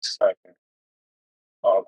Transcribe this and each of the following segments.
Second. Oh,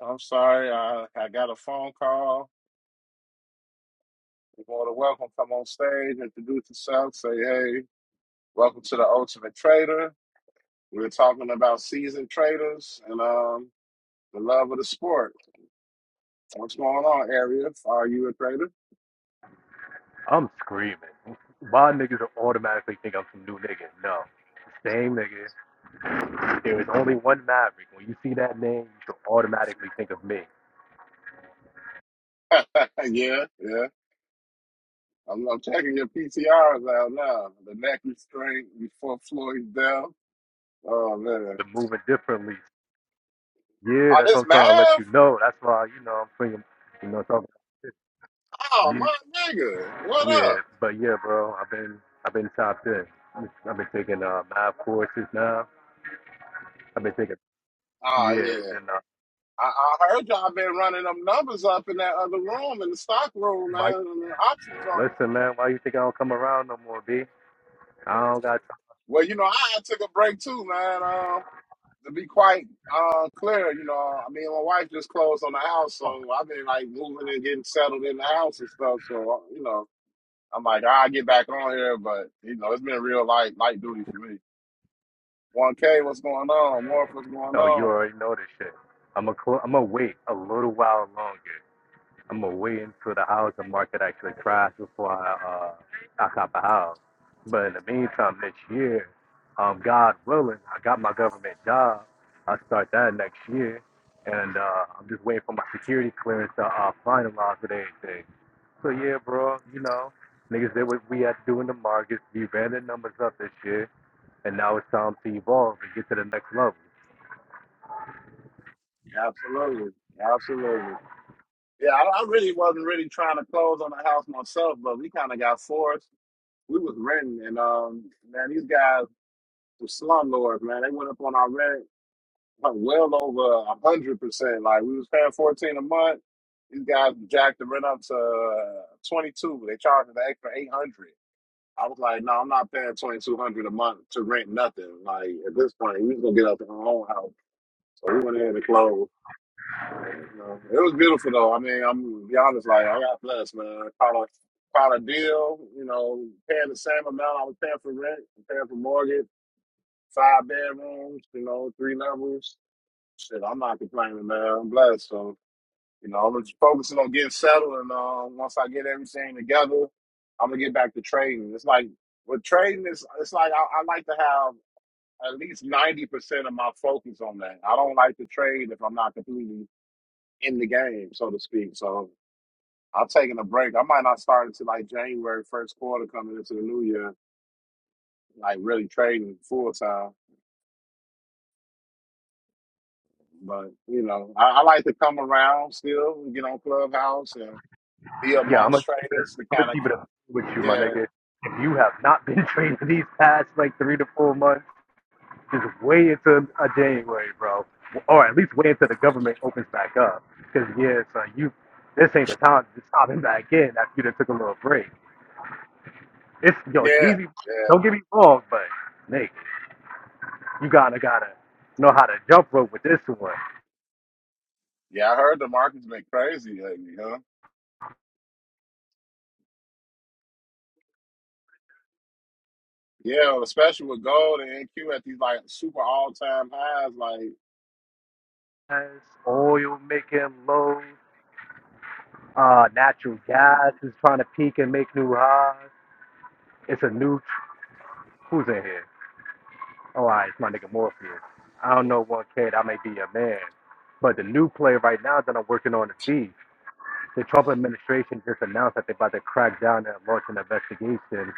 I'm sorry. I, I got a phone call. You're more than welcome. Come on stage, introduce yourself, say, hey, welcome to the Ultimate Trader. We We're talking about seasoned traders and um, the love of the sport. What's going on, area? Are you a trader? I'm screaming. Why niggas automatically think I'm some new nigga? No. Same nigga. There is only one Maverick. When you see that name, you should automatically think of me. yeah, yeah. I'm, I'm checking your PTRs out now. The neck restraint before Floyd Bell. Oh, man. But moving differently. Yeah, Oh, that's what this I'm math? trying to let you know. That's why, you know, I'm swinging, you know, talking Oh, about shit. my nigga. What yeah, yeah, up? but yeah, bro, I've been I've been top ten. I've been taking uh math courses now. I've been taking Oh, yeah, yeah. and then uh, I, I heard y'all been running them numbers up in that other room in the stock room, man, why, in the option joint. listen, man, why you think I don't come around no more, B? I don't got time. Well, you know, I took a break too, man. Um, to be quite uh, clear, you know, I mean, my wife just closed on the house, so I've been like moving and getting settled in the house and stuff. So, uh, you know, I'm like, I'll get back on here, but you know, it's been real light light duty for me. One K, what's going on? Morph, what's going Oh, you on? already know this shit. I'm gonna cl- I'm gonna wait a little while longer. I'm gonna wait until the housing market actually crashes before I uh I cop a house. But in the meantime, next year, um, God willing, I got my government job. I start that next year, and uh, I'm just waiting for my security clearance to uh, finalize with everything. So yeah, bro, you know, niggas did what we had to do in the markets. We ran the numbers up this year, and now it's time to evolve and get to the next level. Absolutely, absolutely. Yeah, I, I really wasn't really trying to close on the house myself, but we kind of got forced. We was renting, and um, man, these guys were slumlords, man. They went up on our rent like, well over a hundred percent. Like we was paying fourteen a month. These guys jacked the rent up to uh, twenty two, but they charged an extra eight hundred. I was like, no, I'm not paying twenty two hundred a month to rent nothing. Like at this point, we was gonna get out our own house, so we went ahead and closed. You know, it was beautiful though. I mean, I'm gonna be honest, like I got blessed, man. caught a caught a deal, you know, paying the same amount I was paying for rent, paying for mortgage, five bedrooms, you know, three levels. Shit, I'm not complaining, man. I'm blessed. So, you know, I'm just focusing on getting settled and um once I get everything together, I'm gonna get back to trading. It's like with trading it's it's like I, I like to have at least ninety percent of my focus on that. I don't like to trade if I'm not completely in the game, so to speak. So I'm taking a break. I might not start until like January first quarter coming into the new year, like really trading full time. But you know, I, I like to come around still, and get on Clubhouse and be Yeah, I'm gonna amongst keep it. traders to I'm gonna kind of keep it keep. up with you, my Yeah, nigga. If you have not been training these past like three to four months, just way into a January, bro, or at least wait until the government opens back up. Because yeah, son, you this ain't the time to stop him back in after you done took a little break. It's yo, it's yeah, easy. yeah, Don't get me wrong, but Nick, you gotta gotta know how to jump rope with this one. yeah. I heard the market's been crazy lately, huh? Yeah, especially with gold and NQ at these like super all time highs. Like, As oil making low, uh, natural mm. gas is trying to peak and make new highs. It's a new Who's in here? Oh, I, it's my nigga Morpheus. I don't know one kid, I may be a man. But the new play right now that I'm working on is beef. The Trump administration just announced that they're about to crack down and launch an investigation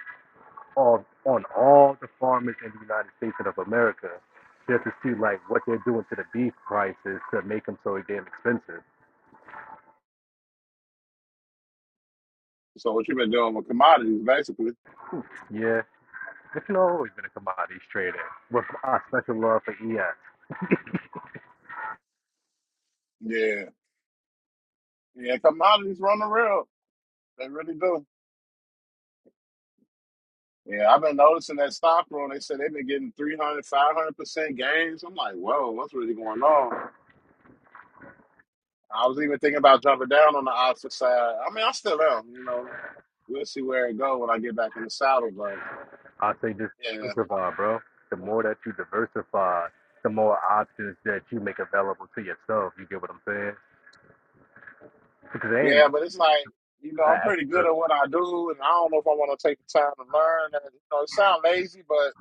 of, on all the farmers in the United States of America just to see like what they're doing to the beef prices to make them so damn expensive. so what you been doing with commodities, basically? Yeah, this is always gonna come out of these trading with our special love for ES. Yeah, yeah, commodities run the real. They really do. Yeah, I've been noticing that stock room. They said they've been getting three hundred, five hundred percent gains. I'm like, whoa, what's really going on? I was even thinking about jumping down on the opposite side. I mean, I still am, you know. We'll see where it goes when I get back in the saddle, but I say just yeah. diversify, bro. The more that you diversify, the more options that you make available to yourself. You get what I'm saying? Because there ain't Yeah, but it's like, you know, nothing I'm pretty extra. good at what I do, and I don't know if I want to take the time to learn. And, you know, it sounds lazy, but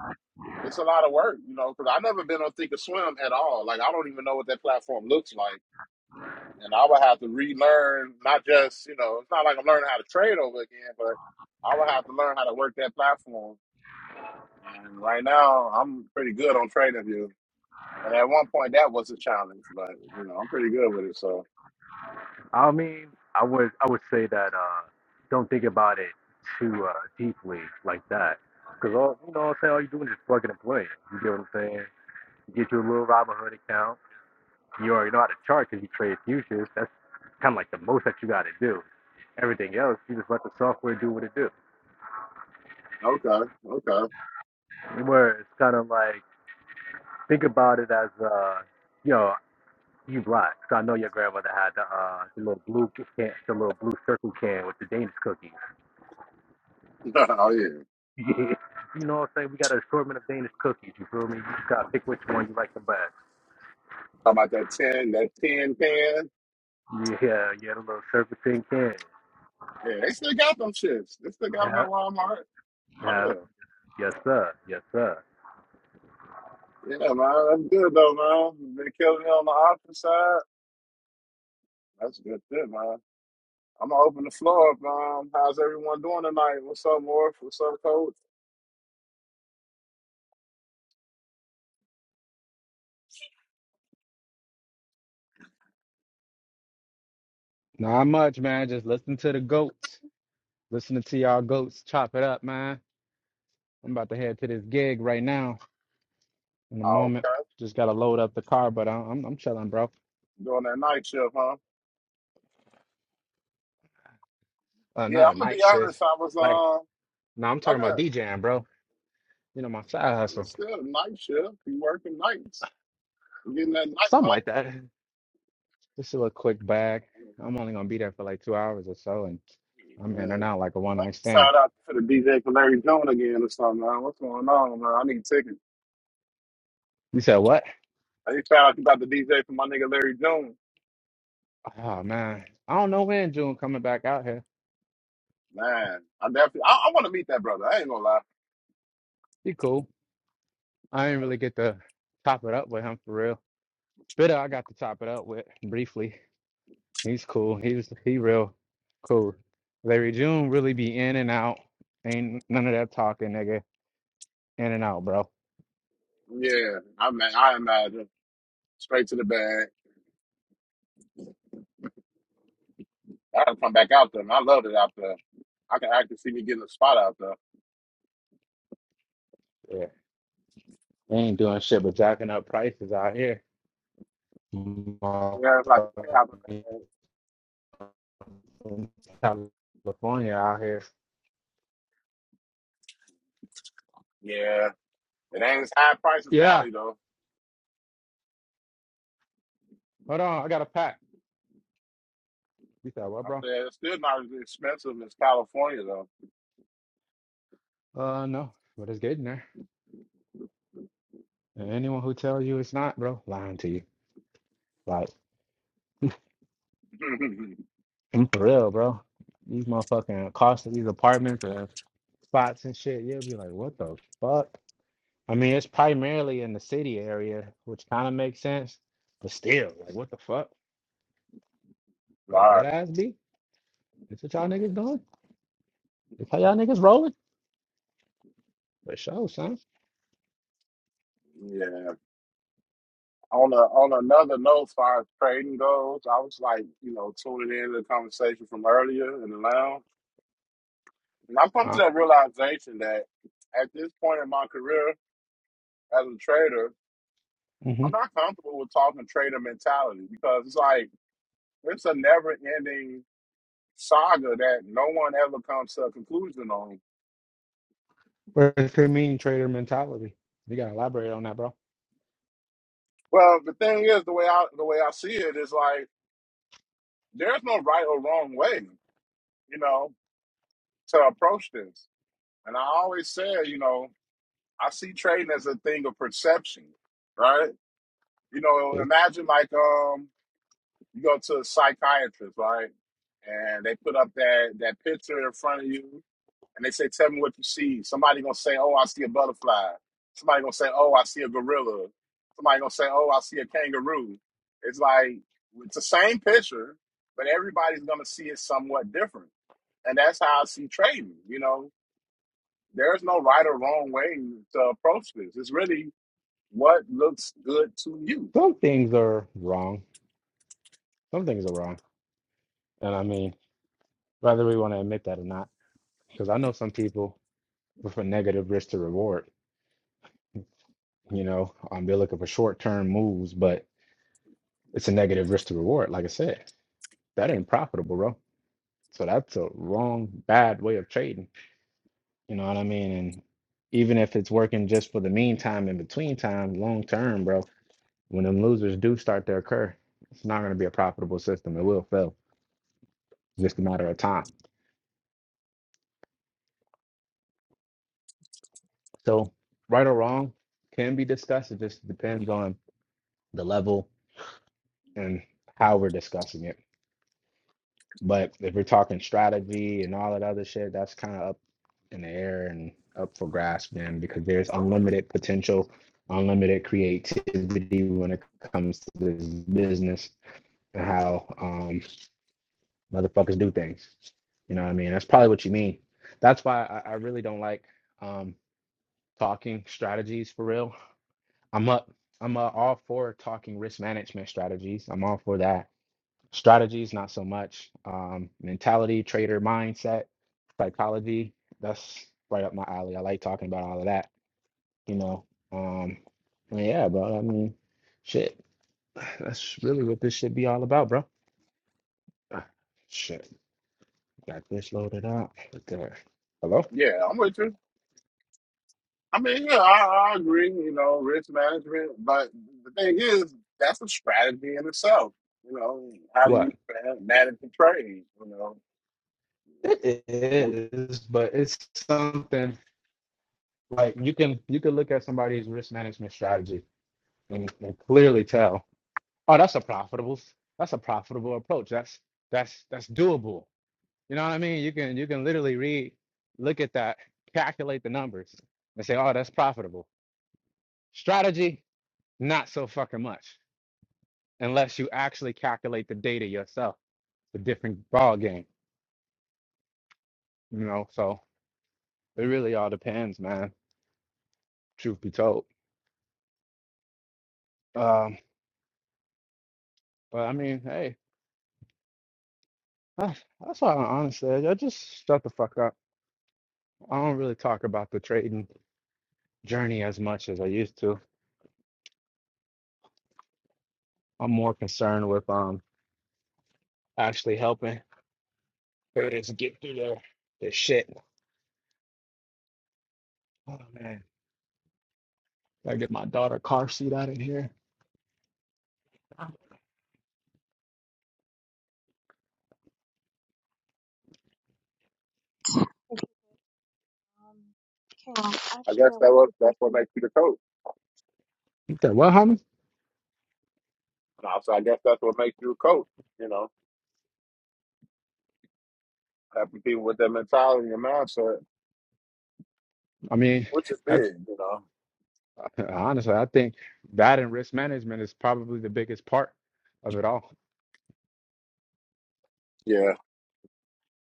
it's a lot of work, you know, because I've never been on Think or Swim at all. Like, I don't even know what that platform looks like. and I would have to relearn not just you know it's not like I'm learning how to trade over again, but I would have to learn how to work that platform. And right now, I'm pretty good on TradingView. And at one point, that was a challenge, but you know I'm pretty good with it. So I mean, I would I would say that uh, don't think about it too uh, deeply like that. Because all you know, what I'm saying all you're doing is just plugging and playing. You get what I'm saying? You get your little Robinhood account. You already know how to chart because you trade futures. That's kind of like the most that you got to do everything else, you just let the software do what it do. okay, okay, Where it's kind of like Think about it as uh, you know, you black. So I know your grandmother had the uh, the little blue can, the little blue circle can with the Danish cookies. oh yeah. you know what I'm saying? We got an assortment of Danish cookies. You feel me? You just gotta pick which one you like the best. Talking about that ten, that ten pen. Yeah, yeah, the little surfacing can. Yeah, they still got them shits. They still got them Yeah, at Walmart. Oh yeah, yeah. yes sir, yes sir. Yeah, man, that's good though, man. Been killing it on the opposite side. That's a good shit, man. I'm gonna open the floor up. Um, how's everyone doing tonight? What's up, Morph? What's up, Coach? Not much, man. Just listen to the goats. Listening to y'all goats chop it up, man. I'm about to head to this gig right now in a Oh, moment. okay. Just gotta load up the car, but I'm I'm, I'm chilling, bro. Doing that night shift, huh? Uh, Yeah, not a I'm gonna night be shift. honest. I was Like, um, no, I'm talking look about at DJing, bro. You know, my side hustle, it's still night shift. You working nights? You getting that night something like that. Just a little quick bag. money? I'm only gonna be there for like two hours or so, and I'm in Yeah. and out like a one Let night me stand. shout out to the DJ for Larry June again or something, man. What's going on, man? I need tickets. You said what? I need to shout out about the DJ for my nigga Larry June. Oh man, I don't know when June coming back out here. Man, I definitely, I, I want to meet that brother. I ain't gonna lie. He cool. I didn't really get to top it up with him for real. Bitter, I got to top it up with briefly. He's cool. He was he real cool. Larry June really be in and out. Ain't none of that talking, nigga. In and out, bro. Yeah, I mean, I imagine straight to the bag. I gotta come back out there. and I loved it out there. I can I can see me getting a spot out there. Yeah. They ain't doing shit but jacking up prices out here. Motherfucking Yeah, it's like a play out there. California out here. Yeah, it ain't as high price as Yeah. Cali though. Hold on, I got a pack. You said what, I bro? said it's still not as expensive as California though. Uh no, but it's getting there. And anyone who tells you it's not, bro, lying to you. Like I'm for real, bro. These motherfucking costs of these apartments or spots and shit, you'll be like, what the fuck? I mean, it's primarily in the city area, which kind of makes sense, but still, like, what the fuck? Like, right. that ass be? This what y'all niggas doing? This how y'all niggas rolling? For sure, son. Yeah. On a, on another note, as far as trading goes, I was like, you know, tuning in to the conversation from earlier in the lounge, and I've come to Uh, that realization that at this point in my career as a trader, mm-hmm. I'm not comfortable with talking trader mentality because it's like It's a never-ending saga that no one ever comes to a conclusion on. Where's the mean trader mentality? You gotta elaborate on that, bro. Well, the thing is, the way I the way I see it is like there's no right or wrong way, you know, to approach this. And I always said, you know, I see trading as a thing of perception, right? You know, It- imagine like um you go to a psychiatrist, right? And they put up that that picture in front of you, and they say, "Tell me what you see." Somebody gonna say, "Oh, I see a butterfly." Somebody gonna say, "Oh, I see a gorilla." Somebody gonna say, "Oh, I see a kangaroo." It's like it's the same picture, but everybody's gonna see it somewhat different, and that's how I see trading. You know, there's no right or wrong way to approach this. It's really what looks good to you. Some things are wrong. Some things are wrong. And I mean, whether we want to admit that or not, because I know some people. with a negative risk to reward. You know, um, they're looking for short term moves, but it's a negative risk to reward. Like I said, that ain't profitable, bro. So that's a wrong, bad way of trading. You know what I mean? And even if it's working just for the meantime in between time, long term, bro, when them losers do start to occur, it's not going to be a profitable system. It will fail. It's just a matter of time. So, right or wrong can be discussed. It just depends on the level and how we're discussing it. But if we're talking strategy and all that other shit, that's kind of up in the air and up for grasp then because there's unlimited potential, unlimited creativity when it comes to this business and how um, motherfuckers do things. You know what I mean? That's probably what you mean. That's why I, I really don't like um, talking strategies for real. I'm up. I'm uh, all for talking risk management strategies. I'm all for that strategies not so much um mentality trader mindset psychology that's right up my alley i like talking about all of that you know um and yeah bro i mean shit that's really what this should be all about bro Ah, shit got this loaded up right there hello Yeah, I'm with you. I mean, yeah, I, I agree, you know, risk management, but the thing is, that's a strategy in itself. You know, how do what you man- manage the trade? You know, it So is but it's something like you can you can look at somebody's risk management strategy and, and clearly tell Oh, that's a profitable. s- That's a profitable approach. That's that's that's doable. You know what I mean? You can you can literally read, look at that, calculate the numbers, and say, oh, that's profitable. Strategy, not so fucking much, unless you actually calculate the data yourself. It's a different ball game, you know. So it really all depends, man. Truth be told. Um, but I mean, hey, that's, that's all I honestly. I just shut the fuck up. I don't really talk about the trading journey as much as I used to I'm more concerned with um actually helping parents get through their their shit. Oh man, gotta get my daughter a car seat out of here. Um, okay, um, I actually, guess I that want was to give that's what you. makes you the coach. Okay, well, homie, Now, so I guess that's what makes you a coach. You know, having people with that mentality and mindset, I mean, which is I, big. You know, I- honestly, I think that and risk management is probably the biggest part of it all. yeah,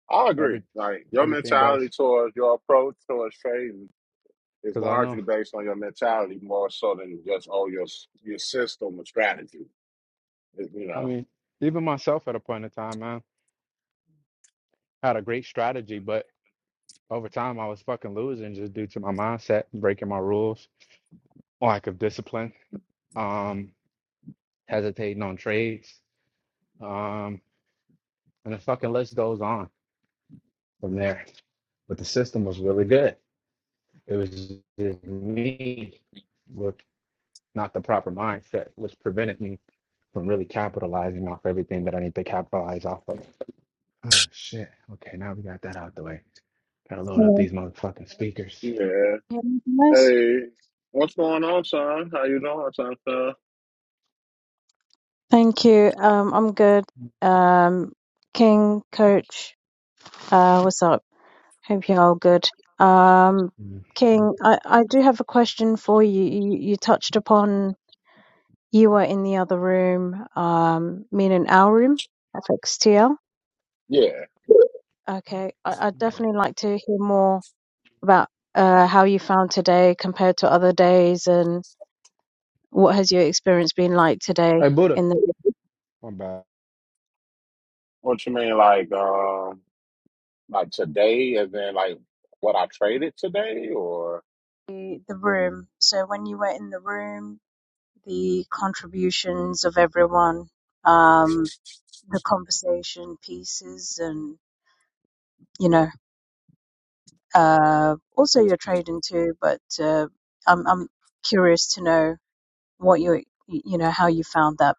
I agree. Every Like your everything else, mentality towards your approach towards trading is because I know, largely based on your mentality more so than just oh your your system or strategy. You I know. mean, even myself at a point in time, I had a great strategy, but over time, I was fucking losing just due to my mindset, breaking my rules, lack of discipline, um, hesitating on trades. Um, and the fucking list goes on from there. But the system was really good. It was just me with not the proper mindset, which prevented me from really capitalizing off everything that I need to capitalize off of. Oh shit. Okay, now we got that out the way. Gotta load up Hello. these motherfucking speakers. Yeah. Can you hear me guys? Hey, what's going on, son? How you doing, son? son? Thank you. Um, I'm good. Um, King, Coach, uh, what's up? Hope you're all good. Um, Mm. King, I, I do have a question for you. you. You touched upon you were in the other room, um, meaning our room, FXTL. Yeah. Okay, I, I'd definitely like to hear more about uh, how you found today compared to other days and. What has your experience been like today Hey Buddha. in the I'm back. What you mean, like, um, like today, and then like what I traded today, or the room? So when you were in the room, the contributions of everyone, um, the conversation pieces, and you know, uh, also your trading too. But uh, I'm I'm curious to know what you you know how you found that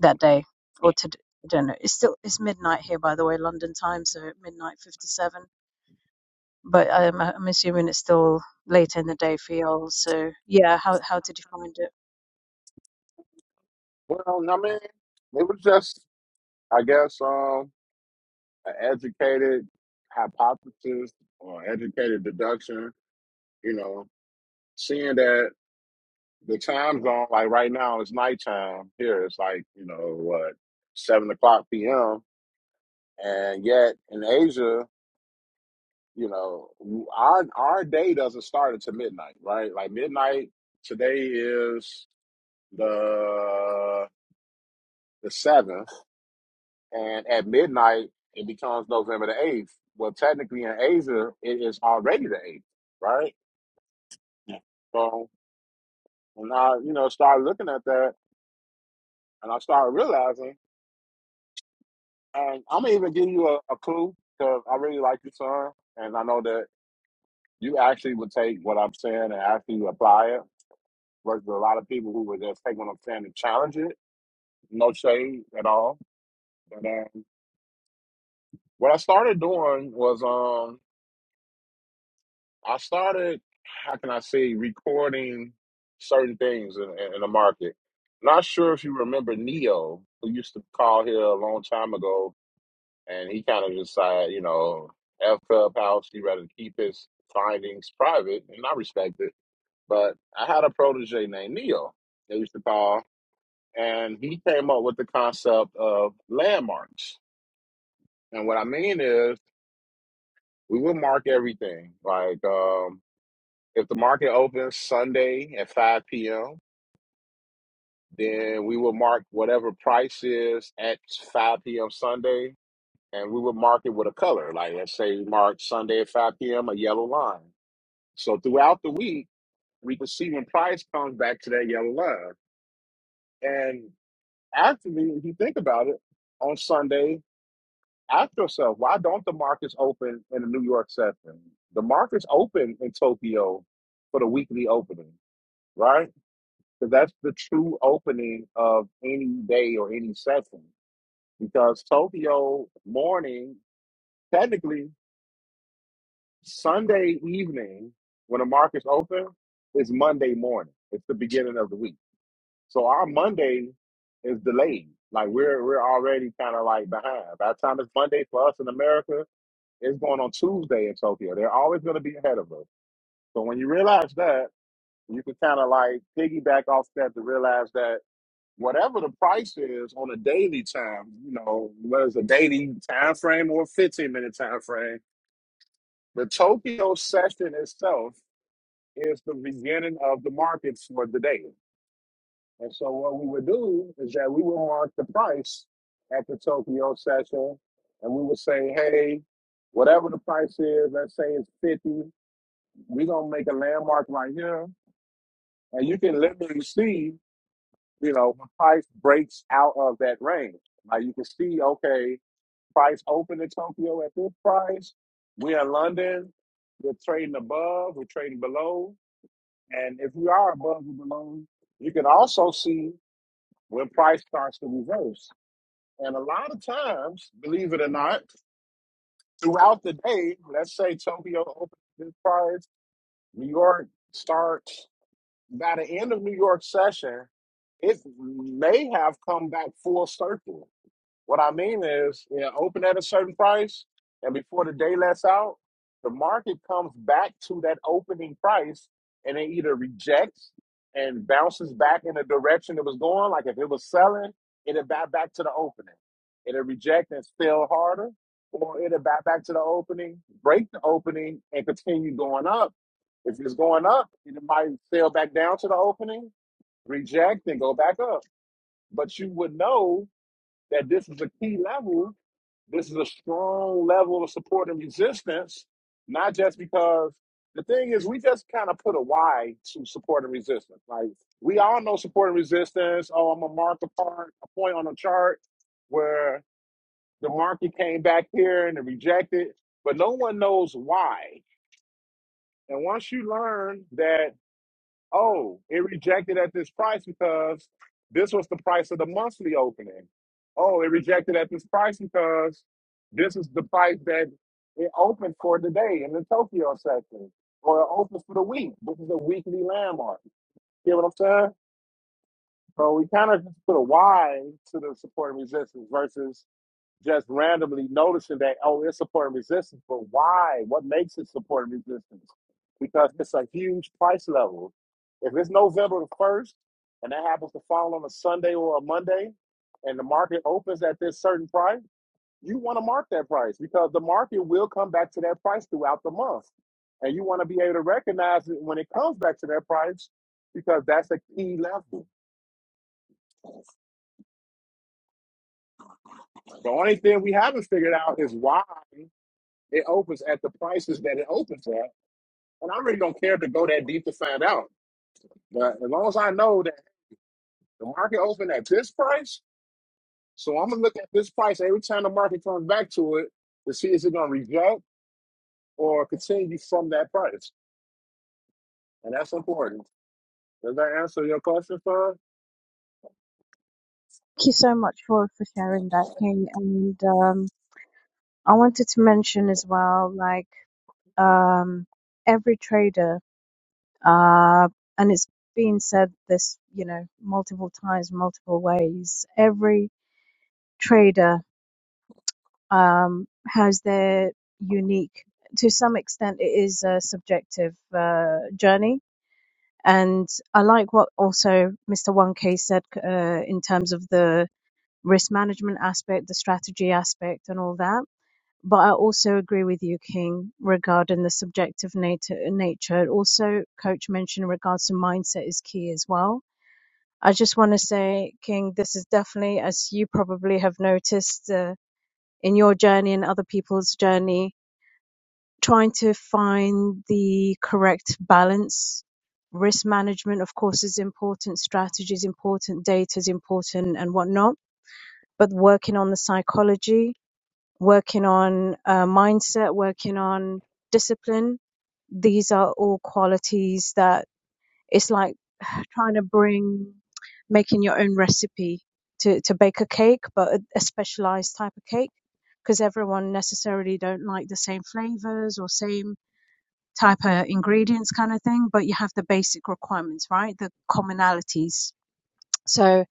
that day or to. I don't know. It's still it's midnight here, by the way, London time, so midnight fifty-seven. but I'm, I'm assuming it's still later in the day for y'all. So yeah, how how did you find it? well, I mean, it was just, I guess, um, an educated hypothesis or educated deduction. You know, seeing that the time zone, like right now, it's nighttime here. It's like you know what, seven o'clock p.m. And yet in Asia. you know our our day doesn't start until midnight right like midnight today is the the seventh and at midnight it becomes november the eighth well technically in asia it is already the eighth right Yeah. so when i you know started looking at that and i started realizing and i'm gonna even give you a, a clue because i really like your son and i know that you actually would take what i'm saying and actually apply it versus a lot of people who were just taking what I'm saying and challenge it. No shade at all. But um, what I started doing was um, I started, how can I say, recording certain things in, in, in the market. Not sure if you remember Neo, who used to call here a long time ago, and he kind of decided, you know, F Clubhouse, he rather keep his findings private, and I respect it. But I had a protege named Neo. They used to call and he came up with the concept of landmarks. And what I mean is, we will mark everything. Like, um, if the market opens Sunday at 5 p.m., then we will mark whatever price is at 5 p.m. Sunday, and we will mark it with a color. Like, let's say we mark Sunday at 5 p.m. a yellow line. So throughout the week, we can see when price comes back to that yellow line. And actually, if you think about it, on Sunday. Ask yourself, why don't the markets open in the New York session? The markets open in Tokyo for the weekly opening, right? Because that's the true opening of any day or any session. Because Tokyo morning, technically Sunday evening, when the markets open, is Monday morning. It's the beginning of the week. So our Monday is delayed. Like we're we're already kind of like behind. By the time it's Monday for us in America, It's going on Tuesday in Tokyo. They're always going to be ahead of us. So when you realize that, you can kind of like piggyback off that to realize that whatever the price is on a daily time, you know, whether it's a daily time frame or a 15 minute time frame, the Tokyo session itself is the beginning of the markets for the day. And so what we would do is that we would mark the price at the Tokyo session and we would say, hey, whatever the price is, let's say it's 50. We're gonna make a landmark right here, and you can literally see, you know, when price breaks out of that range. Like you can see, okay, price opened in Tokyo at this price. We're in London. We're trading above. We're trading below. And if we are above or below, you can also see when price starts to reverse. And a lot of times, believe it or not, throughout the day, let's say Tokyo opens this price, New York starts. by the end of New York session, it may have come back full circle. What I mean is, you know, open at a certain price, and before the day lets out, the market comes back to that opening price, and it either rejects and bounces back in the direction it was going. Like if it was selling, it'll back back to the opening. It'll reject and sell harder, or it'll back back to the opening, break the opening, and continue going up. If it's going up, it might sail back down to the opening, reject, and go back up. But you would know that this is a key level. This is a strong level of support and resistance, not just because the thing is we just kind of put a why to support and resistance. Like we all know support and resistance. Oh, I'm gonna mark a part, a point on a chart where the market came back here and it rejected, but no one knows why. And once you learn that Oh, it rejected at this price because this was the price of the monthly opening. Oh, it rejected at this price because this is the price that it opened for today in the Tokyo section, or it opens for the week. This is a weekly landmark. You know what I'm saying? So we kind of just put a Y to the support and resistance versus just randomly noticing that, oh, it's support and resistance, but why? What makes it support and resistance? Because it's a huge price level. If it's November the 1st and that happens to fall on a Sunday or a Monday and the market opens at this certain price, you want to mark that price because the market will come back to that price throughout the month. And you want to be able to recognize it when it comes back to that price because that's a key level. The only thing we haven't figured out is why it opens at the prices that it opens at And I really don't care to go that deep to find out. But as long as I know that the market opened at this price, so I'm gonna look at this price every time the market comes back to it to see is it gonna reject or continue from that price. And that's important. Does that answer your question, sir? Thank you so much for for sharing that, King. And um, I wanted to mention as well, like um, every trader, uh, and it's been said this, you know, multiple times, multiple ways. Every trader um, has their unique. To some extent, it is a subjective uh, journey And I like what also Mr. 1K said uh, in terms of the risk management aspect, the strategy aspect, and all that. But I also agree with you, King, regarding the subjective nature. nature. Also, Coach mentioned in regards to mindset is key as well. I just want to say, King, this is definitely, as you probably have noticed uh, in your journey and other people's journey, trying to find the correct balance. Risk management, of course, is important, strategy is important, data is important, and whatnot. But working on the psychology, working on uh, mindset, working on discipline, these are all qualities that it's like trying to bring making your own recipe to, to bake a cake, but a, a specialized type of cake because everyone necessarily don't like the same flavors or same type of ingredients kind of thing, but you have the basic requirements, right? The commonalities. So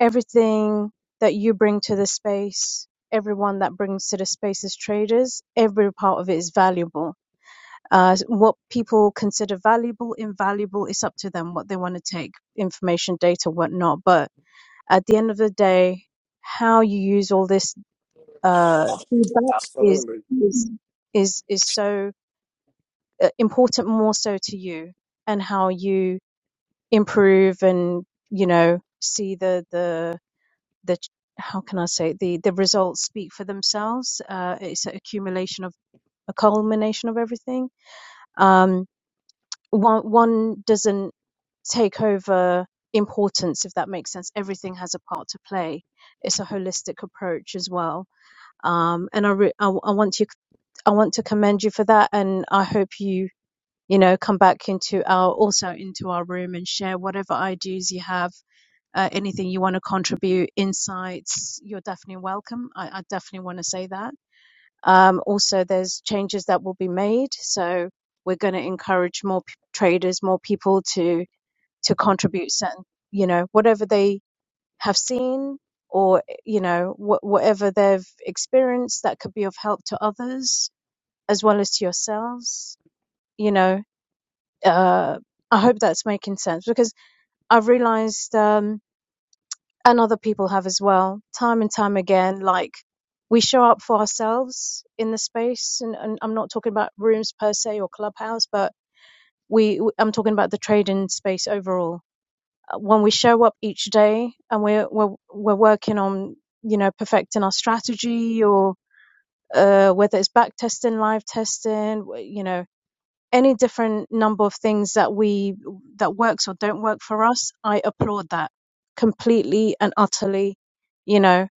everything that you bring to the space, everyone that brings to the space as traders, every part of it is valuable. Uh, what people consider valuable, invaluable, it's up to them what they want to take, information, data, whatnot. But at the end of the day, how you use all this uh, feedback is Absolutely. is is is so uh, important more so to you and how you improve and you know see the the the how can I say the the results speak for themselves. Uh, it's an accumulation of a culmination of everything. Um, one one doesn't take over importance if that makes sense. Everything has a part to play. It's a holistic approach as well. Um, and I, re- I I want you I want to commend you for that, and I hope you you know, come back into our also into our room and share whatever ideas you have, uh, anything you want to contribute, insights. You're definitely welcome. I, I definitely want to say that. Um, also, there's changes that will be made, so we're going to encourage more p- traders, more people to to contribute certain, you know, whatever they have seen or you know wh- whatever they've experienced that could be of help to others as well as to yourselves you know uh, I hope that's making sense because I've realized, um, and other people have as well, time and time again, like we show up for ourselves in the space. And, and I'm not talking about rooms per se or clubhouse, but we, I'm talking about the trading space overall. Uh, When we show up each day and we're, we're, we're working on, you know, perfecting our strategy or, uh, whether it's back testing, live testing, w- you know, any different number of things that we that works or don't work for us i applaud that completely and utterly you know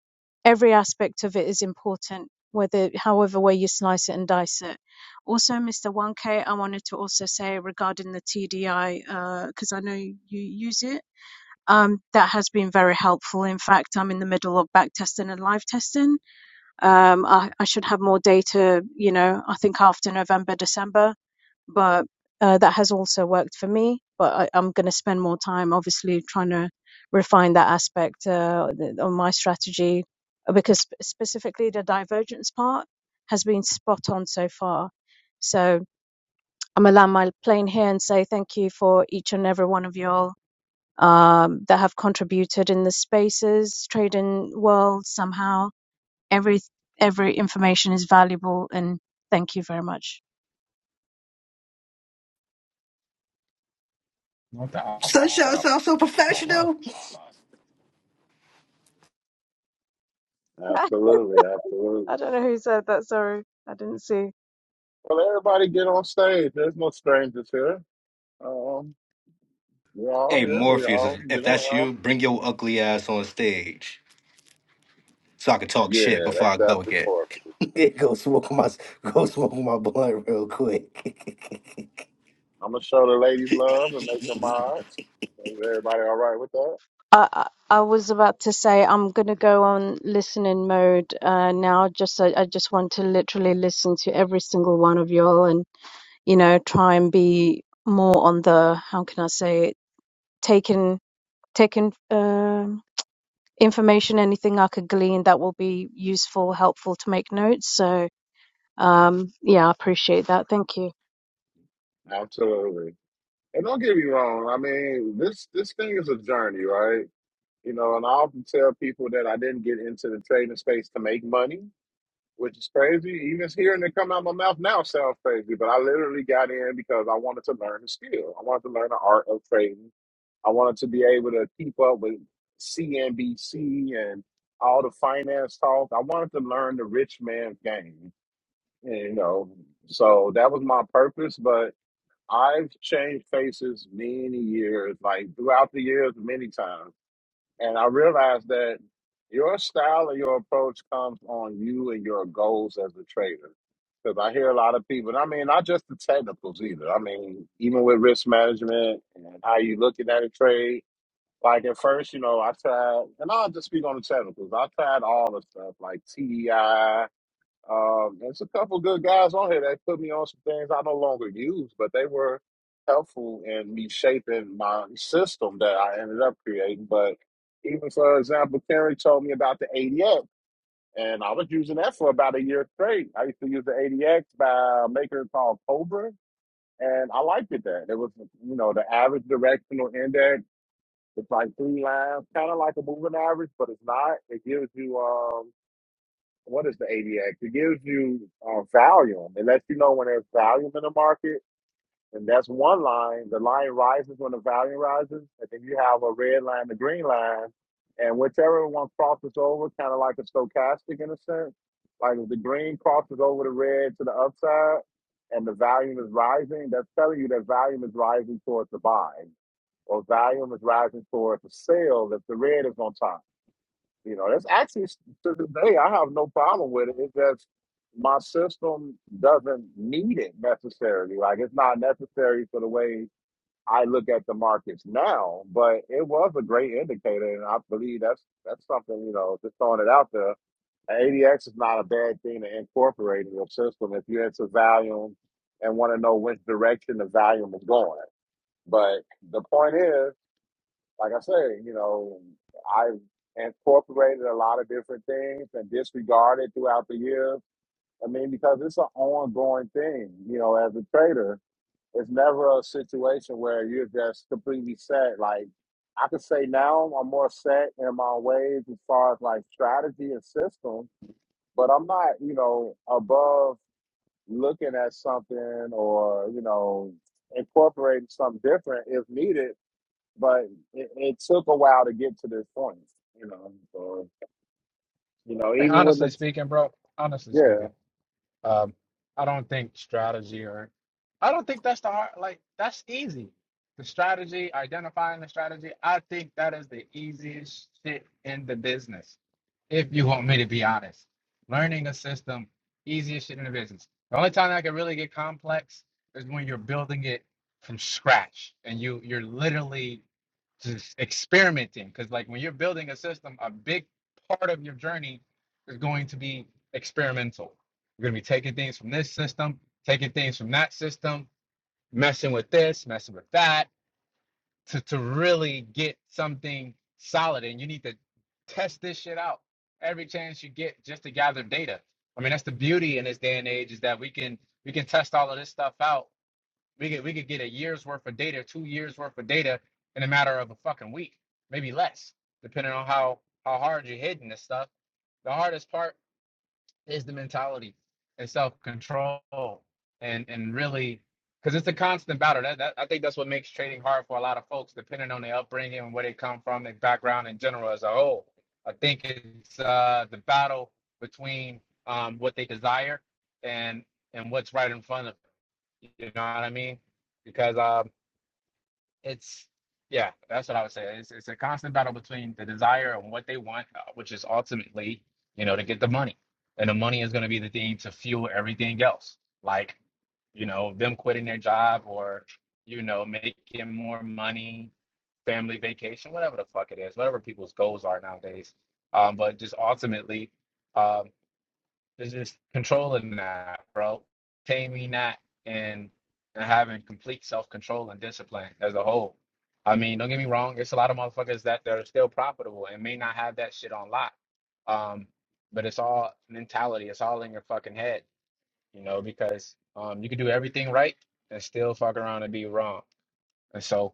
every aspect of it is important whether however way you slice it and dice it also mr 1k i wanted to also say regarding the tdi because i know you use it um, that has been very helpful. In fact, I'm in the middle of back testing and live testing. Um, I, I should have more data, you know, I think after November, December but uh, that has also worked for me. But I, I'm going to spend more time, obviously, trying to refine that aspect uh, th- on my strategy uh, because sp- specifically the divergence part has been spot on so far. So I'm going to land my plane here and say thank you for each and every one of you all um, that have contributed in the spaces, trading world somehow. Every every information is valuable, and thank you very much. No doubt. No Sunshine doubt. so, so, so It's all love. professional. Absolutely, absolutely. I don't know who said that. Sorry, I didn't see. Well everybody get on stage. There's no strangers here. Um we're all Hey, here, we Morpheus, all if get that's around. you, bring your ugly ass on stage so I can talk shit Yeah, before that's I go definitely again. important. Yeah, go smoke my go smoke my blunt real quick. I'm gonna show the ladies love and make them odds. Is everybody all right with that? I I I was about to say I'm gonna go on listening mode uh, now. Just I, I just want to literally listen to every single one of y'all, and you know, try and be more on the how can I say it, taking taking um information, anything I could glean that will be useful, helpful to make notes. So um, yeah, I appreciate that. Thank you. Absolutely. And don't get me wrong. I mean, this this thing is a journey, right? You know, and I often tell people that I didn't get into the trading space to make money, which is crazy. Even hearing it come out my mouth now sounds crazy, but I literally got in because I wanted to learn the skill. I wanted to learn the art of trading. I wanted to be able to keep up with CNBC and all the finance talk. I wanted to learn the rich man's game. you know, so that was my purpose. But I've changed faces many years, like throughout the years, many times. And I realized that your style and your approach comes on you and your goals as a trader. Because I hear a lot of people, and I mean, not just the technicals either. I mean, even with risk management and how you looking at a trade. Like at first, you know, I tried, and I'll just speak on the technicals. I tried all the stuff like TEI um, there's a couple good guys on here that put me on some things I no longer use, but they were helpful in me shaping my system that I ended up creating. But even for example, Terry told me about the ADX, and I was using that for about a year straight. I used to use the ADX by a maker called Cobra, and I liked it there. It was, you know, the average directional index. It's like three lines, kind of like a moving average, but it's not. It gives you. um, what is the ADX? It gives you uh, volume. It lets you know when there's volume in the market, and that's one line. The line rises when the volume rises, and then you have a red line, the green line, and whichever one crosses over, kind of like a stochastic in a sense. Like if the green crosses over the red to the upside, and the volume is rising, that's telling you that volume is rising towards the buy, or volume is rising towards the sell if the red is on top you know, that's actually to this day, I have no problem with it. It's just my system doesn't need it necessarily. Like it's not necessary for the way I look at the markets now, but it was a great indicator, and I believe that's that's something you know, just throwing it out there. ADX is not a bad thing to incorporate in your system if you're into volume and want to know which direction the volume is going. But the point is like I say, you know, I incorporated a lot of different things and disregarded throughout the years. I mean, because it's an ongoing thing, you know, as a trader, it's never a situation where you're just completely set. Like I could say now I'm more set in my ways as far as like strategy and system, but I'm not, you know, above looking at something or, you know, incorporating something different if needed but it, it took a while to get to this point, you know. So, you know, I mean, even with the honestly speaking, bro. Honestly yeah, speaking. Um, I don't think strategy or I don't think that's the hard like that's easy. The strategy, identifying the strategy, I think that is the easiest shit in the business. If you want me to be honest, learning a system, easiest shit in the business. The only time that can really get complex is when you're building it from scratch and you you're literally just experimenting because like when you're building a system a big part of your journey is going to be experimental we're going to be taking things from this system, taking things from that system, messing with this, messing with that to, to really get something solid. And you need to test this shit out every chance you get just to gather data. I mean, that's the beauty in this day and age is that we can we can test all of this stuff out. We could we could get a year's worth of data, two years worth of data in a matter of a fucking week, maybe less, depending on how how hard you're hitting this stuff. The hardest part is the mentality and self control and and really because it's a constant battle. That, that I think that's what makes trading hard for a lot of folks, depending on their upbringing and where they come from, their background in general as a whole. I think it's uh, the battle between um, what they desire and and what's right in front of them. You know what I mean? Because um, it's yeah, that's what I would say. It's it's a constant battle between the desire and what they want, uh, which is ultimately, you know, to get the money. And the money is going to be the thing to fuel everything else. Like, you know, them quitting their job or, you know, making more money, family vacation, whatever the fuck it is, whatever people's goals are nowadays. Um, but just ultimately, um, it's just controlling that, bro. Taming that and and having complete self control and discipline as a whole. I mean, don't get me wrong, it's a lot of motherfuckers that that are still profitable and may not have that shit on lock. Um, but it's all mentality, it's all in your fucking head, you know, because um you can do everything right and still fuck around and be wrong. And so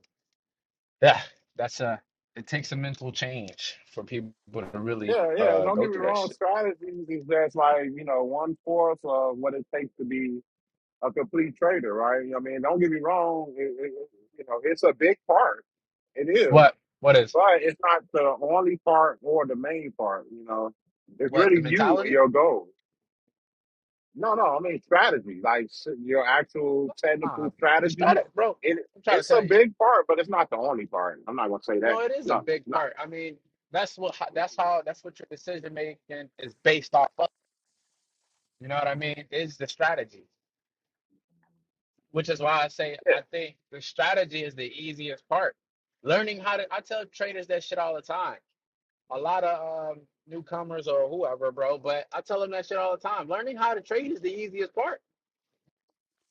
yeah, that's a it takes a mental change for people to really yeah, yeah. uh Don't go get me through that wrong. shit. Strategies is just like you know one fourth of what it takes to be a complete trader, right? I mean, don't get me wrong. It, it, it- you know, it's a big part. It is, What what is but it's not the only part or the main part. You know, it's what the really you and mentality? your goals. No, no, I mean strategy, like s- your actual Nah, technical the strategy. static, bro. It I'm trying to it's a tell you. big part, but it's not the only part. I'm not gonna say No, that. it is a No, big it's not. part. I mean, that's what ho- that's how that's what your decision making is based off of. You know what I mean? Is the strategy, which is why I say Yeah, I think the strategy is the easiest part. Learning how to, I tell traders that shit all the time. A lot of um, newcomers or whoever, bro, but I tell them that shit all the time. Learning how to trade is the easiest part.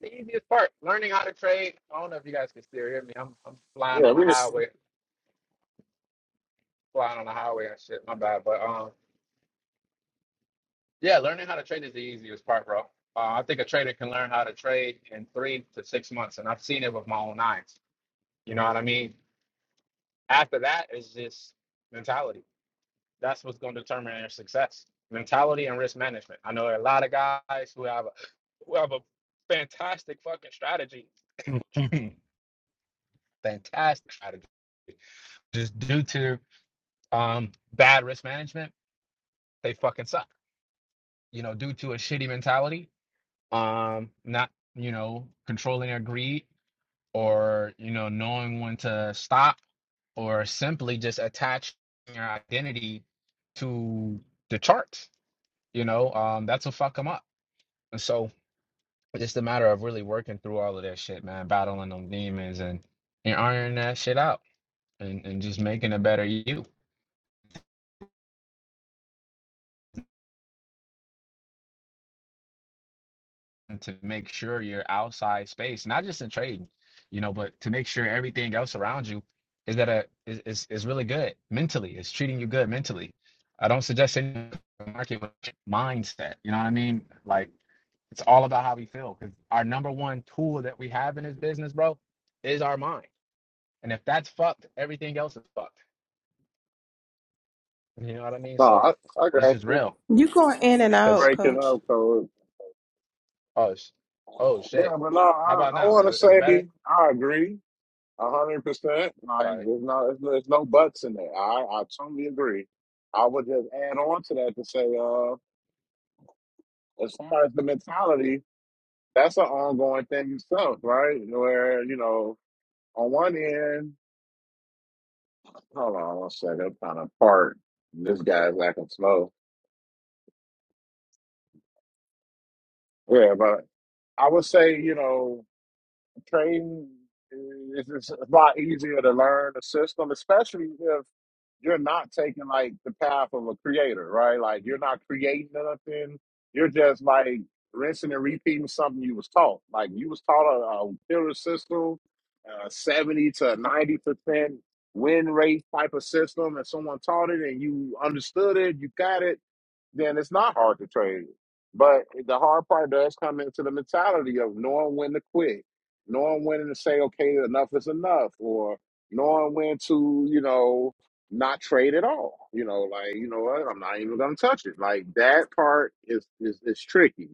The easiest part. Learning how to trade. I don't know if you guys can still hear me. I'm I'm flying yeah, on the we. highway flying on the highway and shit. My bad, but um, yeah, learning how to trade is the easiest part, bro. Uh, I think a trader can learn how to trade in three to six months, and I've seen it with my own eyes. You know what I mean? After that is just mentality. That's what's going to determine their success: mentality and risk management. I know a lot of guys who have a, who have a fantastic fucking strategy, fantastic strategy, just due to um bad risk management, they fucking suck. You know, due to a shitty mentality, um not you know controlling their greed or you know knowing when to stop or simply just attaching your identity to the charts you know um that's what fuck them up and so it's just a matter of really working through all of that shit man battling them demons and and ironing that shit out and, and just making a better you to make sure your outside space, not just in trading, you know, but to make sure everything else around you is that a is is, is really good mentally. It's treating you good mentally. I don't suggest any market mindset. You know what I mean? Like it's all about how we feel because our number one tool that we have in this business, bro, is our mind. And if that's fucked, everything else is fucked. You know what I mean? No, So I, I it's got just you. real. You going in and out, Cause Breaking coach. up code. oh, sh- oh shit. Yeah, but no, How I, about I now? want Is to it, is it say better? I agree a hundred percent. Like, Sorry. there's no, there's, no- there's no buts in there. I I totally agree. I would just add on to that to say, uh, as far as the mentality, that's an ongoing thing itself, right? Where you know. On one end, hold on one second, I'm trying to part. This guy's acting slow. Yeah, but I would say, you know, trading is it's a lot easier to learn the system, especially if you're not taking like the path of a creator, right? Like you're not creating nothing. You're just like rinsing and repeating something you was taught. Like you was taught a, a killer system, a seventy to ninety percent win rate type of system, and someone taught it and you understood it, you got it then it's not hard to trade. But the hard part does come into the mentality of knowing when to quit, knowing when to say, okay, enough is enough, or knowing when to, you know, not trade at all. You know, like, you know what, I'm not even gonna touch it. Like that part is is, is tricky.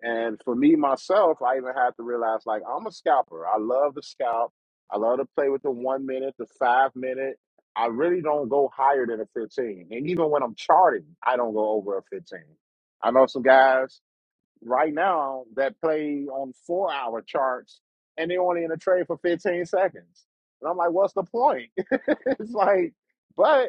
And for me myself, I even had to realize like I'm a scalper. I love to scalp. I love to play with the one minute, the five minute. I really don't go higher than a 15. And even when I'm charting, I don't go over a 15. I know some guys right now that play on four hour charts and they're only in a trade for 15 seconds. And I'm like, what's the point? it's like, but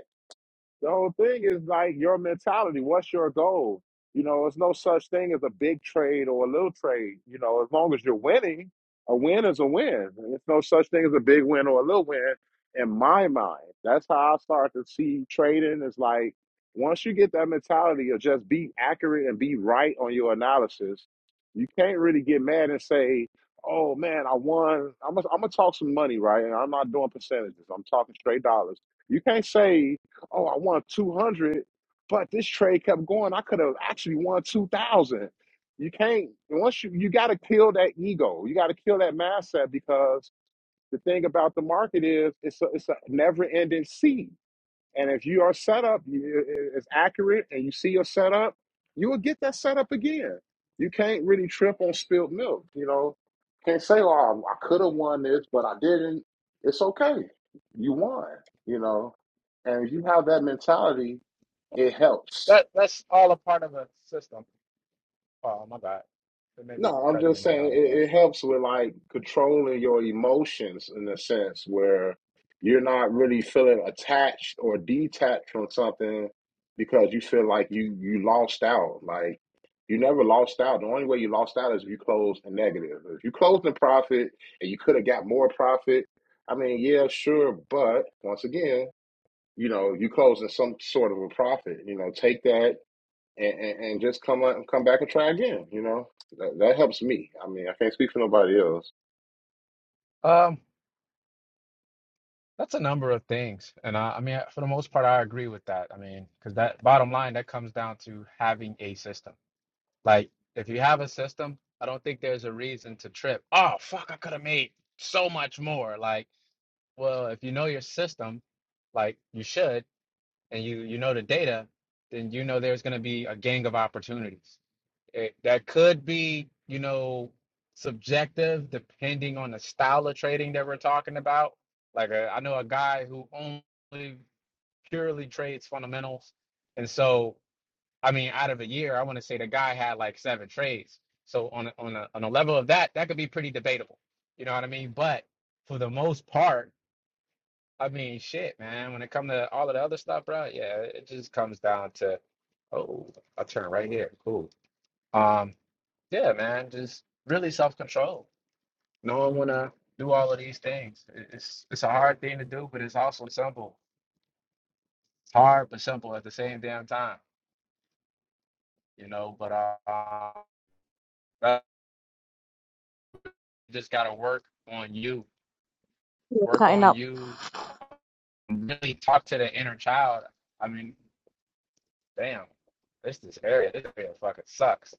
the whole thing is like your mentality. What's your goal? You know, there's no such thing as a big trade or a little trade. You know, as long as you're winning, a win is a win. There's no such thing as a big win or a little win in my mind. That's how I start to see trading is like once you get that mentality of just be accurate and be right on your analysis, you can't really get mad and say, Oh man, I won. I'm gonna I'm gonna talk some money, right? And I'm not doing percentages. I'm talking straight dollars. You can't say oh, I won 200, but this trade kept going. I could have actually won 2,000. You can't, once you, you got to kill that ego. You got to kill that mindset because the thing about the market is it's a, it's a never ending sea. And if you your setup you- is accurate and you see your setup, you will get that setup again. You can't really trip on spilled milk. You know, can't say, "Oh, I could have won this, but I didn't." It's okay. You won. You know, and if you have that mentality, it helps. That that's all a part of a system. Oh my God, it may be No, I'm cutting just in and saying out of it, it that. helps with like controlling your emotions in a sense where you're not really feeling attached or detached from something because you feel like you you lost out. Like you never lost out. The only way you lost out is if you closed a negative. If you closed in profit and you could have got more profit, I mean, yeah, sure, but once again, you know, you closed in some sort of a profit. You know, take that and, and, and just come out and come back and try again. You know, that, that helps me. I mean, I can't speak for nobody else. Um, that's a number of things, and I, I mean, for the most part, I agree with that. I mean, because that bottom line that comes down to having a system. Like, if you have a system, I don't think there's a reason to trip. Oh fuck, I could have made so much more. Like, well, if you know your system, like you should, and you you know the data, then you know there's going to be a gang of opportunities. it, that could be, you know, subjective depending on the style of trading that we're talking about. Like uh, I know a guy who only purely trades fundamentals, and so I mean, out of a year, I want to say the guy had like seven trades. So on a, on a on a level of that, that could be pretty debatable. You know what I mean? But for the most part, I mean, shit, man. When it comes to all of the other stuff, bro, yeah, it just comes down to, oh, I'll turn right here. Cool. Um. Yeah, man, just really self-control. Knowing when to do all of these things. It- It's it's a hard thing to do, but it's also simple. It's hard but simple at the same damn time, you know. But uh, that- you just gotta work on you, Yeah. work Cutting on up. you, and really talk to the inner child. I mean, damn, this this area, this area fucking sucks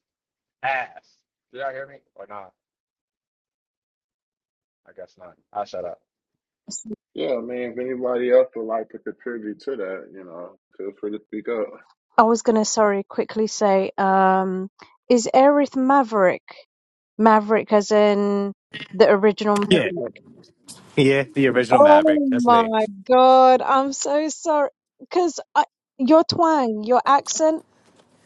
ass. Did y'all hear me or not? I guess not. I'll shut up. Yeah, I mean, if anybody else would like to contribute to that, you know, feel free to speak up. I was gonna, sorry, quickly say, um, is Aerith Maverick? Maverick as in the original Yeah, Maverick. yeah, the original Oh Maverick. That's me. my God, I'm so sorry. Because I, your twang, your accent,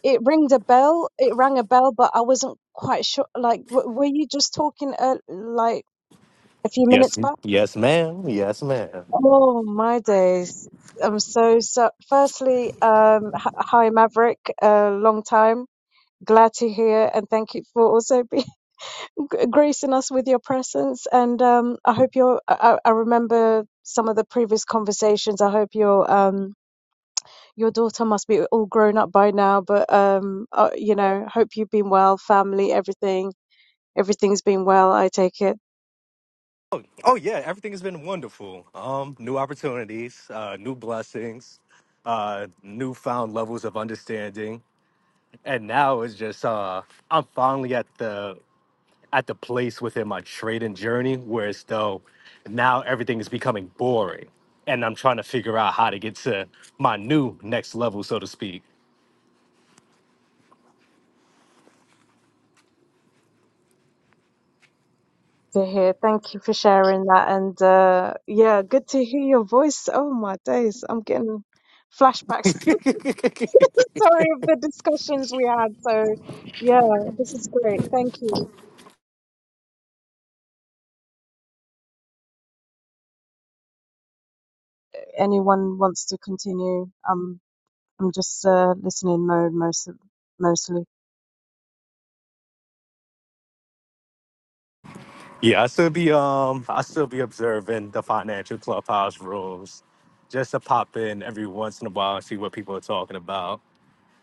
it rings a bell. It rang a bell, but I wasn't quite sure. Like, w were you just talking uh, like a few Yes, minutes back? yes, ma'am. Yes, ma'am. Oh my days. I'm so so. Firstly, um, h- hi Maverick, uh, long time. glad to hear and thank you for also being gracing us with your presence and um i hope you're I, I remember some of the previous conversations i hope your um your daughter must be all grown up by now but um uh, you know hope you've been well family everything everything's been well i take it Oh, oh yeah, everything has been wonderful. Um, new opportunities, uh, new blessings, uh, newfound levels of understanding, and now it's just uh, I'm finally at the at the place within my trading journey where it's though now everything is becoming boring and I'm trying to figure out how to get to my new next level, so to speak. to hear thank you for sharing that and uh yeah good to hear your voice oh my days i'm getting flashbacks sorry of the discussions we had so yeah this is great thank you anyone wants to continue, um, I'm just uh, listening mode most mostly. Yeah, I still be um I still be observing the financial clubhouse rules just to pop in every once in a while and see what people are talking about.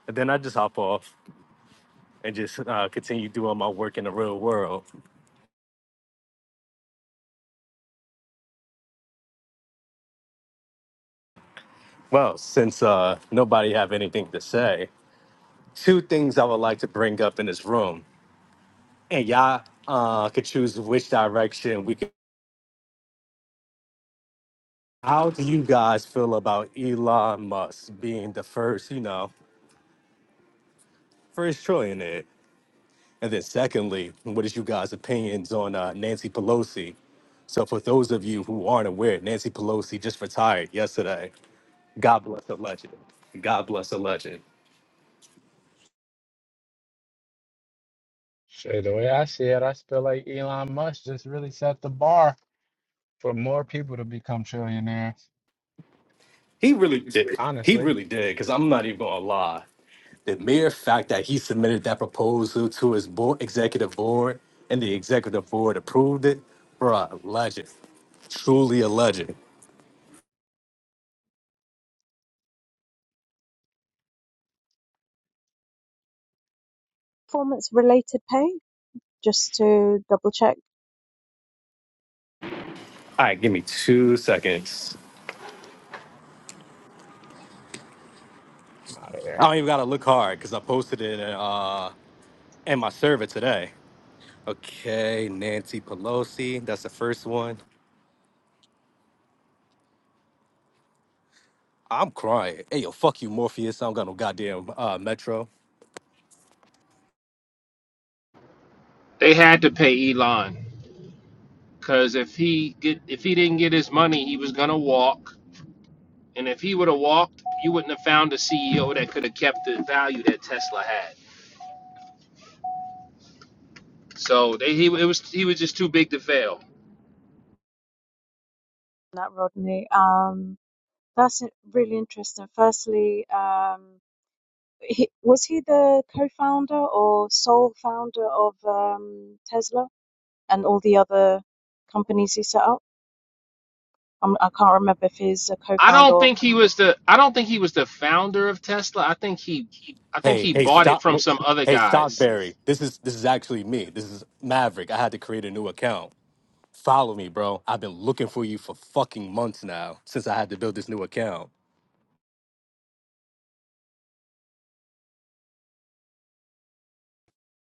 And then I just hop off and just uh, continue doing my work in the real world. Well, since uh, nobody have anything to say, two things I would like to bring up in this room. and y'all uh, could choose which direction we could. How do you guys feel about Elon Musk being the first, you know, first trillionaire? And then, secondly, what is you guys' opinions on uh, Nancy Pelosi? So, for those of you who aren't aware, Nancy Pelosi just retired yesterday. God bless the legend. God bless the legend. Shit, the way I see it, I feel like Elon Musk just really set the bar for more people to become trillionaires. He really did. He Honestly, really did. Because I'm not even gonna lie. The mere fact that he submitted that proposal to his board, executive board and the executive board approved it, bruh, legend. Truly a legend. Performance related pay, just to double check All right, give me two seconds. I'm out of there. I don't even gotta look hard because I posted it in, uh, in my server today. Okay, Nancy Pelosi, that's the first one. I'm crying. Hey, yo, fuck you, Morpheus. I don't got no goddamn uh, Metro. They had to pay Elon because if he get if he didn't get his money, he was gonna walk. And if he would have walked, you wouldn't have found a CEO that could have kept the value that Tesla had. So they, he it was he was just too big to fail. that, Rodney. Um, that's really interesting. Firstly, um, he, was he the co-founder or sole founder of um, Tesla and all the other companies he set up? I'm, I can't remember if he's a I co-founder don't think he was the I don't think he was the founder of Tesla. I think he I think Hey, he hey, bought it stop. from some other Hey, guys. Stockberry. This is this is actually me. This is Maverick. I had to create a new account. Follow me, bro. I've been looking for you for fucking months now since I had to build this new account.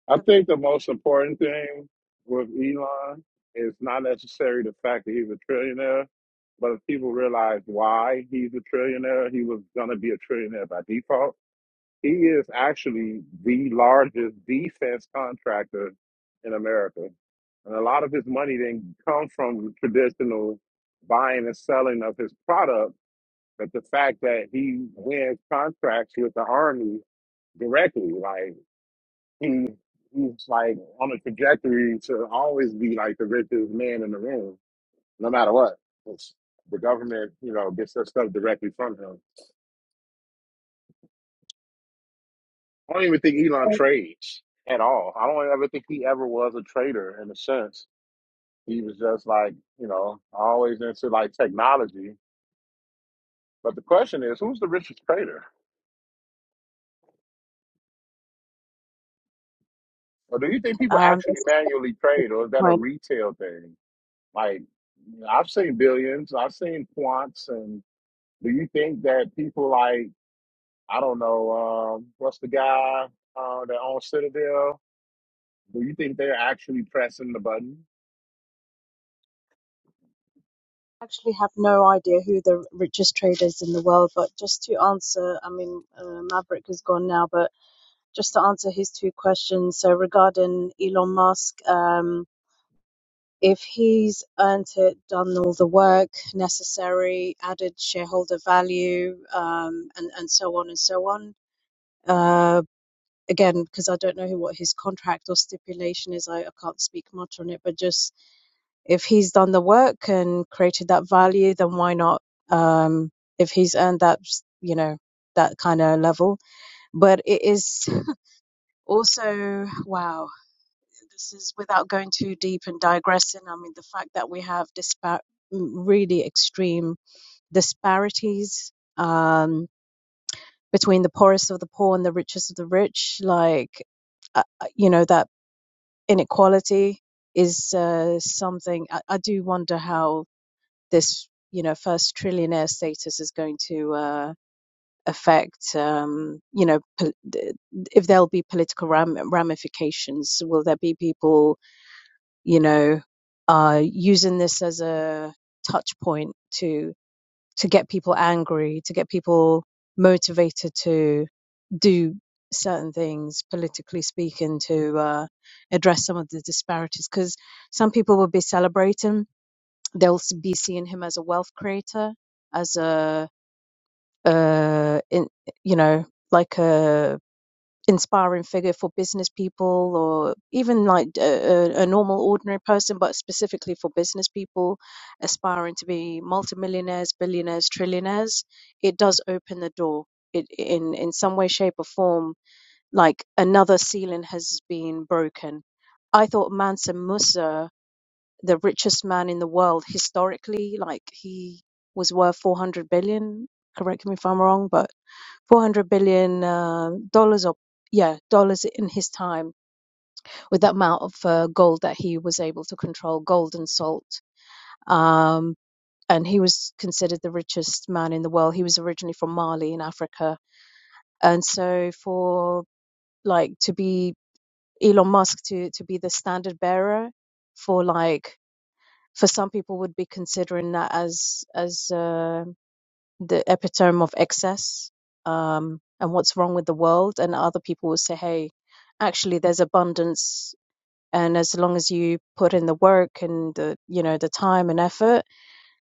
I think the most important thing with Elon is not necessarily the fact that he's a trillionaire, but if people realize why he's a trillionaire, he was going to be a trillionaire by default He is actually the largest defense contractor in America. And a lot of his money didn't come from traditional buying and selling of his product, but the fact that he wins contracts with the Army directly. Like, he, he's like on a trajectory to always be like the richest man in the room, no matter what. It's- the government, you know, gets their stuff directly from him. I don't even think Elon or trades at all. I don't ever think he ever was a trader in a sense. He was just like, you know, always into like technology. But the question is, who's the richest trader? Or do you think people um, actually manually trade, or is that a retail thing? Like, I've seen billions, I've seen quants, and do you think that people like, I don't know, um, what's the guy uh, that owns Citadel? Do you think they're actually pressing the button? actually have no idea who the richest trader is in the world, but just to answer, I mean, uh, Maverick is gone now, but just to answer his two questions. So regarding Elon Musk, um, if he's earned it, done all the work necessary, added shareholder value, um, and and so on and so on. Uh, again, because I don't know who, what his contract or stipulation is, I, I can't speak much on it, but just if he's done the work and created that value, then why not? Um, if he's earned that, you know, that kind of level. But it is also, wow, this is without going too deep and digressing. I mean, the fact that we have dispar- really extreme disparities um, between the poorest of the poor and the richest of the rich, like, uh, uh, you know, that inequality is uh, something I, I do wonder how this, you know, first trillionaire status is going to uh, affect, um, you know, pol- if there'll be political ram- ramifications. Will there be people, you know, uh, using this as a touch point to to get people angry, to get people motivated to do certain things, politically speaking, to uh, address some of the disparities? Because some people will be celebrating They'll s- be seeing him as a wealth creator, as a uh, in, you know, like a inspiring figure for business people, or even like a, a a normal, ordinary person, but specifically for business people aspiring to be multimillionaires, billionaires, trillionaires. It does open the door. It, in in some way, shape, or form, like another ceiling has been broken. I thought Mansa Musa the richest man in the world historically. Like he was worth 400 billion. Correct me if I'm wrong, but 400 billion uh, dollars or yeah, dollars in his time with that amount of uh, gold that he was able to control, gold and salt. Um, and he was considered the richest man in the world. He was originally from Mali in Africa, and so for like to be Elon Musk to to be the standard bearer for like for some people would be considering that as as uh, the epitome of excess um, and what's wrong with the world, and other people will say, "Hey, actually, there's abundance." And as long as you put in the work and the you know the time and effort,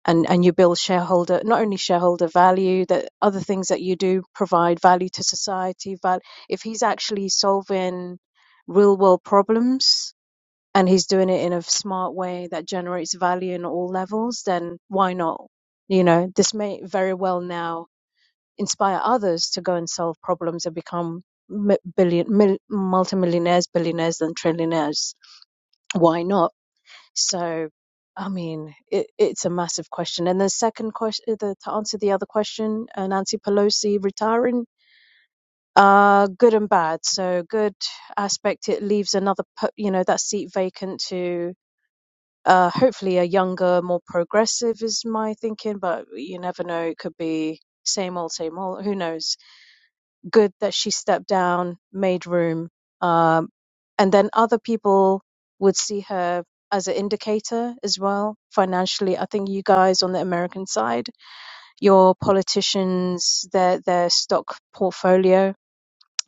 and and you build shareholder not only shareholder value, that other things that you do provide value to society. But if he's actually solving real world problems, and he's doing it in a smart way that generates value in all levels, then why not? You know, this may very well now inspire others to go and solve problems and become billion, mil, multimillionaires, billionaires, and trillionaires. Why not? So, I mean, it, it's a massive question. And the second question, the, to answer the other question, uh, Nancy Pelosi retiring, uh, good and bad. So, good aspect, it leaves another, you know, that seat vacant to uh, hopefully a younger, more progressive is my thinking, but you never know. It could be same old, same old. Who knows? Good that she stepped down, made room. Um, and then other people would see her as an indicator as well financially. I think you guys on the American side, your politicians, their their stock portfolio,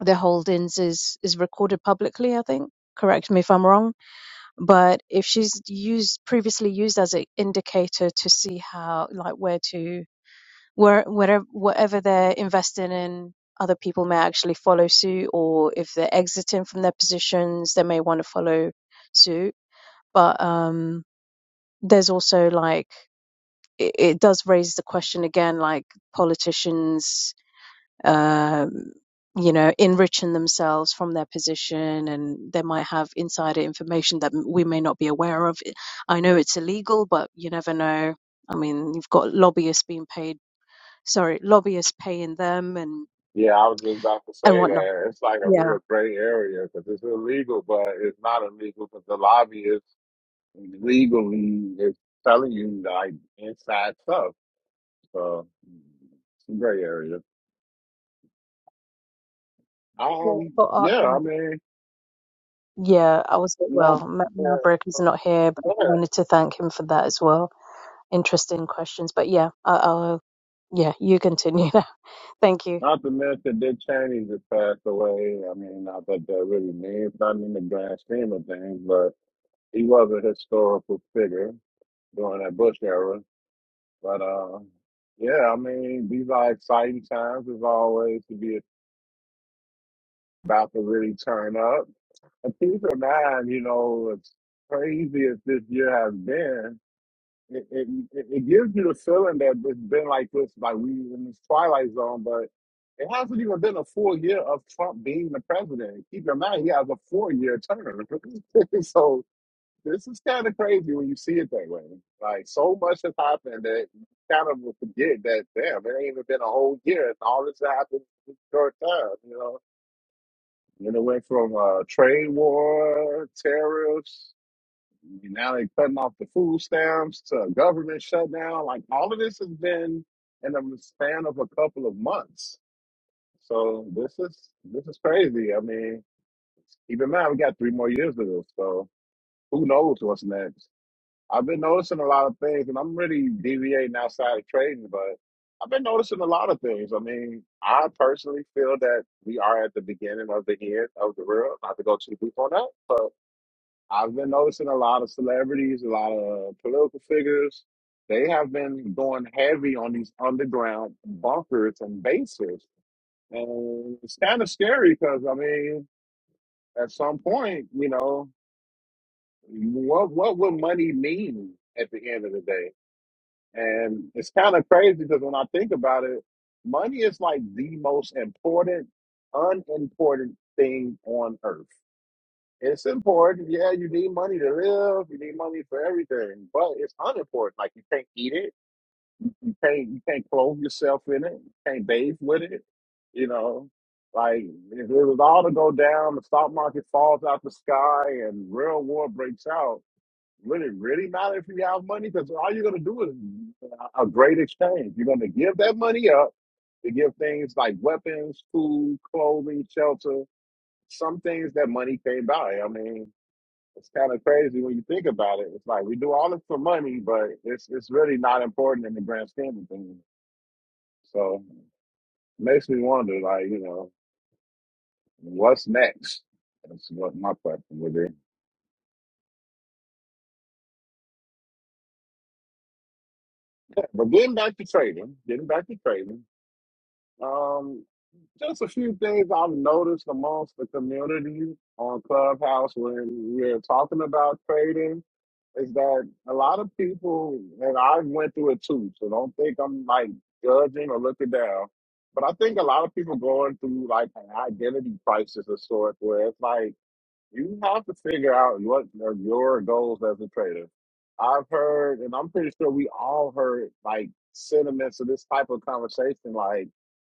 their holdings is is recorded publicly. I think. Correct me if I'm wrong but if she's used previously used as an indicator to see how, like where to, where, wherever, whatever they're investing in, other people may actually follow suit, or if they're exiting from their positions, they may want to follow suit. But um, there's also like, it, it does raise the question again, like politicians um, you know, enriching themselves from their position and they might have insider information that we may not be aware of. I I know it's illegal, but you never know. I mean, you've got lobbyists being paid, sorry, lobbyists paying them and, Yeah, I was just about to and say whatnot. that it's like a Yeah. real gray area because it's illegal, but it's not illegal because the lobbyist legally is telling you like inside stuff. So it's a gray area. Yeah, Um, but, uh, yeah, I um, mean, yeah, I was, not well, Ma- yeah, Maverick is not here, but I yeah. wanted to thank him for that as well. Interesting questions. But yeah, I, I'll, yeah, you continue now. Thank you. not to mention Dick Cheney just passed away. I mean, not that that really means nothing in the grand scheme of things, but he was a historical figure during that Bush era. But uh, yeah, I mean, these are exciting times as always to be about to really turn up. And keep in mind, you know, as crazy as this year has been, it, it, it it gives you the feeling that it's been like this, like we in this twilight zone, but it hasn't even been a full year of Trump being the president. Keep in mind, he has a four year term. so this is kind of crazy when you see it that way. Like so much has happened that you kind of will forget that damn, it ain't even been a whole year and all this happened in a short time, you know. And it went from uh, trade war, tariffs, now they are cutting off the food stamps to government shutdown. Like all of this has been in the span of a couple of months. So this is this is crazy. I mean, even in we got three more years to go, so who knows what's next. I've been noticing a lot of things, and I'm really deviating outside of trading, but I've been noticing a lot of things. I mean, I personally feel that we are at the beginning of the end of the world. Not to go too deep on that, but I've been noticing a lot of celebrities, a lot of political figures. They have been going heavy on these underground bunkers and bases, and it's kind of scary because I mean, at some point, you know, what what would money mean at the end of the day? And it's kind of crazy because when I think about it, money is like the most important, unimportant thing on earth. It's important. Yeah, you need money to live. You need money for everything, but it's unimportant. Like you can't eat it. You can't. You can't clothe yourself in it. You can't bathe with it. You know, like if it was all to go down, the stock market falls out the sky, and real war breaks out would it really matter if you have money? Because all you're going to do is a a great exchange. You're going to give that money up to give things like weapons, food, clothing, shelter, some things that money can't buy. I mean, it's kind of crazy when you think about it. It's like we do all this for money, but it's it's really not important in the grand scheme of things. So it makes me wonder, like, you know, what's next? That's what my question would be. But getting back to trading, getting back to trading. Um, just a few things I've noticed amongst the community on Clubhouse when we're talking about trading is that a lot of people, and I went through it too, so don't think I'm like judging or looking down. But I think a lot of people going through like an identity crisis of sort, where it's like you have to figure out what are your goals as a trader. I've heard, and I'm pretty sure we all heard like sentiments of this type of conversation, like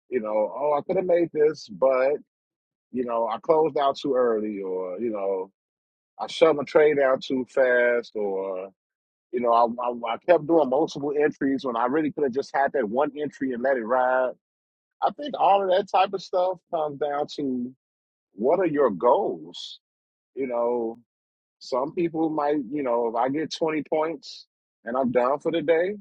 you know, oh, I could have made this, but you know, I closed out too early, or you know, I shoved my trade out too fast, or you know, I, I I kept doing multiple entries when I really could have just had that one entry and let it ride. I think all of that type of stuff comes down to what are your goals, you know. Some people might, you know, if I get 20 points and I'm done for the day,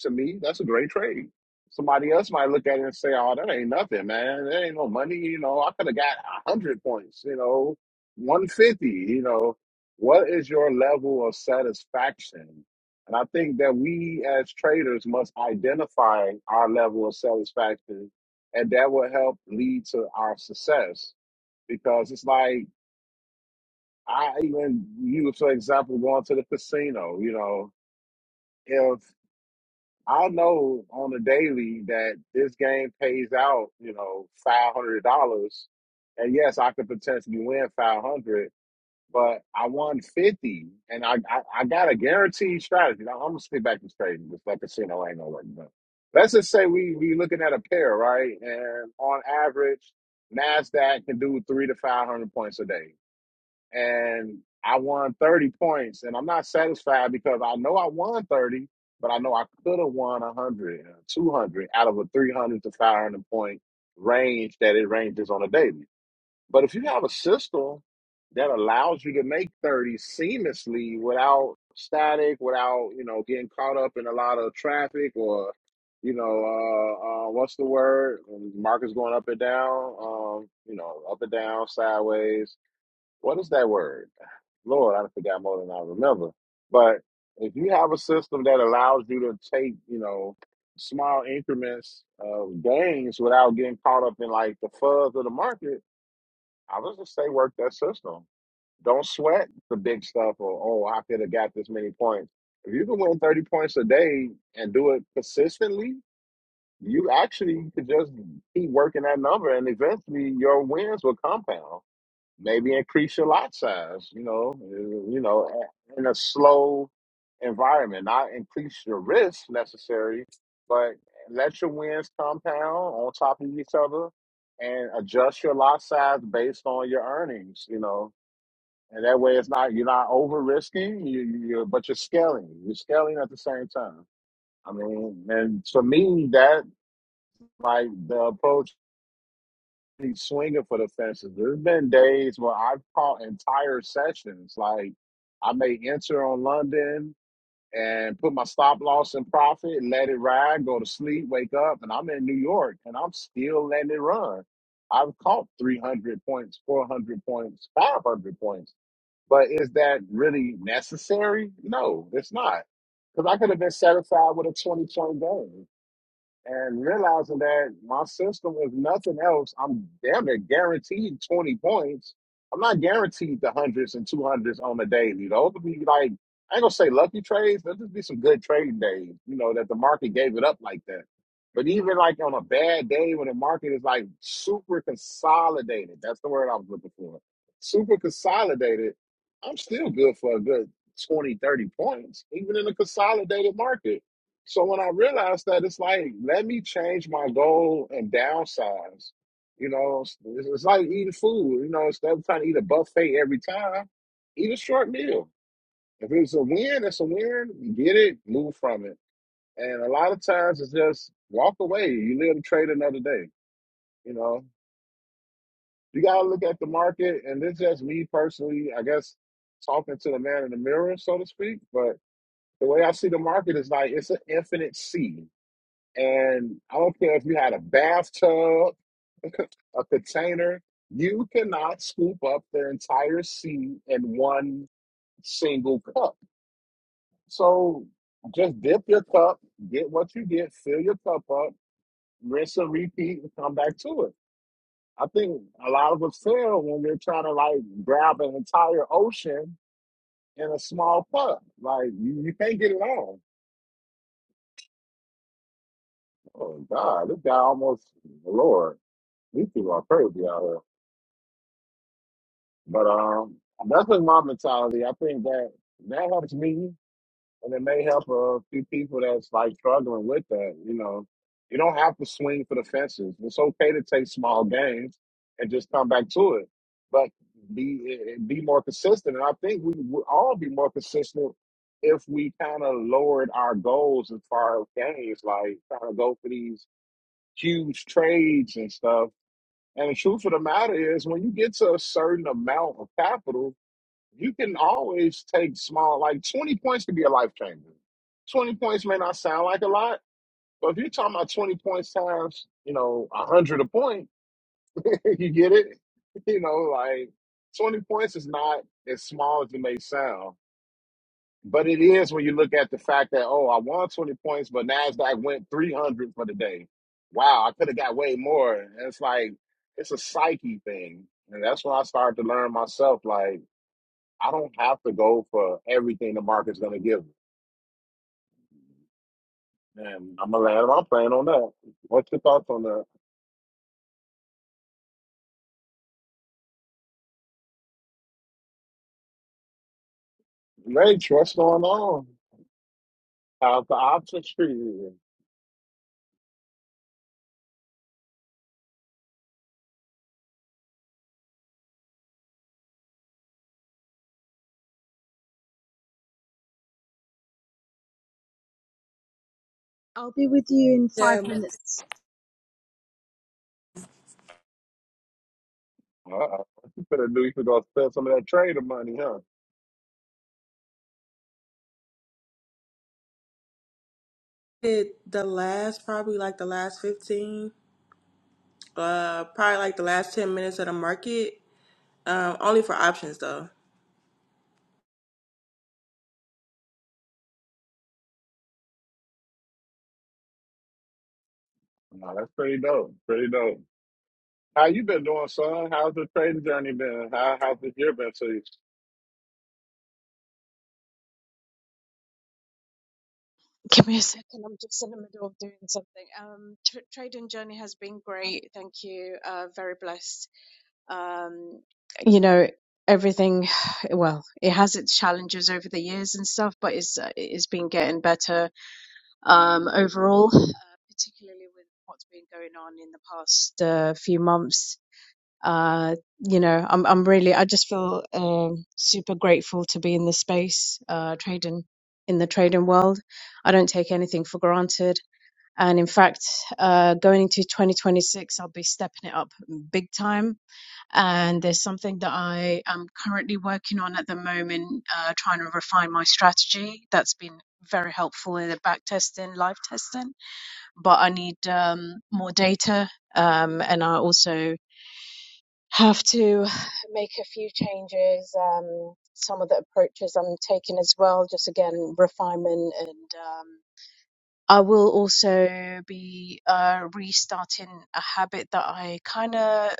to me, that's a great trade. Somebody else might look at it and say, oh, that ain't nothing, man. That ain't no money. You know, I could have got 100 points, you know, 150. You know, what is your level of satisfaction? And I think that we as traders must identify our level of satisfaction, and that will help lead to our success because it's like, I even use, for example, going to the casino. You know, if I know on a daily that this game pays out, you know, five hundred dollars, and yes, I could potentially win five hundred, but I won fifty, and I, I I got a guaranteed strategy. Now, I'm gonna stick back to trading because that casino ain't no to work. But let's just say we we looking at a pair, right? And on average, Nasdaq can do three to five hundred points a day and I won 30 points. And I'm not satisfied because I know I won 30, but I know I could have won 100, uh, out of a 300 to 500 point range that it ranges on a daily. But if you have a system that allows you to make 30 seamlessly without static, without, you know, getting caught up in a lot of traffic or, you know, uh, uh, what's the word? Markets going up and down, um, you know, up and down, sideways. What is that word? Lord, I forgot more than I remember. But if you have a system that allows you to take, you know, small increments of gains without getting caught up in like the fuzz of the market, I would just say work that system. Don't sweat the big stuff or oh, I could have got this many points. If you can win thirty points a day and do it consistently, you actually could just keep working that number, and eventually your wins will compound maybe increase your lot size. You know, uh, you know, a- in a slow environment, not increase your risk necessary, but let your wins compound on top of each other, and adjust your lot size based on your earnings. You know, and that way it's not you're not over risking, you you you're- but you're scaling. You're scaling at the same time. I mean, and for me, that like the approach he's swinging for the fences. There's been days where I've caught entire sessions. Like I may enter on London and put my stop loss in profit, let it ride, go to sleep, wake up, and I'm in New York and I'm still letting it run. I've caught 300 points, 400 points, 500 points. But is that really necessary? No, it's not. Because I could have been satisfied with a 20 point game and realizing that my system, if nothing else, I'm damn near guaranteed 20 points. I'm not guaranteed the hundreds and two hundreds on the daily. Those would be like, I ain't gonna say lucky trades. There'll just be some good trading days, you know, that the market gave it up like that. But even like on a bad day when the market is like super consolidated, that's the word I was looking for. Super consolidated, I'm still good for a good 20, 30 points, even in a consolidated market. So when I realized that, it's like, let me change my goal and downsize. You know, it's, it's like eating food. You know, instead of trying to eat a buffet every time, eat a short meal. If it's a win, it's a win. You get it, move from it. And a lot of times it's just walk away. You live to trade another day. You know, you got to look at the market. And this is just me personally, I guess, talking to the man in the mirror, so to speak. But the way I see the market is like it's an infinite sea And I don't care if you had a bathtub, a container, you cannot scoop up the entire sea in one single cup. So just dip your cup, get what you get, fill your cup up, rinse and repeat, and come back to it. I think a lot of us fail when they're trying to like grab an entire ocean in a small cup. Like you, you can't get it all. Oh God, this guy almost Lord, these people are crazy out here. But um, that's just my mentality. I think that that helps me, and it may help a few people that's like struggling with that. You know, you don't have to swing for the fences. It's okay to take small gains and just come back to it, but be eh, be more consistent. And I think we would all be more consistent if we kind of lowered our goals as far as gains, like trying to go for these huge trades and stuff. And the truth of the matter is, when you get to a certain amount of capital, you can always take small, like 20 points could be a life changer. 20 points may not sound like a lot, but if you're talking about 20 points times, you know, 100 a point, you get it? You know, like 20 points is not as small as it may sound, but it is when you look at the fact that, oh, I won 20 points, but NASDAQ went 300 for the day. Wow, I could have got way more. And it's like, it's a psyche thing. And that's when I started to learn myself, like, I don't have to go for everything the market's going to give me. And I'm going to land my plan on that. What's your thoughts on that? Rach, what's going on? How's the options treating you? I'll be with you in Yeah, five I minutes. Uh-oh. What you finna do? You could go spend some of that trader money, huh? did the last probably like the last fifteen, uh, probably like the last ten minutes of the market. Um, only for options though. Nah, that's pretty dope. Pretty dope. How you been doing, son? How's the trading journey been? How, how's the year been to you? Give me a second. I'm just in the middle of doing something. Um, tr trading journey has been great. Thank you. Uh, very blessed. Um, you know, everything, well, it has its challenges over the years and stuff, but it's uh, it's been getting better. Um, overall, uh, particularly with what's been going on in the past uh, few months uh, you know, I'm I'm really I just feel um, super grateful to be in this space, uh, trading in the trading world. I don't take anything for granted, and in fact, uh, going into 2026, I'll be stepping it up big time. And there's something that I am currently working on at the moment, uh, trying to refine my strategy. That's been very helpful in the back testing, live testing, but I need um, more data. Um, and I also have to make a few changes. Um, some of the approaches I'm taking as well, just again refinement, and um, I will also be uh, restarting a habit that I kind of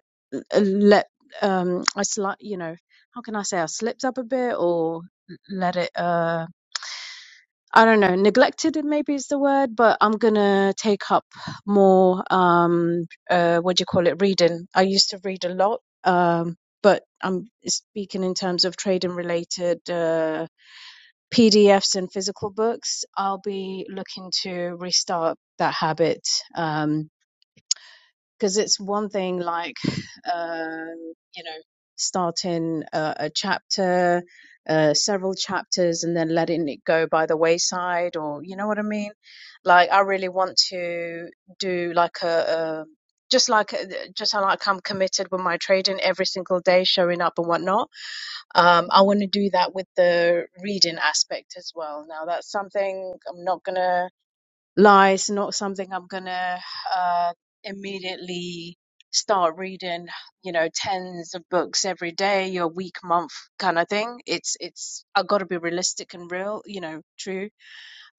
let um I sli you know how can I say I slipped up a bit or let it. uh, I don't know, neglected maybe is the word, but I'm gonna take up more um uh what do you call it, reading. I used to read a lot, um, but I'm speaking in terms of trading related uh PDFs and physical books. I'll be looking to restart that habit. Um because it's one thing like uh, you know starting a, a chapter uh, several chapters and then letting it go by the wayside or you know what i mean like i really want to do like a, a just like uh, just like i'm committed with my trading every single day showing up and whatnot um, i want to do that with the reading aspect as well now that's something i'm not gonna lies not something I'm gonna uh, immediately start reading, you know, tens of books every day or week, month kind of thing. It's it's I've got to be realistic and real, you know, true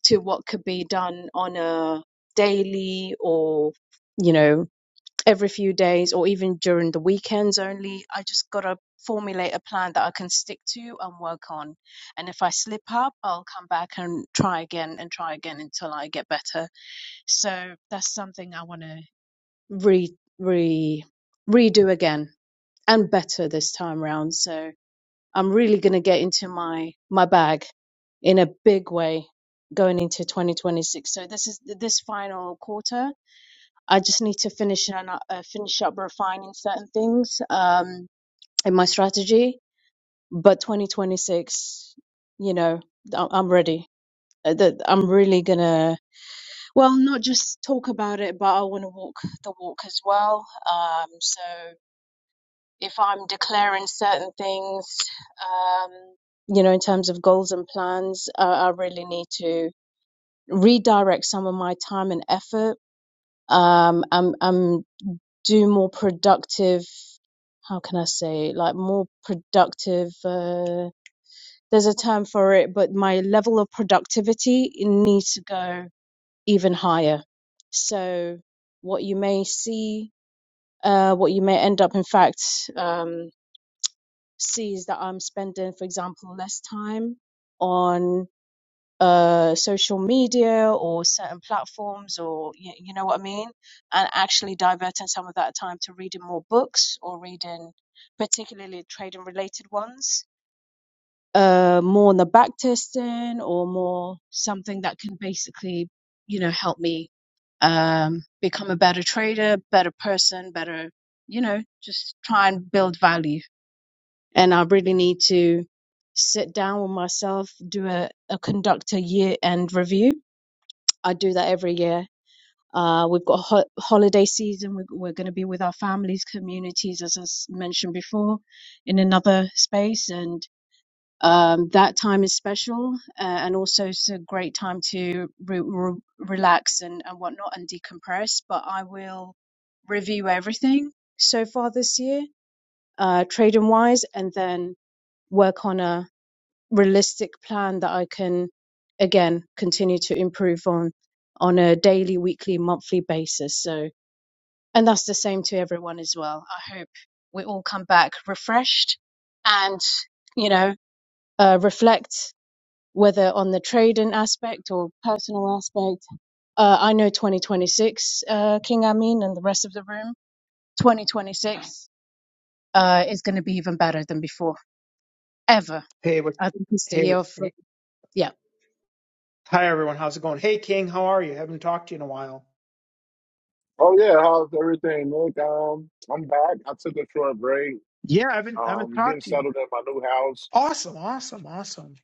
to what could be done on a daily or you know every few days or even during the weekends only. I just gotta formulate a plan that I can stick to and work on. And if I slip up, I'll come back and try again and try again until I get better so that's something I want to re re redo again and better this time round. So I'm really going to get into my my bag in a big way going into 2026. So this is this final quarter. I just need to finish and uh, finish up refining certain things um, in my strategy. But 2026, you know, I- I'm ready. Uh, that- I'm really gonna Well, not just talk about it, but I want to walk the walk as well. Um, so if I'm declaring certain things, um, you know, in terms of goals and plans, uh, I really need to redirect some of my time and effort. Um, um, um, do more productive. How can I say? Like more productive. Uh, there's a term for it, but my level of productivity it needs to go even higher. So what you may see, uh, what you may end up, in fact, um, see is that I'm spending, for example, less time on uh, social media or certain platforms, or you, you know what I mean, and actually diverting some of that time to reading more books or reading, particularly trade and related ones uh, more on the back testing or more something that can basically, you know, help me um, become a better trader, better person, better, you know, just try and build value. And I really need to sit down with myself, do a, a conduct a year end review. I do that every year. Uh, we've got ho- holiday season. We're, we're going to be with our families, communities, as I s- mentioned before, in another space. And um, that time is special, uh, and also it's a great time to re- re- relax and, and whatnot and decompress. But I will review everything so far this year, uh, trade wise, and then work on a realistic plan that I can again continue to improve on on a daily, weekly, monthly basis. So, and that's the same to everyone as well. I hope we all come back refreshed and you know uh, reflect whether on the trading aspect or personal aspect. Uh, I know 2026, uh, King Amin and the rest of the room, 2026 uh, is going to be even better than before, ever. Hey, what, I think it's the hey, year what's, of, hey- yeah. hi everyone. How's it going? Hey, King, how are you? Haven't talked to you in a while. Oh, yeah. How's everything? Look, um, I'm back. I took a short break. Yeah, I haven't I haven't Um, getting talked to you. settled in my new house. Awesome, awesome, awesome.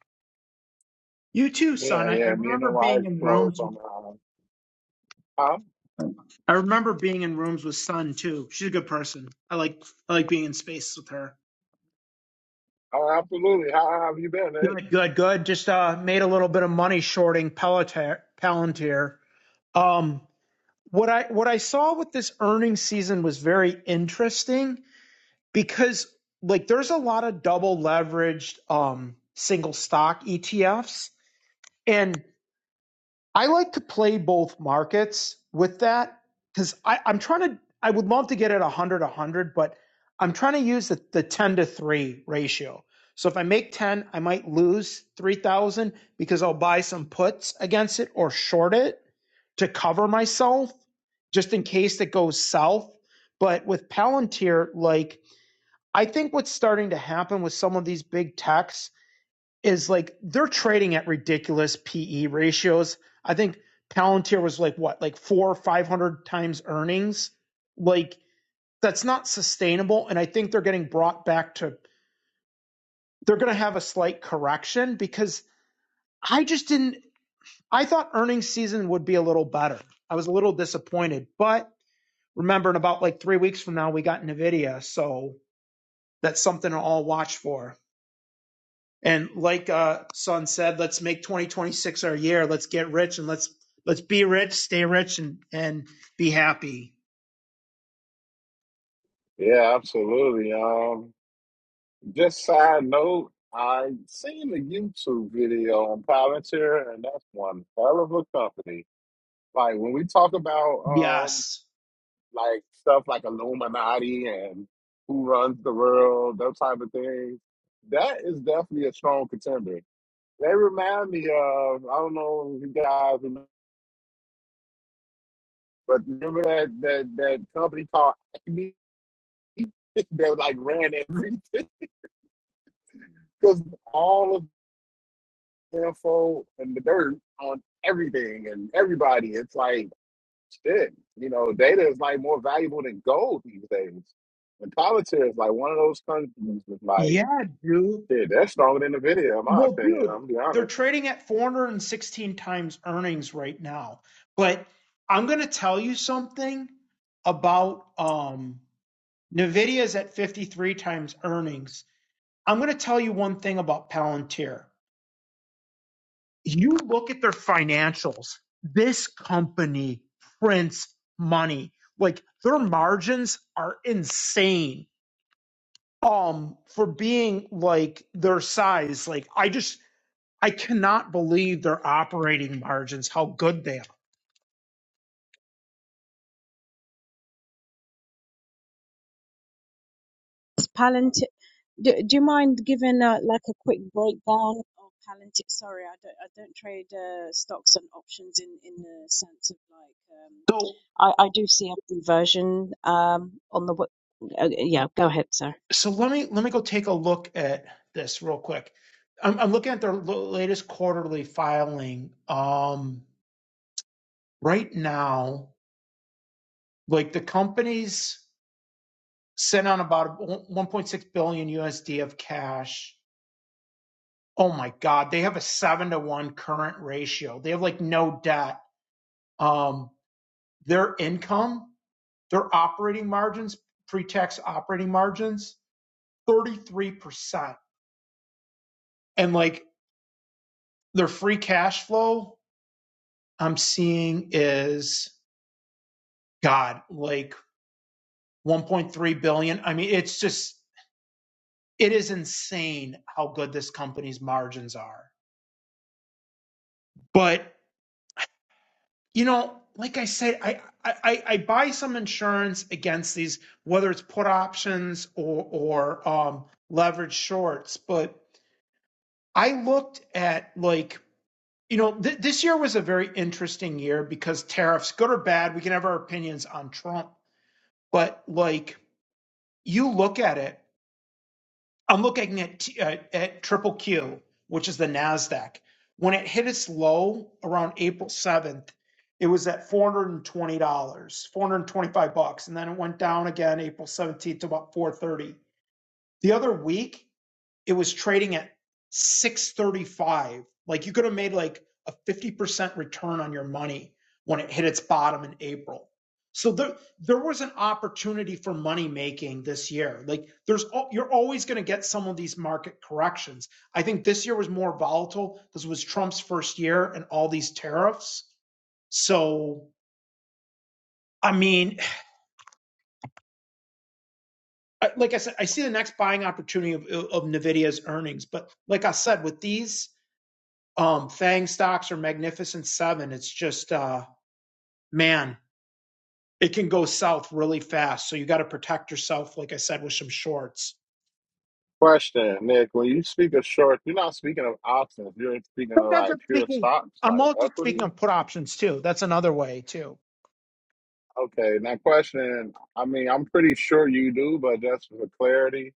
You too, son. Yeah, I, I yeah. Me and the remember wife being in closed rooms. With, on, uh, huh? I remember being in rooms with Sun too. She's a good person. I like, I like being in space with her. Oh, absolutely. How how have you been? eh? Good, good, good. Just uh made a little bit of money shorting Palantir. Palantir. Um, what I what I saw with this earnings season was very interesting. because like there's a lot of double leveraged um, single stock ETFs, and I like to play both markets with that because I'm trying to. I would love to get at 100 100, but I'm trying to use the, the 10 to 3 ratio. So if I make 10, I might lose 3,000 because I'll buy some puts against it or short it to cover myself just in case it goes south. But with Palantir, like I think what's starting to happen with some of these big techs is like they're trading at ridiculous PE ratios. I think Palantir was like what, like four or 500 times earnings? Like that's not sustainable. And I think they're getting brought back to, they're going to have a slight correction because I just didn't, I thought earnings season would be a little better. I was a little disappointed, but remember in about like three weeks from now, we got NVIDIA. So that's something to all watch for. And like uh, Son said, let's make 2026 our year. Let's get rich and let's let's be rich, stay rich, and and be happy. Yeah, absolutely. Um, just side note, I seen a YouTube video on Palantir, and that's one hell of a company. Like when we talk about um, Yes, like stuff like Illuminati and who runs the world, those type of things, that is definitely a strong contender. They remind me of I don't know if you guys remember, but remember that that that company called Acme that like ran everything. because all of the info and the dirt on everything and everybody, it's like shit. You know, data is like more valuable than gold these days. And politics is like one of those countries that's like, yeah, dude. shit, that's stronger than the video, in my Well, opinion. dude, I'm gonna be they're honest. trading at 416 times earnings right now. But I'm gonna tell you something about um, Nvidia is at 53 times earnings. I'm gonna tell you one thing about Palantir. you look at their financials, this company prints money. Like their margins are insane. Um, for being like their size, like I just I cannot believe their operating margins, how good they are. Palantir, do, do you mind giving a, like a quick breakdown of Palantir? Sorry, I don't, I don't trade uh, stocks and options in, in the sense of like, So um, I, I do see a conversion um, on the, w- uh, yeah, go ahead, sir. so let me let me go take a look at this real quick. I'm, I'm looking at their lo- latest quarterly filing. Um, right now, like the companies sent on about 1.6 billion USD of cash. Oh my God, they have a seven to one current ratio. They have like no debt. Um, their income, their operating margins, pre-tax operating margins, 33%. And like their free cash flow I'm seeing is God, like 1.3 billion. I mean, it's just it is insane how good this company's margins are. But you know, like I said, I I, I buy some insurance against these, whether it's put options or or um, leverage shorts. But I looked at like you know th- this year was a very interesting year because tariffs, good or bad, we can have our opinions on Trump. But like you look at it I'm looking at uh, at Triple Q, which is the Nasdaq. When it hit its low around April 7th, it was at $420, 425 bucks, and then it went down again April 17th to about 430. The other week, it was trading at 635 like you could have made like a 50% return on your money when it hit its bottom in april so there there was an opportunity for money making this year like there's you're always going to get some of these market corrections i think this year was more volatile because it was trump's first year and all these tariffs so i mean like i said i see the next buying opportunity of, of nvidia's earnings but like i said with these um fang stocks or magnificent seven it's just uh man it can go south really fast so you got to protect yourself like i said with some shorts Question, Nick, when you speak of short, you're not speaking of options. You're speaking of sometimes like i'm pure speaking stocks, i'm like also speaking equity. of put options too that's another way too Okay, now question, I mean, I'm pretty sure you do, but just for clarity,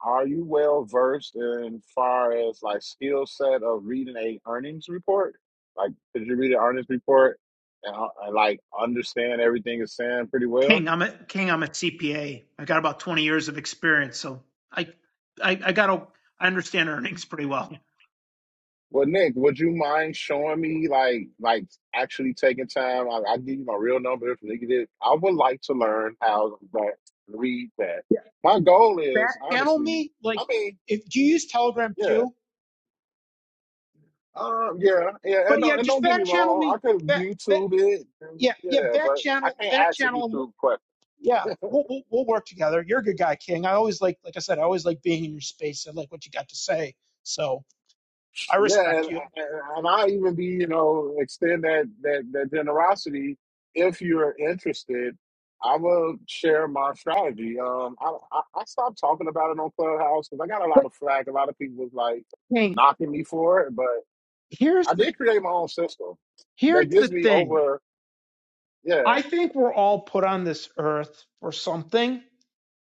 Are you well versed in far as like skill set of reading a earnings report? Like, could you read an earnings report and, uh, and like understand everything it's saying pretty well? king i'm a king i'm a cpa i got about 20 years of experience so i i, I gotta i understand earnings pretty well Well, Nick, would you mind showing me like like actually taking time? I, I give you my real number if you need it. I would like to learn how to read that. yeah My goal back is channel honestly, me like I mean, if do you use telegram yeah. too Um, yeah, yeah, and but yeah don't and just don't get me back channel wrong, me I could Back, YouTube it, and, Yeah, yeah. yeah, Back but I channel, can't back ask a channel. YouTube question. Yeah, we'll, we'll we'll work together. You're a good guy, King. I always like, like I said, I always like being in your space. I like what you got to say, so I Yeah, respect and you. and, and I even be you know extend that that that generosity if you're interested. I will share my strategy. Um, I I, I stopped talking about it on Clubhouse because I got a lot But of flack. A lot of people was like King, knocking me for it, but here's I the did create my own system that here's the gives me thing. over. Yeah, I think we're all put on this earth for something,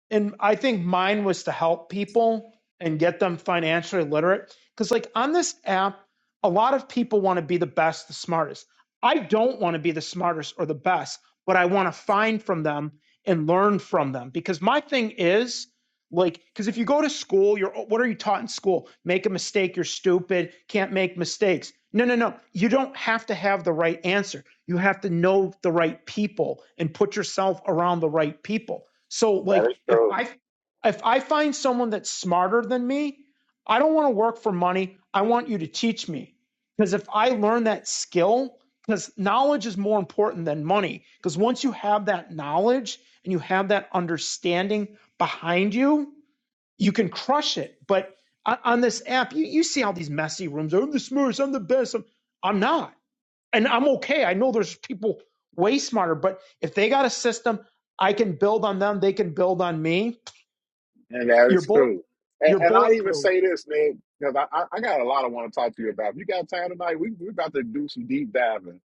and I think mine was to help people and get them financially literate. Because, like, on this app, a lot of people want to be the best, the smartest. I don't want to be the smartest or the best, but I want to find from them and learn from them. Because my thing is, like, because if you go to school, you're oh, what are you taught in school? Make a mistake, you're stupid, can't make mistakes. No, no, no. You don't have to have the right answer. You have to know the right people and put yourself around the right people so that like is if true. I if I find someone that's smarter than me, I don't want to work for money. I want you to teach me. Because if I learn that skill, because knowledge is more important than money. Because once you have that knowledge and you have that understanding behind you, you can crush it. But on on this app, you, you see all these messy rooms. Oh, I'm the smartest. I'm the best. I'm, I'm not and I'm okay. I know there's people way smarter, but if they got a system, I can build on them. They can build on me. And that You're is bullet, true. And, you're and I even bulletproof. say this, man, because I, I I got a lot I want to talk to you about. If you got time tonight, we, we're about to do some deep diving.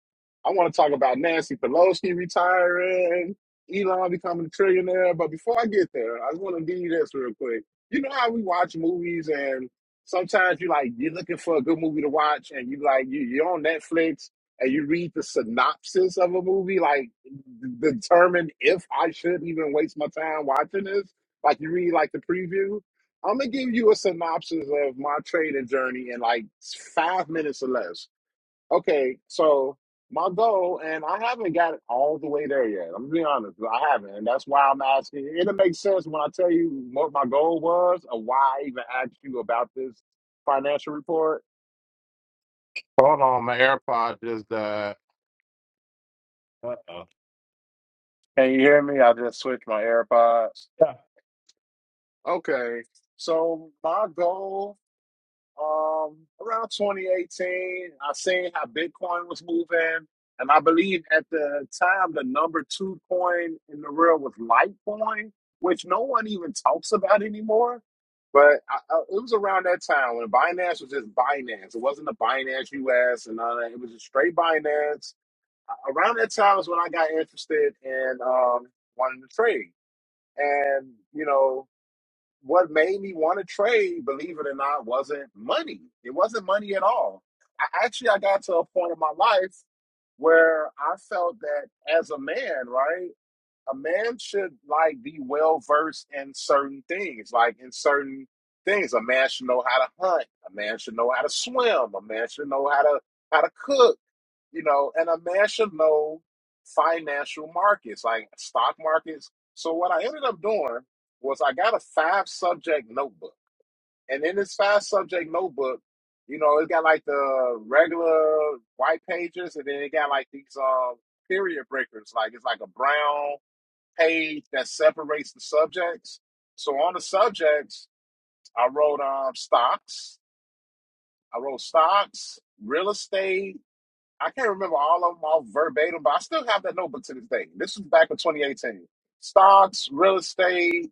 I want to talk about Nancy Pelosi retiring, Elon becoming a trillionaire. But before I get there, I just want to give you this real quick. You know how we watch movies and sometimes you like you're looking for a good movie to watch and you like you, you're on Netflix and you read the synopsis of a movie like d- determine if I should even waste my time watching this like you read like the preview. I'm gonna give you a synopsis of my trading journey in like five minutes or less. Okay, so my goal, and I haven't got it all the way there yet. I'm gonna be honest, I haven't, and that's why I'm asking. It'll make sense when I tell you what my goal was or why I even asked you about this financial report. Hold on, my AirPod just uh. Uh-oh. Can you hear me? I just switched my AirPods. Yeah. Okay, so my goal um, around 2018, I seen how Bitcoin was moving. And I believe at the time, the number two coin in the world was Litecoin, which no one even talks about anymore. But I, I, it was around that time when Binance was just Binance. It wasn't the Binance US and all that. It was just straight Binance. A- Around that time is when I got interested in um, wanting to trade. And, you know, what made me want to trade, believe it or not, wasn't money. It wasn't money at all. I actually I got to a point in my life where I felt that as a man, right? a man should like be well versed in certain things, like in certain things. A man should know how to hunt. A man should know how to swim. A man should know how to how to cook. You know, and a man should know financial markets, like stock markets. So what I ended up doing was I got a five subject notebook, and in this five subject notebook, you know, it's got like the regular white pages, and then it got like these um period breakers, like it's like a brown page that separates the subjects. So on the subjects, I wrote um stocks. I wrote stocks, real estate, I can't remember all of them all verbatim, but I still have that notebook to this day. This was back in 2018. Stocks, real estate,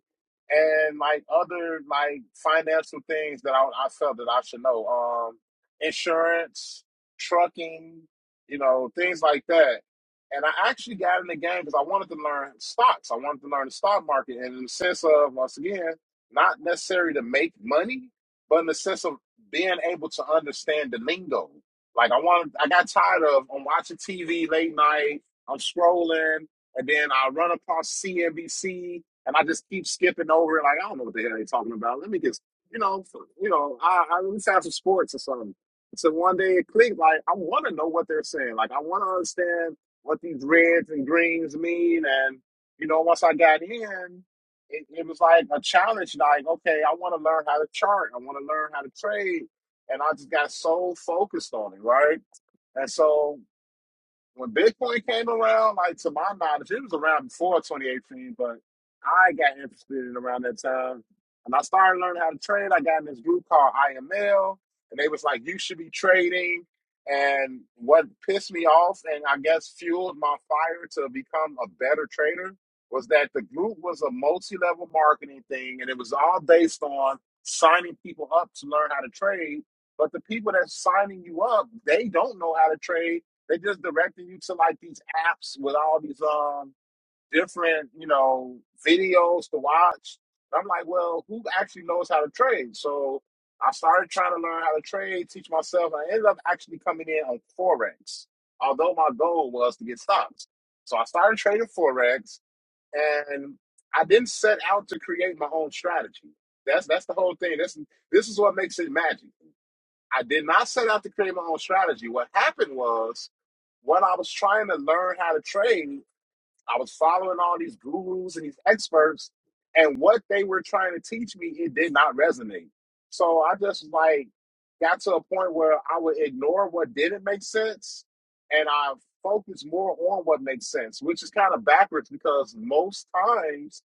and like other like financial things that I, I felt that I should know. Um, insurance, trucking, you know, things like that. And I actually got in the game because I wanted to learn stocks. I wanted to learn the stock market, and in the sense of once again, not necessarily to make money, but in the sense of being able to understand the lingo like I want, I got tired of I'm watching TV late night. I'm scrolling, and then I run across CNBC, and I just keep skipping over it. Like I don't know what the hell they're talking about. Let me just, you know, f- you know, I, I let me have some sports or something. So one day it clicked. Like I want to know what they're saying. Like I want to understand what these reds and greens mean. And you know, once I got in, it, it was like a challenge. Like okay, I want to learn how to chart. I want to learn how to trade and I just got so focused on it, right? And so when Bitcoin came around, like to my knowledge, it was around before 2018, but I got interested in around that time. And I started learning how to trade. I got in this group called IML, and they was like, you should be trading. And what pissed me off and I guess fueled my fire to become a better trader was that the group was a multi level marketing thing, and it was all based on signing people up to learn how to trade. But the people that's signing you up, they don't know how to trade they are just directing you to like these apps with all these um different, you know, videos to watch. I'm like, well, who actually knows how to trade? So I started trying to learn how to trade, teach myself. and I ended up actually coming in on Forex, although my goal was to get stocks. So I started trading Forex and I didn't set out to create my own strategy. That's that's the whole thing. This this is what makes it magic. I did not set out to create my own strategy. What happened was, when I was trying to learn how to trade. I was following all these gurus and these experts, and what they were trying to teach me, it did not resonate. So I just like got to a point where I would ignore what didn't make sense and I focus more on what makes sense, which is kind of backwards because most times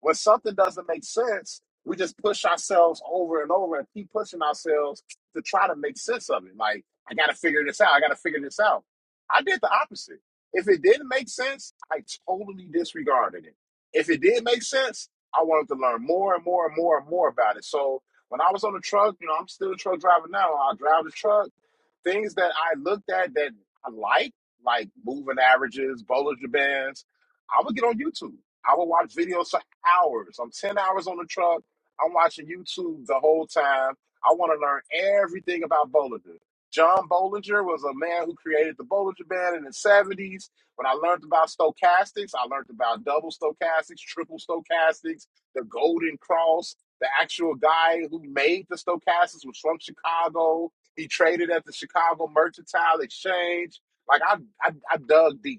when something doesn't make sense, we just push ourselves over and over and keep pushing ourselves to try to make sense of it. Like, I got to figure this out. I got to figure this out. I did the opposite. If it didn't make sense, I totally disregarded it. If it did make sense, I wanted to learn more and more and more and more about it. So when I was on the truck, you know, I'm still a truck driver now. I drive the truck. Things that I looked at that I like, like moving averages, Bollinger Bands, I would get on YouTube. I would watch videos for hours. I'm 10 hours on the truck. I'm watching YouTube the whole time. I want to learn everything about Bollinger. John Bollinger was a man who created the Bollinger Band in the 70s. When I learned about stochastics, I learned about double stochastics, triple stochastics, the Golden Cross. The actual guy who made the stochastics was from Chicago. He traded at the Chicago Mercantile Exchange. Like I, I, I dug deep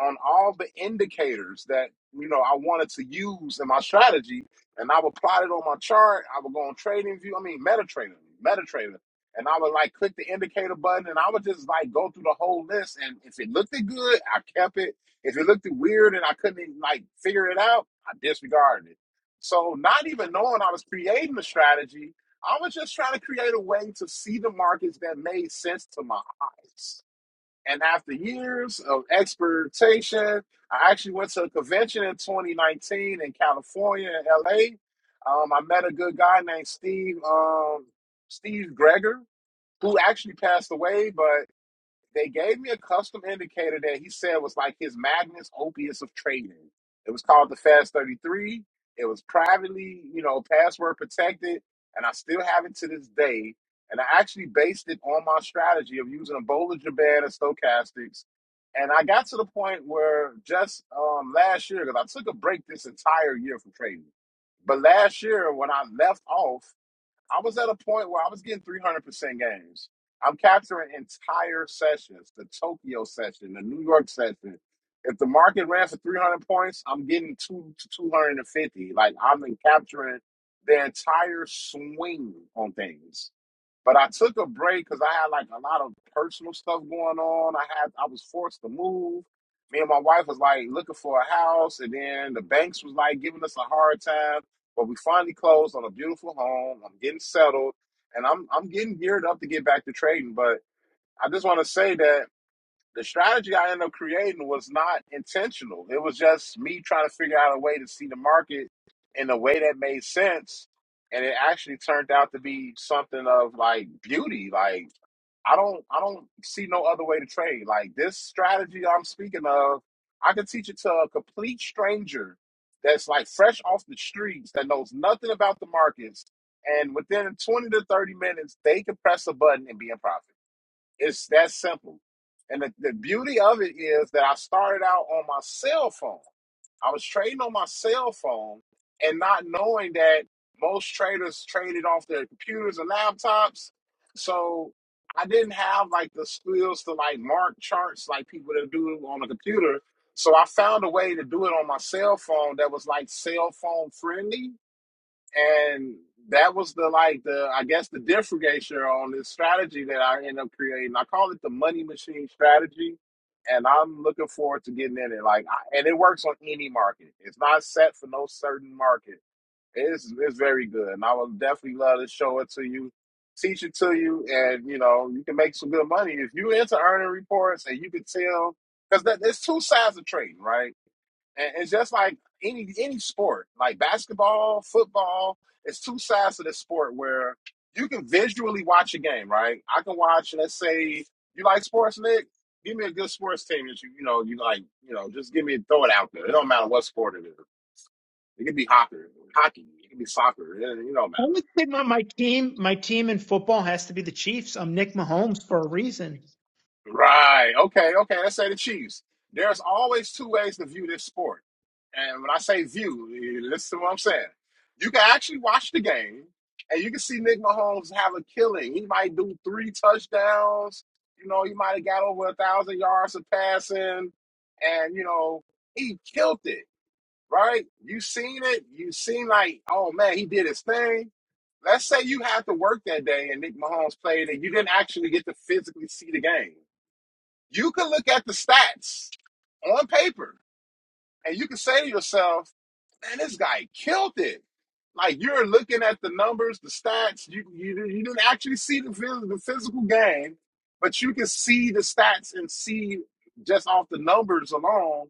on all the indicators that you know I wanted to use in my strategy, and I would plot it on my chart. I would go on Trading View. I mean, MetaTrader, MetaTrader, and I would like click the indicator button, and I would just like go through the whole list. And if it looked good, I kept it. If it looked weird and I couldn't even, like figure it out, I disregarded it. So not even knowing I was creating a strategy, I was just trying to create a way to see the markets that made sense to my eyes. And after years of experimentation, I actually went to a convention in 2019 in California, in LA. Um, I met a good guy named Steve um, Steve Greger, who actually passed away. but they gave me a custom indicator that he said was like his Magnus Opus of trading. It was called the Fast 33. It was privately, you know, password protected, and I still have it to this day. And I actually based it on my strategy of using a Bollinger Band and stochastics. And I got to the point where just um, last year, because I took a break this entire year from trading, but last year when I left off, I was at a point where I was getting 300% games. I'm capturing entire sessions, the Tokyo session, the New York session. If the market ran for 300 points, I'm getting two to 250. Like I'm capturing the entire swing on things. But I took a break because I had like a lot of personal stuff going on. I had I was forced to move. Me and my wife was like looking for a house, and then the banks was like giving us a hard time. But we finally closed on a beautiful home. I'm getting settled, and I'm I'm getting geared up to get back to trading. But I just want to say that the strategy I ended up creating was not intentional. It was just me trying to figure out a way to see the market in a way that made sense, and it actually turned out to be something of like beauty. Like I don't I don't see no other way to trade. Like this strategy I'm speaking of, I could teach it to a complete stranger that's like fresh off the streets that knows nothing about the markets, and within 20 to 30 minutes, they could press a button and be in profit. It's that simple. And the, the beauty of it is that I started out on my cell phone. I was trading on my cell phone and not knowing that most traders traded off their computers and laptops. So I didn't have like the skills to like mark charts like people that do on a computer. So I found a way to do it on my cell phone that was like cell phone friendly and that was the like the I guess the differentiator on this strategy that I end up creating. I call it the money machine strategy, and I'm looking forward to getting in it. Like, I, and it works on any market. It's not set for no certain market. It's it's very good, and I would definitely love to show it to you, teach it to you, and you know you can make some good money if you into earning reports and you can tell because that there's two sides of trading, right? And it's just like any any sport, like basketball, football, it's two sides to this sport where you can visually watch a game, right? I can watch, let's say you like sports, Nick, give me a good sports team that you you know, you like, you know, just give me throw it out there. It don't matter what sport it is. It could be hockey, hockey, it could be soccer, it, it don't matter. Only thing on my team, my team in football has to be the Chiefs. I'm Nick Mahomes for a reason. Right. Okay. Okay. Let's say the Chiefs. There's always two ways to view this sport. And when I say view, you listen to what I'm saying. You can actually watch the game and you can see Nick Mahomes have a killing. He might do three touchdowns. You know, he might have got over a thousand yards of passing. And, you know, he killed it, right? You seen it. You seen like, oh man, he did his thing. Let's say you had to work that day and Nick Mahomes played and you didn't actually get to physically see the game you can look at the stats on paper and you can say to yourself, man, this guy killed it. Like you're looking at the numbers, the stats. You you, you didn't actually see the phys- the physical game, but you can see the stats and see just off the numbers alone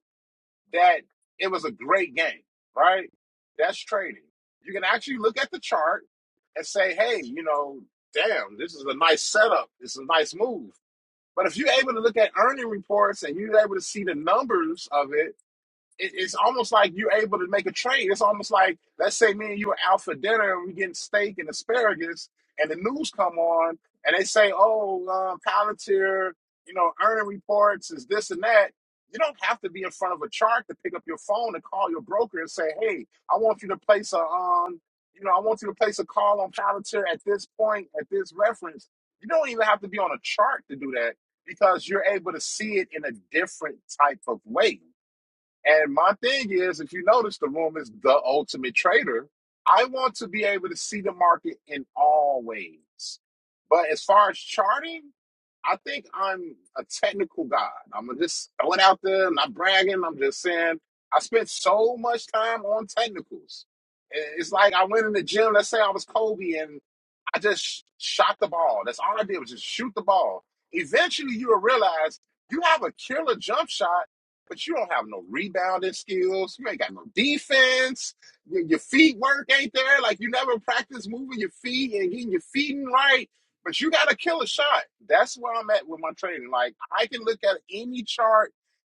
that it was a great game, right? That's trading. You can actually look at the chart and say, hey, you know, damn, this is a nice setup. This is a nice move. But if you're able to look at earning reports and you're able to see the numbers of it, it, it's almost like you're able to make a trade. It's almost like let's say me and you are out for dinner and we are getting steak and asparagus, and the news come on and they say, "Oh, uh, Palantir, you know, earning reports is this and that." You don't have to be in front of a chart to pick up your phone and call your broker and say, "Hey, I want you to place a um, you know, I want you to place a call on Palantir at this point at this reference." You don't even have to be on a chart to do that because you're able to see it in a different type of way and my thing is, if you notice, the room is the ultimate trader. I want to be able to see the market in all ways. But as far as charting, I think I'm a technical guy. I'm just throwing out there, I'm not bragging. I'm just saying I spent so much time on technicals. It's like I went in the gym. Let's say I was Kobe, and I just shot the ball. That's all I did was just shoot the ball. Eventually, you'll realize you have a killer jump shot, but you don't have no rebounding skills. You ain't got no defense. Your, your feet work ain't there. Like you never practice moving your feet and getting your feet in right. But you got a killer shot. That's where I'm at with my training. Like I can look at any chart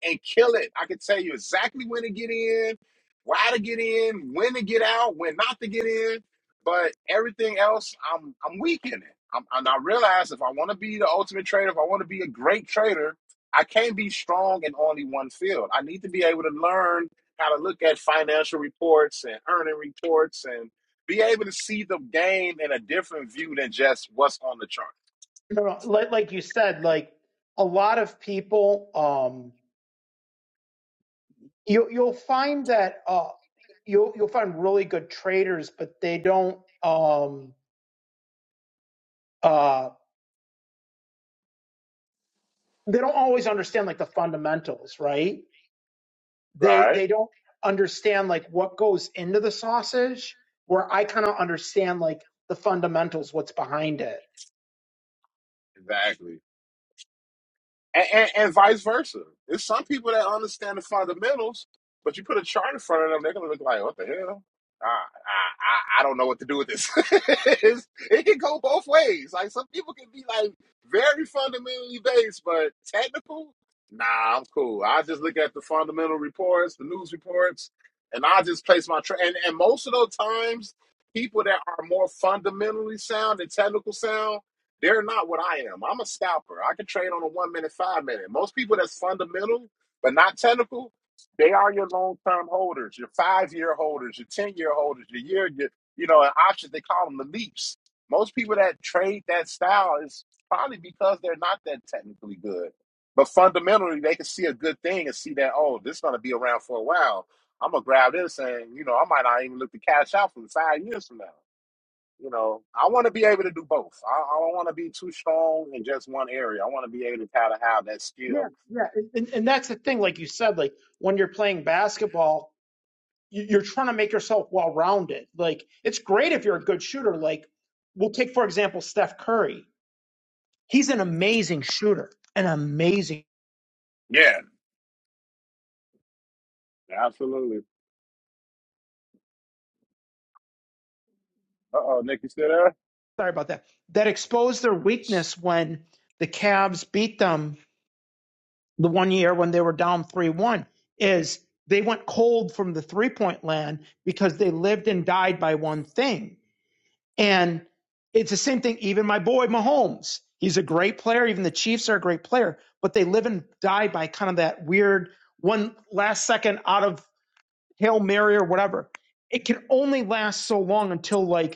and kill it. I can tell you exactly when to get in, why to get in, when to get out, when not to get in but everything else, I'm I'm weak in it. I'm, and I realize if I want to be the ultimate trader, if I want to be a great trader, I can't be strong in only one field. I need to be able to learn how to look at financial reports and earning reports and be able to see the game in a different view than just what's on the chart. No, no, like, like you said, like a lot of people, um, you, you'll find that uh, you'll you'll find really good traders, but they don't um, uh, they don't always understand like the fundamentals, right? they Right. they don't understand like what goes into the sausage where i kind of understand like the fundamentals what's behind it Exactly. and, and, and vice versa. There's some people that understand the fundamentals, but you put a chart in front of them, they're gonna look like, "What the hell? I I, I I don't know what to do with this." It's- it can go both ways. Like some people can be like very fundamentally based, but technical. Nah, I'm cool. I just look at the fundamental reports, the news reports, and I just place my tra- and and most of those times, people that are more fundamentally sound and technical sound they're not what I am. I'm a scalper. I can trade on a one minute, five minute. Most people that's fundamental but not technical, they are your long term holders, your five year holders, your ten year holders, your year, your, you know, and options. They call them the leaps. Most people that trade that style is probably because they're not that technically good, but fundamentally they can see a good thing and see that oh, this is going to be around for a while. I'm gonna grab this and you know I might not even look to cash out for five years from now. You know, I want to be able to do both. I, I don't want to be too strong in just one area. I want to be able to kind of have that yeah skill. yeah and, and and that's the thing like you said like when you're playing basketball you- you're trying to make yourself well rounded like it's great if you're a good shooter like we'll take for example steph curry he's an amazing shooter an amazing Yeah, absolutely. Uh oh, Nick, you still there? sorry about that that exposed their weakness when the Cavs beat them the one year when they were down 3 1 is they went cold from the three point land because they lived and died by one thing. And it's the same thing, even my boy Mahomes. He's a great player. Even the Chiefs are a great player, but they live and die by kind of that weird one last second out of Hail Mary or whatever. It can only last so long until like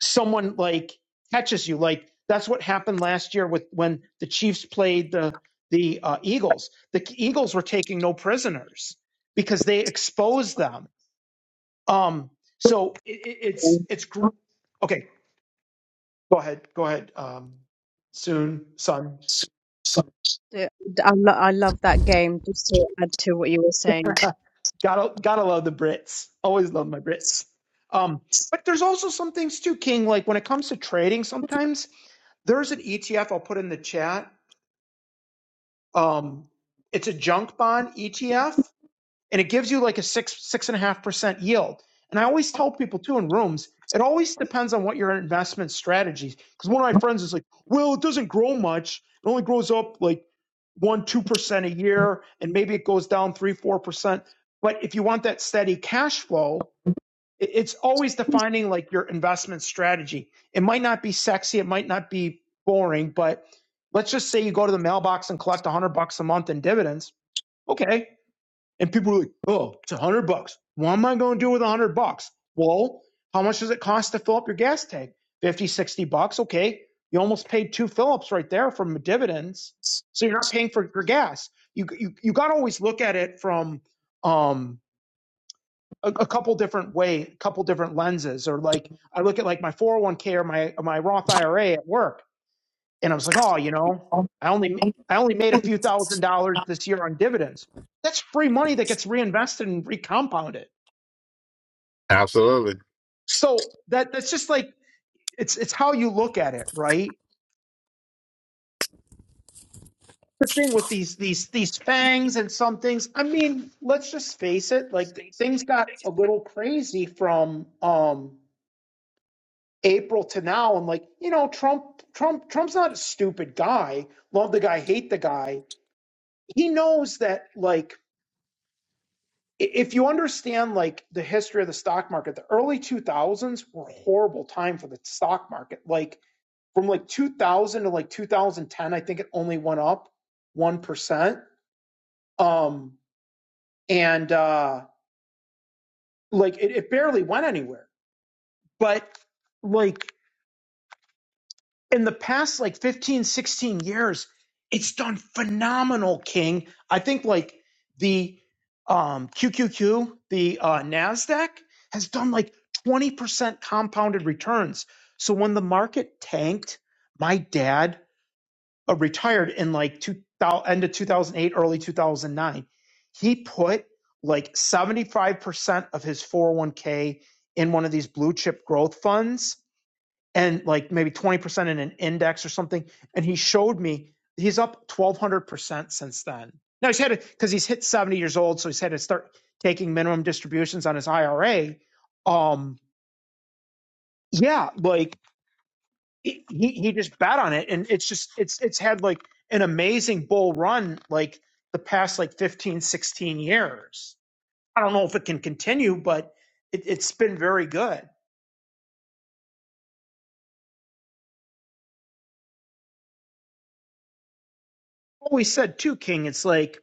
someone like catches you. Like that's what happened last year with when the Chiefs played the the uh, Eagles. The Eagles were taking no prisoners because they exposed them. Um, so it, it, it's game. it's gr- okay. Go ahead, go ahead. Um, soon, son. Yeah, I, lo- I love that game. Just to add to what you were saying. Gotta gotta love the Brits. Always love my Brits. Um, but there's also some things too, King. Like when it comes to trading, sometimes there's an ETF. I'll put in the chat Um, it's a junk bond ETF, and it gives you like a six six and a half percent yield. And I always tell people too in rooms, it always depends on what your investment strategy. is. Because one of my friends is like, "Well, it doesn't grow much. It only grows up like one two percent a year, and maybe it goes down three four percent." But if you want that steady cash flow, it's always defining like your investment strategy. It might not be sexy, it might not be boring, but let's just say you go to the mailbox and collect 100 bucks a month in dividends. Okay. And people are like, oh, it's 100 bucks. What am I going to do with 100 bucks? Well, how much does it cost to fill up your gas tank? 50, 60 bucks. Okay. You almost paid two fill-ups right there from dividends. So you're not paying for your gas. You, you, you got to always look at it from, um, a, a couple different way, a couple different lenses, or like I look at like my 401k or my my Roth IRA at work, and I was like, oh, you know, I only I only made a few thousand dollars this year on dividends. That's free money that gets reinvested and recompounded. Absolutely. So that that's just like it's it's how you look at it, right? The thing with these these these fangs and some things. I mean, let's just face it. Like th- things got a little crazy from um April to now, I'm like, you know, Trump, Trump, Trump's not a stupid guy. Love the guy, hate the guy. He knows that, like, i- if you understand like the history of the stock market, the early 2000s were a horrible time for the stock market. Like from like 2000 to like 2010, I think it only went up one percent. Um, and uh, like it, it barely went anywhere. But like in the past like 15, 16 years it's done phenomenal king i think like the um qqq the uh nasdaq has done like 20% compounded returns so when the market tanked my dad uh, retired in like 2000 end of 2008 early 2009 he put like 75% of his 401k in one of these blue chip growth funds and like maybe 20% in an index or something. And he showed me he's up 1200% since then. Now he's had it because he's hit 70 years old, so he's had to start taking minimum distributions on his IRA. Um, yeah, like he, he just bet on it, and it's just it's it's had like an amazing bull run like the past like 15 16 years. I don't know if it can continue, but it, it's been very good. Always said too, King. It's like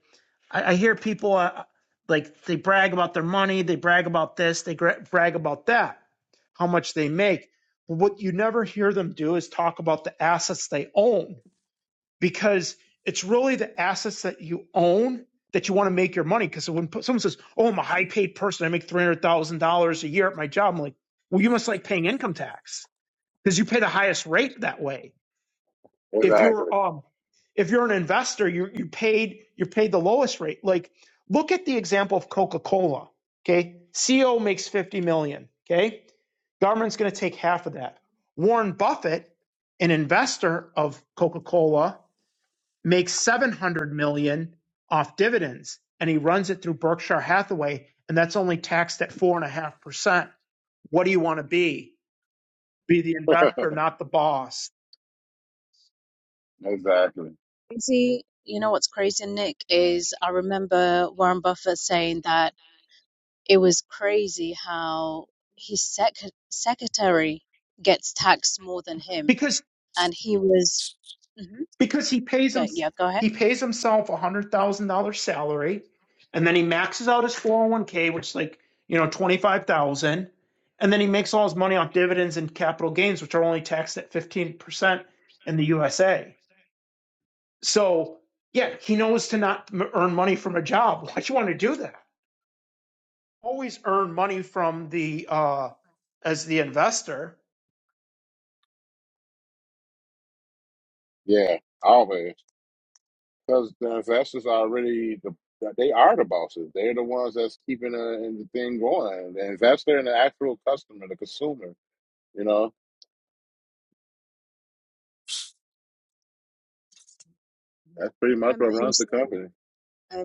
I, I hear people uh, like they brag about their money, they brag about this, they gra- brag about that, how much they make. But what you never hear them do is talk about the assets they own because it's really the assets that you own that you want to make your money. Because when p- someone says, "Oh, I'm a high paid person, I make three hundred thousand dollars a year at my job," I'm like, "Well, you must like paying income tax because you pay the highest rate that way." if you're Exactly. um if you're an investor you you paid you paid the lowest rate like look at the example of coca-cola okay ceo makes 50 million okay government's going to take half of that warren buffett an investor of coca-cola makes 700 million off dividends and he runs it through berkshire hathaway and that's only taxed at 4.5% what do you want to be be the investor not the boss exactly. Crazy, you know what's crazy, Nick, is I remember Warren Buffett saying that it was crazy how his sec secretary gets taxed more than him, because. and he was. hmm Because he pays him Yeah, yeah, go ahead. he pays himself a hundred thousand dollar salary, and then he maxes out his four hundred one k, which is like you know twenty five thousand, and then he makes all his money off dividends and capital gains, which are only taxed at fifteen percent in the USA. So yeah, he knows to not m- earn money from a job. Why would you want to do that? Always earn money from the uh as the investor. Yeah, always. Because the investors are really the they are the bosses. They're the ones that's keeping the, the thing going. The investor and the actual customer, the consumer. You know, that's pretty much what Remember him runs the saying company. Uh,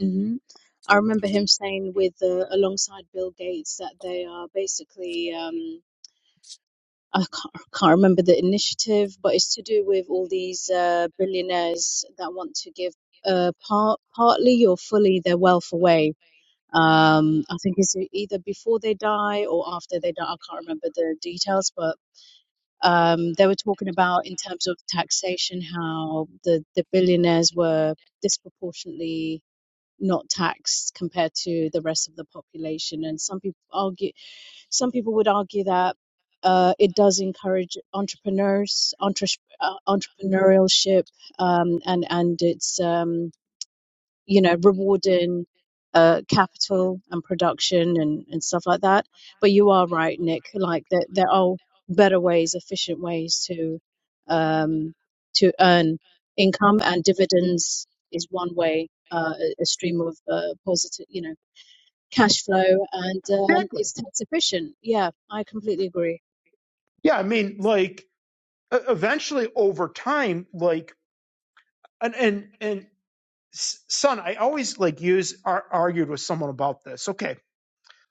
mhm. I remember him saying with uh, alongside Bill Gates that they are basically um, I can't, I can't remember the initiative, but it's to do with all these uh, billionaires that want to give uh, part partly or fully their wealth away. Um, I think it's e-, either before they die or after they die. I can't remember the details, but um, they were talking about in terms of taxation how the, the billionaires were disproportionately not taxed compared to the rest of the population. And some people argue, some people would argue that uh, it does encourage entrepreneurs, entre- uh, entrepreneurship, um, and and it's um, you know, rewarding uh, capital and production and, and stuff like that. But you are right, Nick. Like there, there are better ways, efficient ways to um, to earn income, and dividends is one way, uh, a a stream of uh, positive, you know, cash flow, and um, Exactly. it's tax efficient. Yeah, I completely agree. Yeah, I mean, like e- eventually over time, like and and and son, I always like use ar- argued with someone about this. Okay,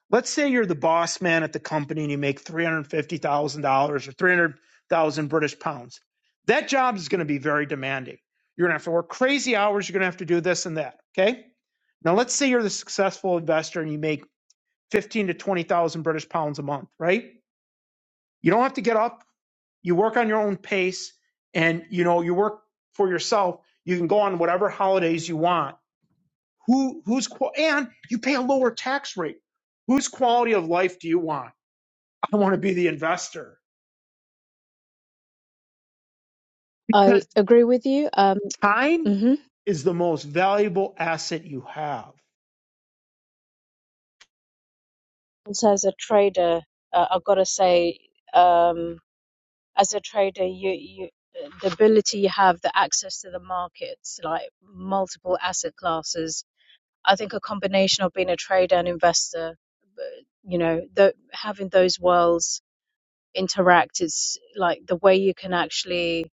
let's say you're the boss man at the company and you make three hundred fifty thousand dollars or three hundred thousand British pounds. That job is going to be very demanding. You're going to have to work crazy hours. You're going to have to do this and that. Okay. Now let's say you're the successful investor and you make fifteen to twenty thousand British pounds a month. Right? You don't have to get up. You work on your own pace, and you know you work for yourself. You can go on whatever holidays you want who who's qual- and you pay a lower tax rate. Whose quality of life do you want? I want to be the investor I because agree with you. Um, time hmm is the most valuable asset you have. and so as a trader, uh, I've got to say. Um, as a trader you you the ability you have the access to the markets like multiple asset classes i think a combination of being a trader and investor uh, you know the having those worlds interact is like the way you can actually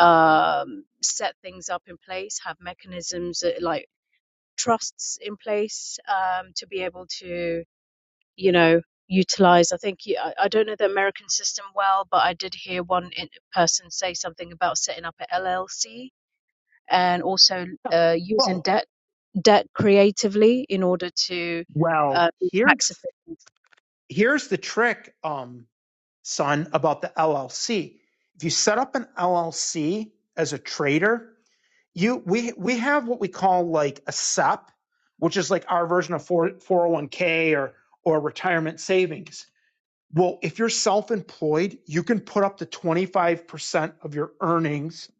um set things up in place have mechanisms uh, like trusts in place um to be able to you know, utilize. I think yeah, I I don't know the American system well, but I did hear one in- person say something about setting up an LLC and also uh, using Oh, debt debt creatively in order to well, uh, be here's tax efficient. here's the trick, um, son, about the LLC. If you set up an LLC as a trader, you we we have what we call like a SEP, which is like our version of 4, 401k or or retirement savings. Well, if you're self employed, you can put up to 25% of your earnings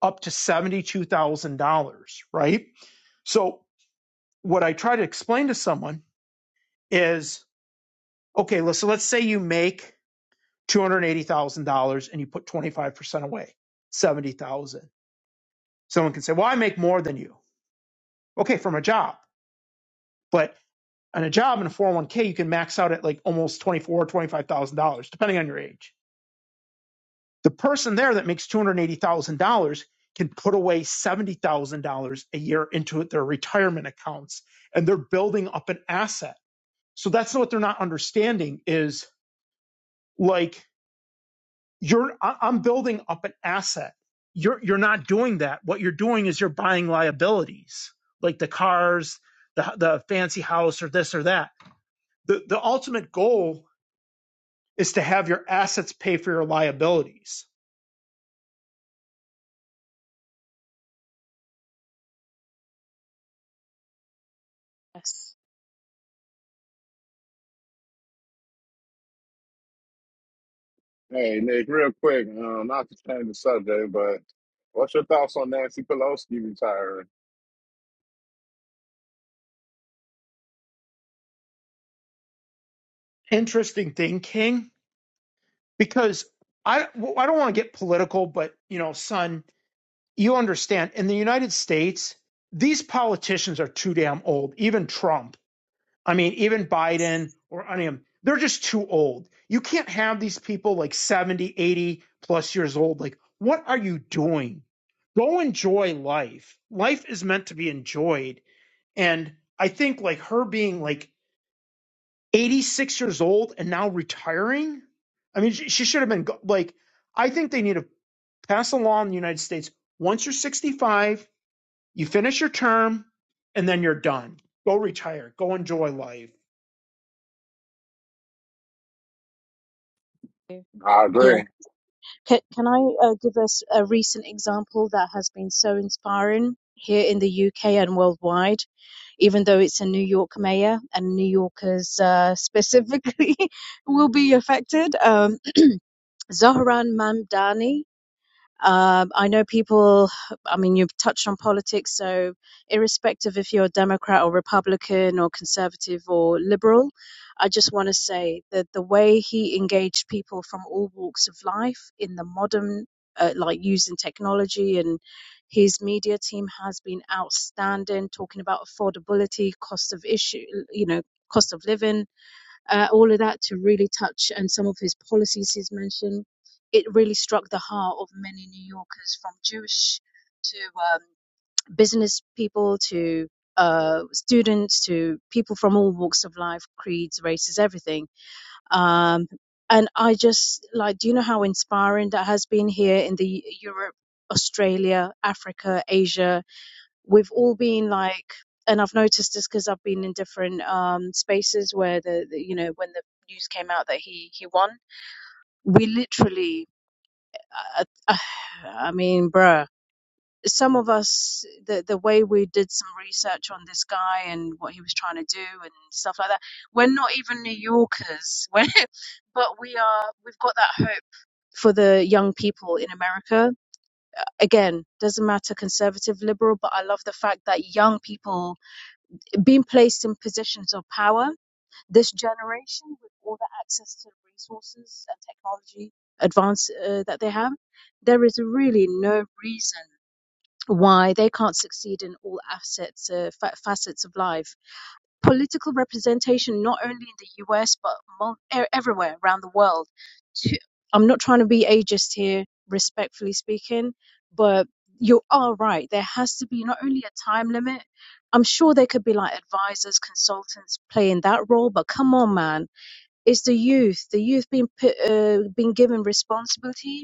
up to $72,000, right? So, what I try to explain to someone is okay, listen, let's say you make $280,000 and you put 25% away, 70,000. dollars Someone can say, well, I make more than you. Okay, from a job. But on a job in a 401k, you can max out at like almost $24,000, $25,000, depending on your age The person there that makes $280,000 can put away $70,000 a year into their retirement accounts and they're building up an asset. So that's what they're not understanding is like you're I- I'm building up an asset. You're you're not doing that. What you're doing is you're buying liabilities, like the cars, the the fancy house or this or that. The the ultimate goal is to have your assets pay for your liabilities. Yes. Hey, Nick, real quick, um, not to change the subject, but what's your thoughts on Nancy Pelosi retiring? Interesting thing, King because I well, I don't want to get political, but you know, son, you understand. In the United States, these politicians are too damn old. Even Trump, I mean, even Biden or I mean, they're just too old. You can't have these people like 70, 80 plus years old. Like, what are you doing? Go enjoy life. Life is meant to be enjoyed. And I think like her being like 86 years old and now retiring. I mean, she, she should have been like, I think they need to pass a law in the United States. Once you're 65, you finish your term and then you're done. Go retire. Go enjoy life. I Yeah. agree. Can, can I uh, give us a recent example that has been so inspiring here in the UK and worldwide? even though it's a New York mayor and New Yorkers uh, specifically will be affected. Um, Zohran Mamdani. Um, I know people, I mean, you've touched on politics, so irrespective if you're a Democrat or Republican or conservative or liberal, I just want to say that the way he engaged people from all walks of life in the modern, uh, like using technology and his media team has been outstanding, talking about affordability, cost of issue, you know, cost of living, uh, all of that to really touch and some of his policies he's mentioned. It really struck the heart of many New Yorkers from Jewish to um, business people to uh, students to people from all walks of life, creeds, races, everything. Um, and I just like, do you know how inspiring that has been here in the Europe, Australia, Africa, Asia? we've all been like, and I've noticed this because I've been in different um, spaces where the, the, you know, when the news came out that he he won, we literally, uh, uh, I mean, bruh, some of us, the the way we did some research on this guy and what he was trying to do and stuff like that, we're not even New Yorkers, we're, but we are. We've got that hope for the young people in America. Again, doesn't matter conservative, liberal, but I love the fact that young people being placed in positions of power. This generation, with all the access to resources and technology advance uh, that they have, there is really no reason why they can't succeed in all assets, uh, fa- facets of life political representation not only in the US but mul- e- everywhere around the world. To, I'm not trying to be ageist here, respectfully speaking, but you are right. There has to be not only a time limit. I'm sure there could be like advisors, consultants playing that role, but come on, man, it's the youth. The youth being put, uh, being given responsibility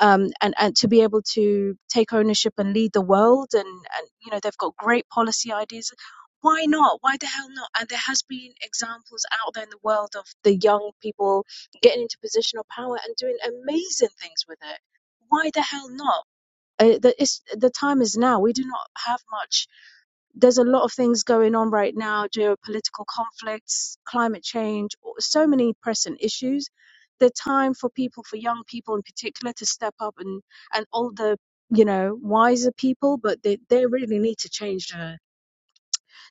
um, and and to be able to take ownership and lead the world and and you know they've got great policy ideas why not why the hell not and there has been examples out there in the world of the young people getting into position of power and doing amazing things with it why the hell not uh, the, it's, the time is now we do not have much there's a lot of things going on right now geopolitical conflicts, climate change, so many pressing issues. The time for people, for young people in particular, to step up and, and older, you know, wiser people, but they, they really need to change the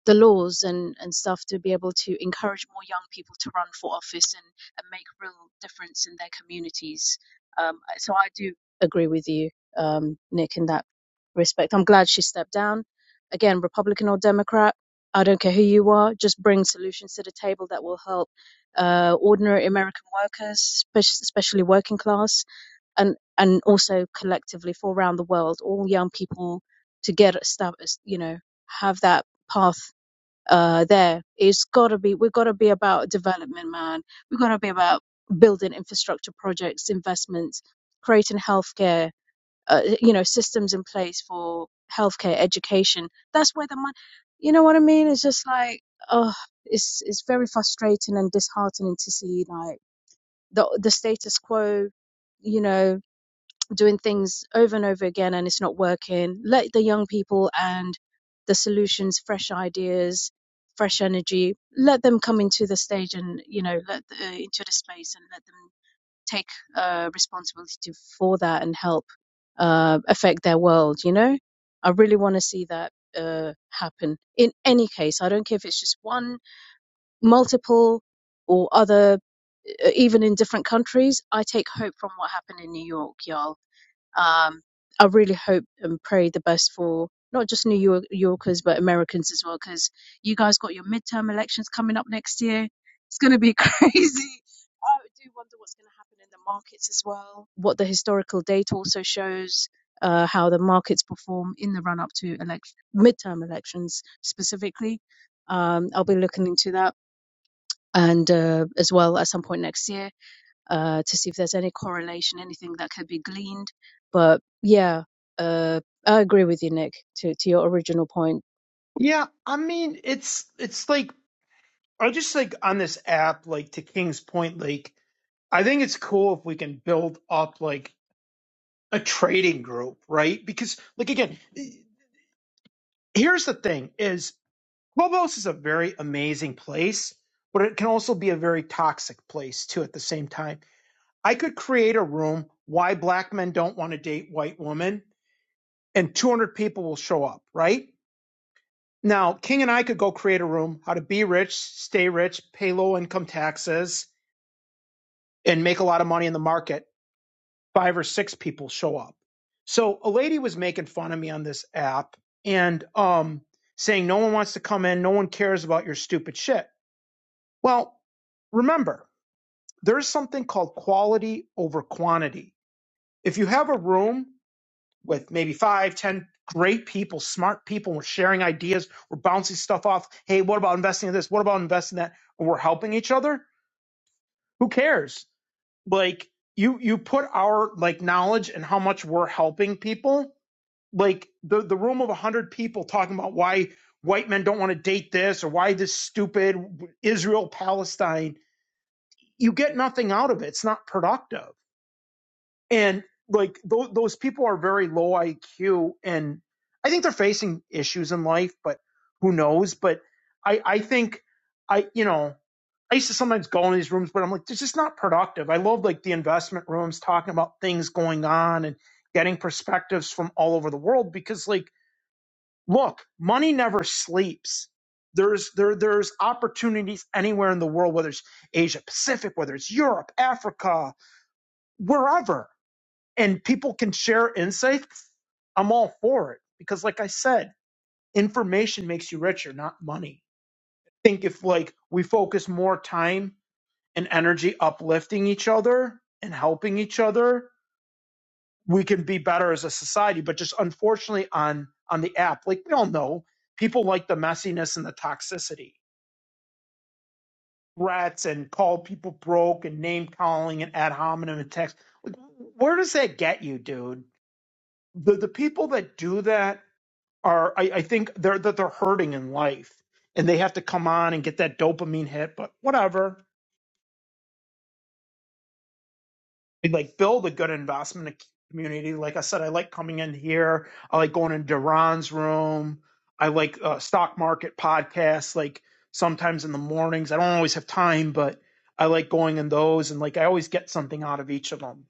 the laws and, and stuff to be able to encourage more young people to run for office and, and make real difference in their communities. Um, so I do agree with you, um, Nick, in that respect. I'm glad she stepped down. Again, Republican or Democrat, I don't care who you are, just bring solutions to the table that will help uh, ordinary American workers, especially working class, and, and also collectively for around the world, all young people to get stuff, you know, have that path uh, there. It's got to be, we've got to be about development, man. We've got to be about building infrastructure projects, investments, creating healthcare, uh, you know, systems in place for healthcare, education. That's where the money, you know what I mean? It's just like, oh, it's, it's very frustrating and disheartening to see like the, the status quo, you know, doing things over and over again and it's not working. Let the young people and the solutions, fresh ideas, fresh energy, let them come into the stage and, you know, let the, into the space and let them take uh, responsibility for that and help uh, affect their world, you know? I really want to see that uh, happen in any case. I don't care if it's just one, multiple, or other, uh, even in different countries. I take hope from what happened in New York, y'all um, I really hope and pray the best for not just New York- Yorkers but Americans as well, because you guys got your midterm elections coming up next year. It's going to be crazy. I do wonder what's going to happen in the markets as well. What the historical data also shows. Uh, how the markets perform in the run up to elect- midterm elections specifically. Um, I'll be looking into that and uh, as well at some point next year uh, to see if there's any correlation, anything that could be gleaned. But yeah, uh, I agree with you, Nick, to, to your original point. Yeah, I mean, it's it's like I just like on this app, like to King's point, like I think it's cool if we can build up like a trading group, right? Because like again, here's the thing: is Clubhouse is a very amazing place, but it can also be a very toxic place too at the same time. I could create a room why black men don't want to date white women and 200 people will show up, right? Now, King and I could go create a room how to be rich, stay rich, pay low income taxes and make a lot of money in the market. Five or six people show up. So a lady was making fun of me on this app and um saying no one wants to come in, no one cares about your stupid shit. Well, remember, there's something called quality over quantity. If you have a room with maybe five, ten great people, smart people, we're sharing ideas, we're bouncing stuff off. Hey, what about investing in this? What about investing in that? And we're helping each other. Who cares? Like you, you put our like knowledge and how much we're helping people. Like the the room of a hundred people talking about why white men don't want to date this or why this stupid Israel Palestine you get nothing out of it. It's not productive. And like tho- those people are very low IQ, and I think they're facing issues in life, but who knows? But I, I think I, you know, I used to sometimes go in these rooms, but I'm like, this is not productive. I love like the investment rooms talking about things going on and getting perspectives from all over the world because like look, money never sleeps. There's there there's opportunities anywhere in the world, whether it's Asia Pacific, whether it's Europe, Africa, wherever, and people can share insights. I'm all for it because, like I said, information makes you richer, not money. I think if like we focus more time and energy uplifting each other and helping each other we can be better as a society, but just unfortunately on on the app, like we all know, people like the messiness and the toxicity, threats and call people broke and name calling and ad hominem attacks. Like, where does that get you, dude? The the people that do that are, I, I think, they're that they're hurting in life, and they have to come on and get that dopamine hit. But whatever, we, like build a good investment community. Like I said, I like coming in here. I like going in Duran's room. I like uh, stock market podcasts. Like sometimes in the mornings, I don't always have time, but I like going in those. And like I always get something out of each of them.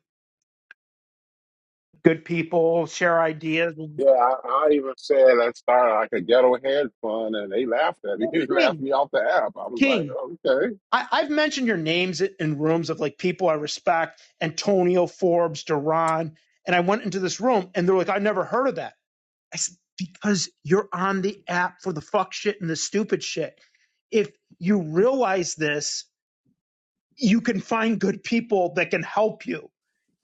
Good people share ideas. Yeah, I, I even said that started like a ghetto head fund, and they laughed at me. well, They laughed King, me off the app. I was like, King. okay. I, I've mentioned your names in rooms of like people I respect, Antonio Forbes, Duran, and I went into this room and they're like, I have never heard of that. I said, because you're on the app for the fuck shit and the stupid shit. If you realize this, you can find good people that can help you.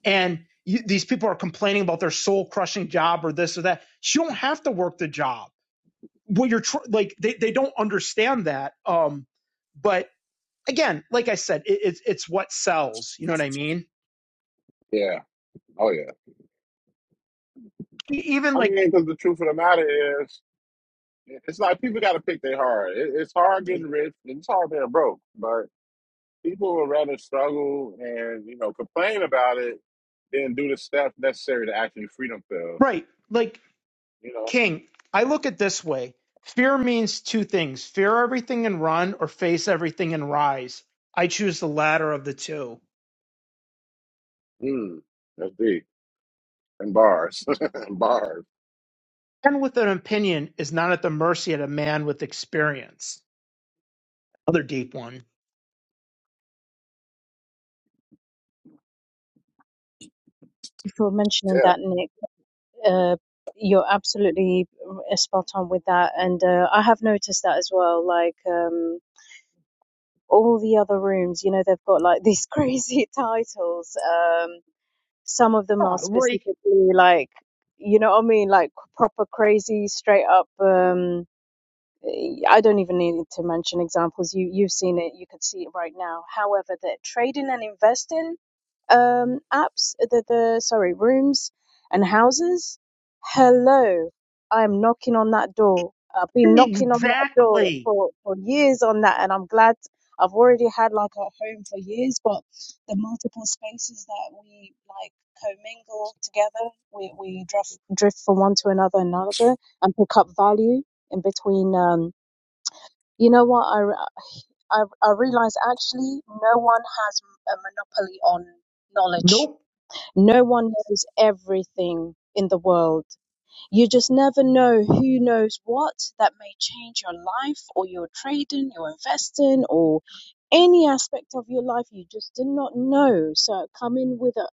And you, these people are complaining about their soul crushing job or this or that. So You don't have to work the job. What you're tr- like, they, they don't understand that. Um, but again, like I said, it, it's it's what sells. You know what I mean? Yeah. Oh, yeah. E- Even I like, mean, because the truth of the matter is, it's like people got to pick their heart. It, it's hard getting rich, and it's hard being broke, but people would rather struggle and, you know, complain about it than do the steps necessary to actually free themselves. right? Like you know. King, I look at this way. Fear means two things fear everything and run, or face everything and rise. I choose the latter of the two. Mm, that's deep. And bars. and bars. And with an opinion is not at the mercy of a man with experience. Other deep one. For mentioning Yeah. that, Nick, uh, you're absolutely uh, spot on with that. And uh, I have noticed that as well. Like um, all the other rooms, you know, they've got like these crazy titles. Um, some of them Yeah, are like, specifically like, you know what I mean? Like proper crazy, straight up. Um, I don't even need to mention examples. You you've seen it. You could see it right now. However, the trading and investing um, apps, uh, the the sorry rooms and houses. Hello, I'm knocking on that door. I've been knocking on that door exactly. for for years on that, and I'm glad I've already had like a home for years. But the multiple spaces that we like commingle together, we we drift drift from one to another and another, and pick up value in between. Um, you know what? I, re- I, I realize actually no one has a monopoly on knowledge. Nope. No one knows everything in the world. You just never know who knows what that may change your life or your trading, your investing, or any aspect of your life you just did not know. So coming with an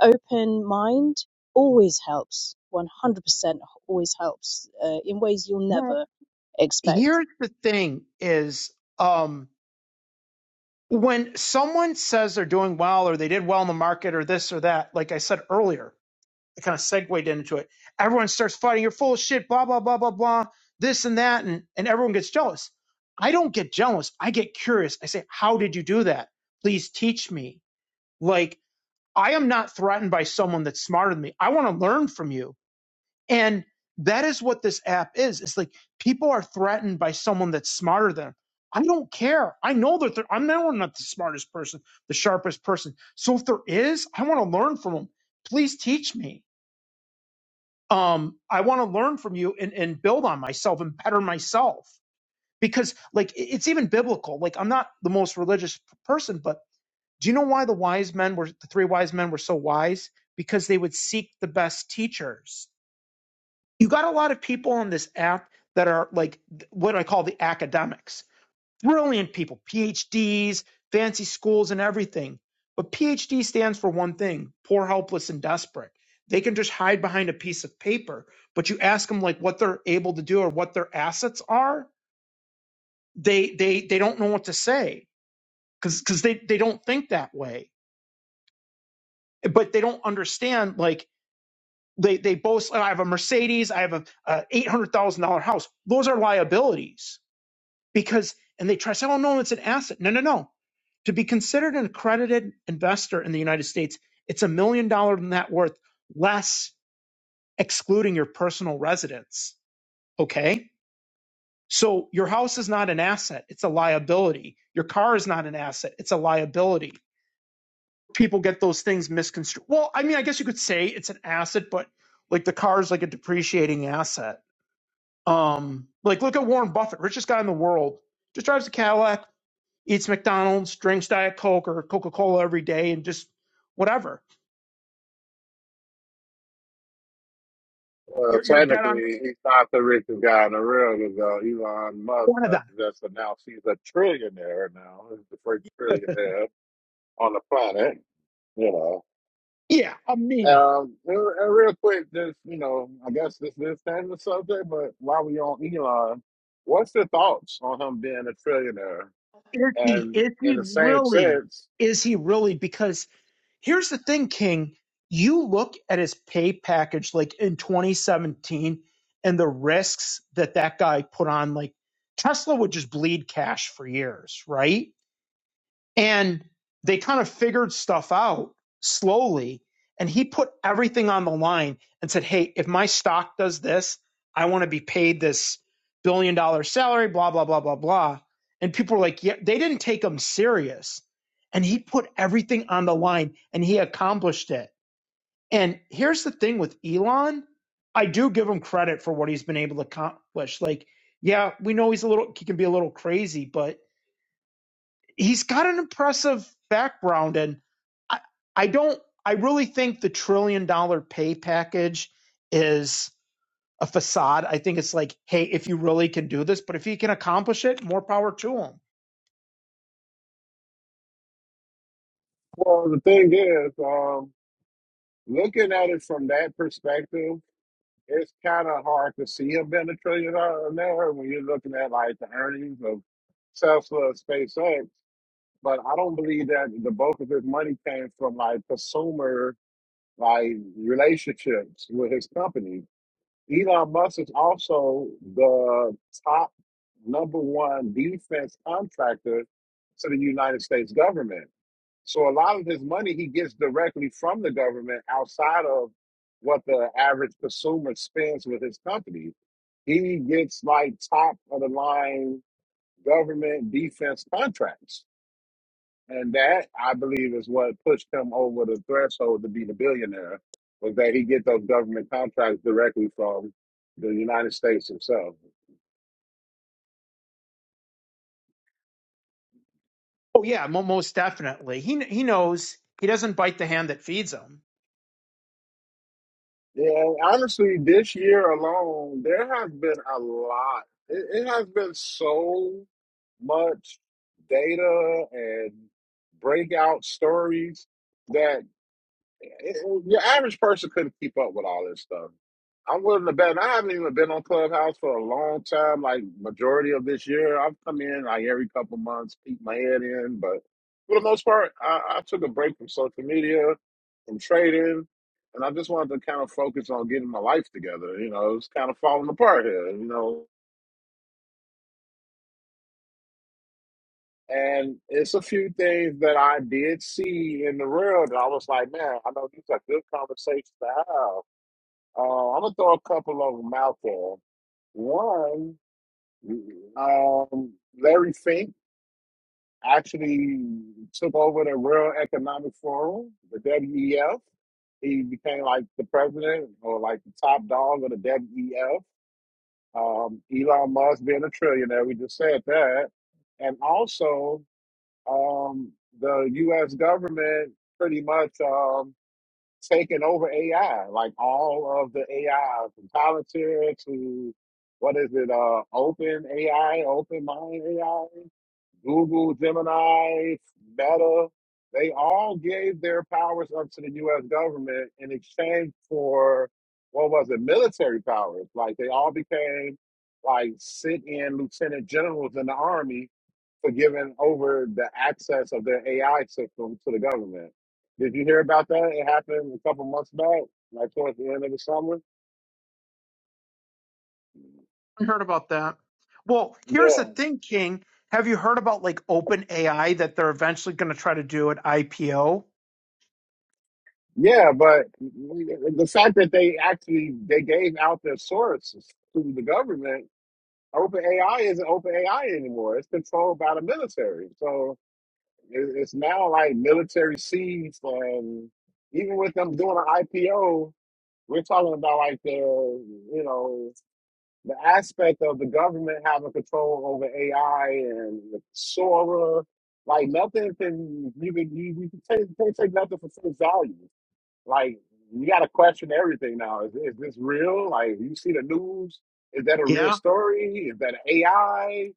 open mind always helps. 100% always helps uh, in ways you'll Well, never expect. here's the thing is um, when someone says they're doing well or they did well in the market or this or that, like I said earlier, it kind of segued into it. Everyone starts fighting. You're full of shit. Blah blah blah blah blah. This and that, and and everyone gets jealous. I don't get jealous. I get curious. I say, how did you do that? Please teach me. Like I am not threatened by someone that's smarter than me. I want to learn from you. And that is what this app is. It's like people are threatened by someone that's smarter than. them. I don't care. I know that they're- I'm not, I'm not the smartest person, the sharpest person. So if there is, I want to learn from them. Please teach me um, I want to learn from you and, and build on myself and better myself because like it- it's even biblical. Like I'm not the most religious p- person, but do you know why the wise men were the three wise men were so wise? Because they would seek the best teachers. You got a lot of people on this app that are like th- what I call the academics brilliant people, PhDs, fancy schools, and everything. But PhD stands for one thing poor, helpless, and desperate. They can just hide behind a piece of paper, but you ask them like what they're able to do or what their assets are, they they they don't know what to say because because they they don't think that way, but they don't understand like they they boast. "Oh, I have a Mercedes, I have a, a eight hundred thousand dollar house. Those are liabilities because and they try to say, oh no, it's an asset. No, no, no. To be considered an accredited investor in the United States, it's a million dollar net worth less excluding your personal residence. Okay. So your house is not an asset, it's a liability. Your car is not an asset, it's a liability. People get those things misconstrued. Well, I mean, I guess you could say it's an asset, but like the car is like a depreciating asset. Um, like look at Warren Buffett, richest guy in the world, just drives a Cadillac, eats McDonald's, drinks Diet Coke or Coca Cola every day, and just whatever. Well, You're you're dead on technically, he's not the richest guy in the world because uh, Elon Musk one of has just announced he's a trillionaire now. He's the first them. trillionaire on the planet, you know. yeah, I mean, Um, and, and real quick, just, you know, I guess this is the subject, but while we on Elon, what's your thoughts on him being a trillionaire? is he And is in he the same really sense, is he really? Because here's the thing, King. You look at his pay package like in 2017 and the risks that that guy put on. Like Tesla would just bleed cash for years, right? And they kind of figured stuff out slowly. And he put everything on the line and said, Hey, if my stock does this, I want to be paid this billion dollar salary, blah, blah, blah, blah, blah. And people were like, Yeah, they didn't take him serious. And he put everything on the line and he accomplished it. And here's the thing with Elon I do give him credit for what he's been able to accomplish. Like, yeah, we know he's a little, he can be a little crazy, but he's got an impressive background and I, I don't I really think the trillion dollar pay package is a facade. I think it's like, hey, if you really can do this, but if he can accomplish it, more power to him. well, the thing is, um, looking at it from that perspective, it's kind of hard to see him being a trillion dollar network when you're looking at like the earnings of Tesla and SpaceX. But I don't believe that the bulk of his money came from like consumer like relationships with his companies. Elon Musk is also the top number one defense contractor to the United States government. So a lot of his money he gets directly from the government outside of what the average consumer spends with his company. He gets like top of the line government defense contracts. And that I believe is what pushed him over the threshold to be the billionaire was that he get those government contracts directly from the United States himself. Oh yeah, mo- most definitely. He he knows he doesn't bite the hand that feeds him. Yeah, honestly, this year alone, there has been a lot. It, it has been so much data and breakout stories that. it- it- Your average person couldn't keep up with all this stuff. I'm willing to bet. and I haven't even been on Clubhouse for a long time. Like majority of this year, I've come in like every couple months, peek my head in. But for the most part, I, I took a break from social media, from trading, and I just wanted to kind of focus on getting my life together. You know, it's kind of falling apart here. You know, and it's a few things that I did see in the world that I was like, man, I know these are good conversations to have Uh, I'm gonna throw a couple of them out there. One, um, Larry Fink actually took over the World Economic Forum, the WEF. He became like the president or like the top dog of the WEF. Um, Elon Musk being a trillionaire, we just said that. And also, um, the US government pretty much. um, taking over AI. Like all of the AI from Palantir to what is it? Uh, Open AI, Open Mind AI, Google, Gemini, Meta. They all gave their powers up to the U.S. government in exchange for what was it? Military powers. Like they all became like sit-in lieutenant generals in the army for giving over the access of their AI system to the government. Did you hear about that? It happened a couple months back, like towards the end of the summer. I heard about that. Well, here's the Yeah, thing, King. Have you heard about like open AI that they're eventually going to try to do an IPO? yeah, but the fact that they actually they gave out their sources to the government, OpenAI isn't OpenAI anymore. It's controlled by the military, so it- it's now like military seized, and even with them doing an IPO, we're talking about like their, you know. the aspect of the government having control over AI and Sora, like nothing can you can you, you can take, you can't take nothing for full value. Like you got to question everything now. Is, is this real? Like you see the news, is that a real Yeah, story? Is that AI?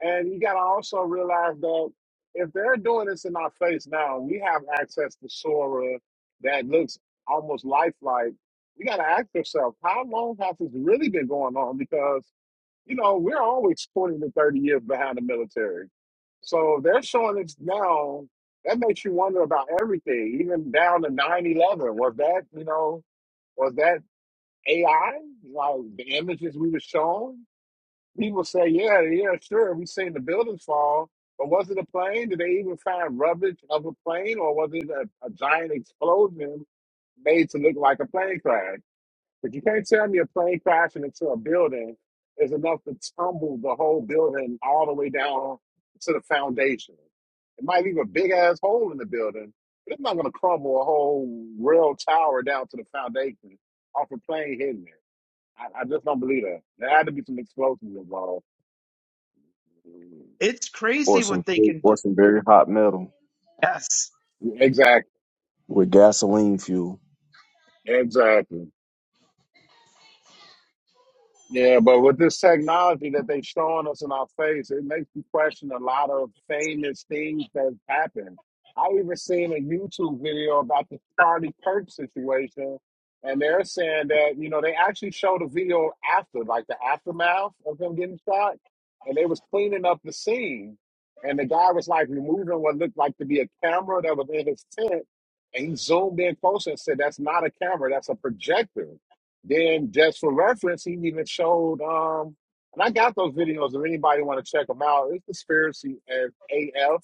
And you got to also realize that if they're doing this in our face now, we have access to Sora that looks almost lifelike. You got to ask yourself, how long has this really been going on? Because you know, we're always 20 to 30 years behind the military. So if they're showing us now, that makes you wonder about everything, even down to 9 11. Was that, you know, was that AI? Like the images we were shown? People say, yeah, yeah, sure, we seen the buildings fall, but was it a plane? Did they even find rubbish of a plane or was it a, a giant explosion made to look like a plane crash? But you can't tell me a plane crashing into a building is enough to tumble the whole building all the way down to the foundation. It might leave a big ass hole in the building, but it's not going to crumble a whole real tower down to the foundation off a plane hitting it. I, I just don't believe that. There had to be some explosives involved. it's or crazy what some they can do. or some very hot metal Yes. Exactly. with gasoline fuel. Exactly. Yeah, but with this technology that they showing us in our face, it makes you question a lot of famous things that happened. I even seen a YouTube video about the Charlie Kirk situation, and they're saying that, you know, they actually showed a video after, like the aftermath of him getting shot, and they was cleaning up the scene. And the guy was like removing what looked like to be a camera that was in his tent, and he zoomed in closer and said, That's not a camera, that's a projector. Then just for reference, he even showed um and I got those videos if anybody want to check them out. It's conspiracy as AF.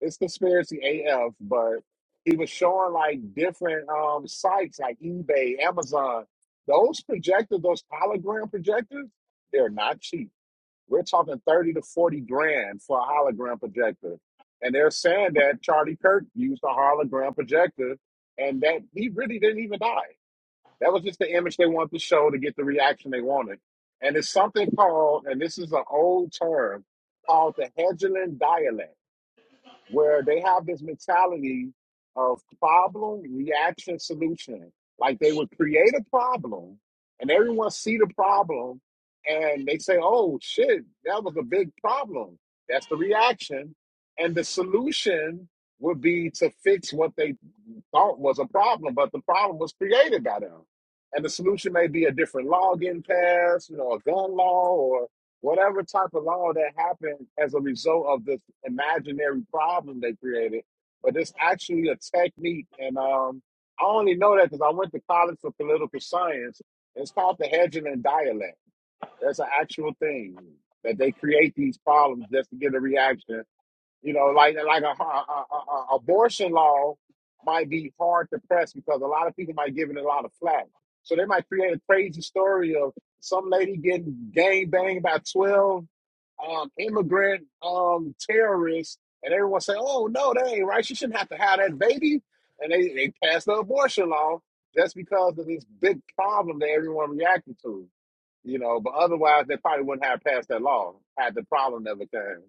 It's conspiracy AF, but he was showing like different um sites like eBay, Amazon. Those projectors, those hologram projectors, they're not cheap. We're talking 30 to 40 grand for a hologram projector. And they're saying that Charlie Kirk used a hologram projector and that he really didn't even die. That was just the image they wanted to show to get the reaction they wanted. And it's something called, and this is an old term, called the Hegelian dialect where they have this mentality of problem reaction solution like they would create a problem and everyone see the problem and they say oh shit that was a big problem that's the reaction and the solution would be to fix what they thought was a problem but the problem was created by them and the solution may be a different login pass you know a gun law or whatever type of law that happened as a result of this imaginary problem they created, but it's actually a technique. And um, I only know that because I went to college for political science. It's called the Hedgeland dialect. That's an actual thing that they create these problems just to get a reaction you know, like like a, a, a, a abortion law might be hard to press because a lot of people might give it a lot of flack. So they might create a crazy story of some lady getting gang banged by twelve um, immigrant um, terrorists, and everyone say, "Oh no, that ain't right. She shouldn't have to have that baby." And they they passed the abortion law just because of this big problem that everyone reacted to. You know, but otherwise they probably wouldn't have passed that law had the problem never came.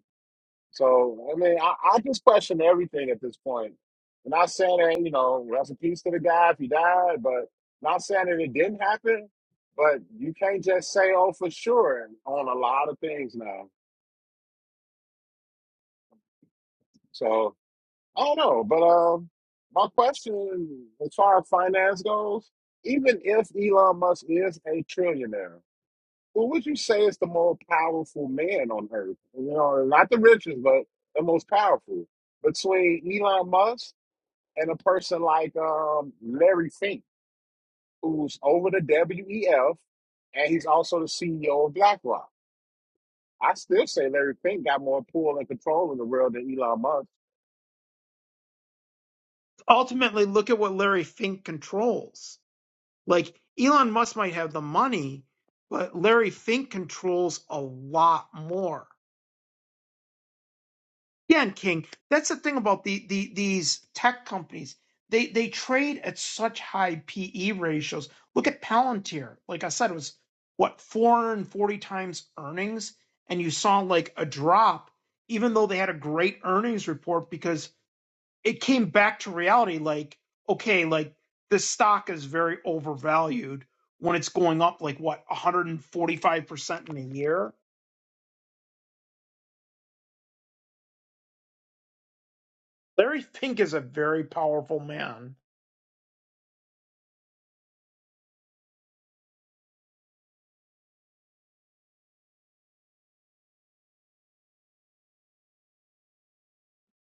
So I mean, I, I just question everything at this point. I'm not saying that you know, rest in peace to the guy if he died, but not saying that it didn't happen. But you can't just say oh for sure on a lot of things now. So I don't know, but um, my question as far as finance goes, even if Elon Musk is a trillionaire, who would you say is the more powerful man on earth? You know, not the richest, but the most powerful between Elon Musk and a person like um, Larry Fink, who's over the WEF, and he's also the CEO of BlackRock. I still say Larry Fink got more pull and control in the world than Elon Musk. ultimately look at what Larry Fink controls. Like Elon Musk might have the money, but Larry Fink controls a lot more. Again, King, that's the thing about the, the these tech companies. They they trade at such high PE ratios. Look at Palantir. Like I said, it was what 440 times earnings, and you saw like a drop, even though they had a great earnings report because it came back to reality like okay like this stock is very overvalued when it's going up like what 145% in a year larry pink is a very powerful man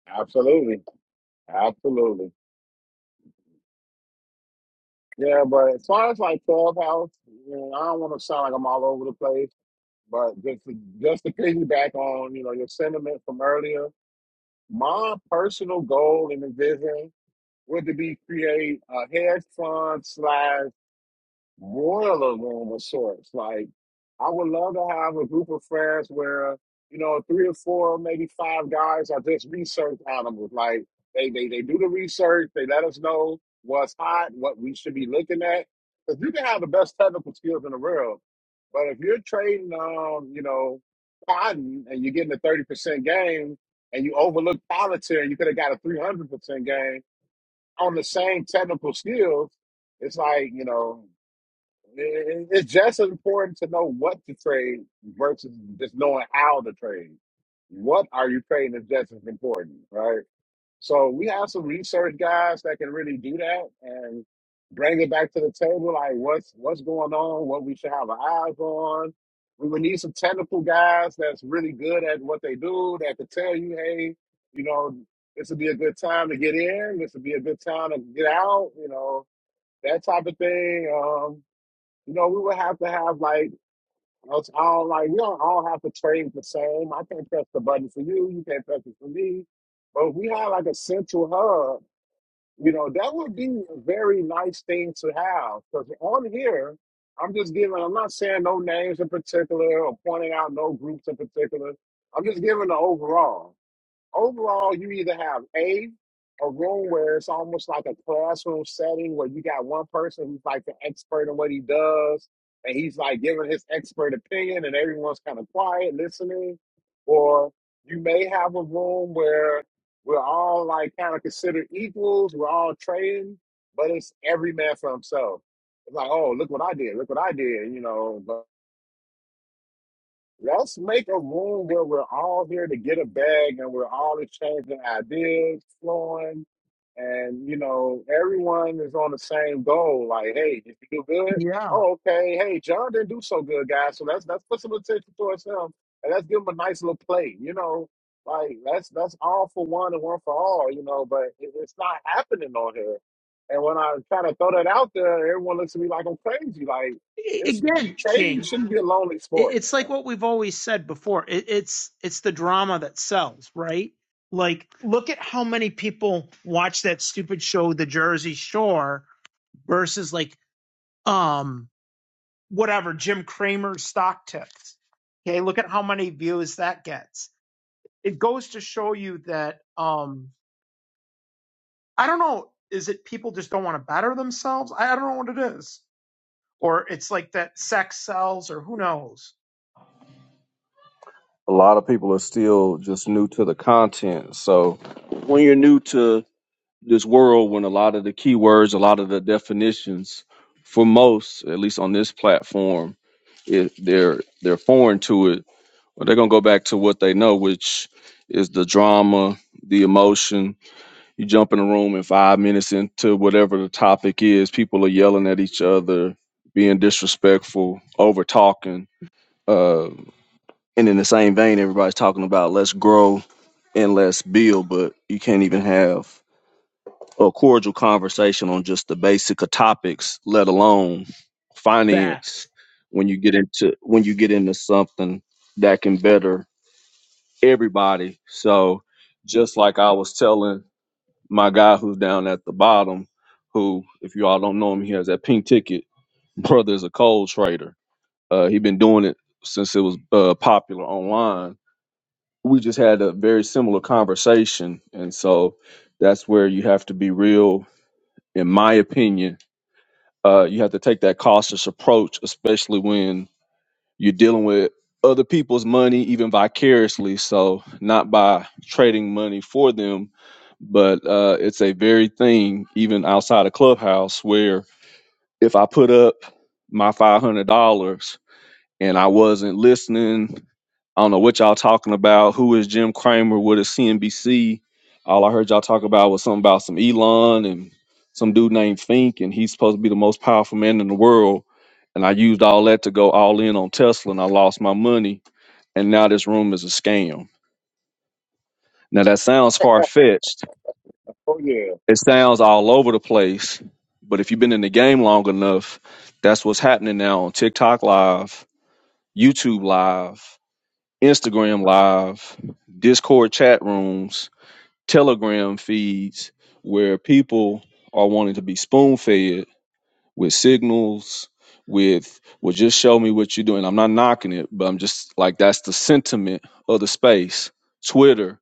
Absolutely, absolutely. Yeah, but as far as like Clubhouse, you know, I don't want to sound like I'm all over the place, but just to, just to piggyback on you know your sentiment from earlier, my personal goal and vision would to be create a hedge fund slash boiler room of sorts. Like, I would love to have a group of friends where, you know, three or four, maybe five guys are just research animals. Like, they, they, they do the research, they let us know what's hot, what we should be looking at. Because you can have the best technical skills in the world, but if you're trading, um, you know, cotton and you're getting a 30% gain and you overlook politics and you could have got a 300% gain on the same technical skills, it's like, you know, it- It's just as important to know what to trade versus just knowing how to trade. What are you trading is just as important, right? So we have some research guys that can really do that and bring it back to the table, like what's what's going on, what we should have our eyes on. We would need some technical guys that's really good at what they do that could tell you, hey, you know, this would be a good time to get in, this would be a good time to get out, you know, that type of thing. um, you know, we would have to have like us all like we don't all have to trade the same. I can't press the button for you. You can't press it for me. But if we had like a central hub, you know, that would be a very nice thing to have. Because on here, I'm just giving. I'm not saying no names in particular or pointing out no groups in particular. I'm just giving the overall overall, you either have a a room where it's almost like a classroom setting where you got one person who's like the expert in what he does, and he's like giving his expert opinion, and everyone's kind of quiet listening, or you may have a room where we're all like kind of considered equals, we're all trading, but it's every man for himself. It's like, oh, look what I did, look what I did, you know. Let's make a room where we're all here to get a bag and we're all exchanging ideas, flowing, and you know, everyone is on the same goal. Like, hey, if you do good, yeah oh okay. Hey, John didn't do so good, guys. So let's let's put some attention towards him and let's give him a nice little play. You know, like that's that's all for one and one for all. You know, but it, it's not happening on here. And when I kind of throw that out there, everyone looks at me like I'm crazy. Like, it's again king trading shouldn't be a lonely sport. it's Man like what we've always said before it's it's the drama that sells right like look at how many people watch that stupid show the jersey shore versus like um whatever Jim Cramer's stock tips. Okay, look at how many views that gets. It goes to show you that um I don't know, is it people just don't want to better themselves? I, I don't know what it is. Or it's like that sex sells or who knows. A lot of people are still just new to the content. So when you're new to this world, when a lot of the keywords, a lot of the definitions, for most, at least on this platform, it, they're they're foreign to it, or they're gonna go back to what they know, which is the drama, the emotion, You jump in a room and five minutes into whatever the topic is, people are yelling at each other, being disrespectful, over talking. Uh, and in the same vein, everybody's talking about let's grow and let's build, but you can't even have a cordial conversation on just the basic of topics, let alone Facts. finance. When you get into when you get into something that can better everybody, so just like I was telling my guy who's down at the bottom, who, if you all don't know him, he has that pink ticket. Brother is a cold trader. Uh, he been doing it since it was uh, popular online. We just had a very similar conversation, and so that's where you have to be real. In my opinion, uh, you have to take that cautious approach, especially when you're dealing with other people's money even vicariously, so not by trading money for them, but uh, it's a very thing even outside of Clubhouse where if I put up my five hundred dollars and I wasn't listening I don't know what y'all talking about. Who is Jim Cramer? What is CNBC? All I heard y'all talk about was something about some Elon and some dude named Fink, and he's supposed to be the most powerful man in the world. And I used all that to go all in on Tesla, and I lost my money. And now this room is a scam. Now that sounds far fetched. Oh yeah, It sounds all over the place. But if you've been in the game long enough, that's what's happening now on TikTok Live, YouTube Live, Instagram Live, Discord chat rooms telegram feeds where people are wanting to be spoon fed with signals with well just show me what you're doing i'm not knocking it but i'm just like that's the sentiment of the space twitter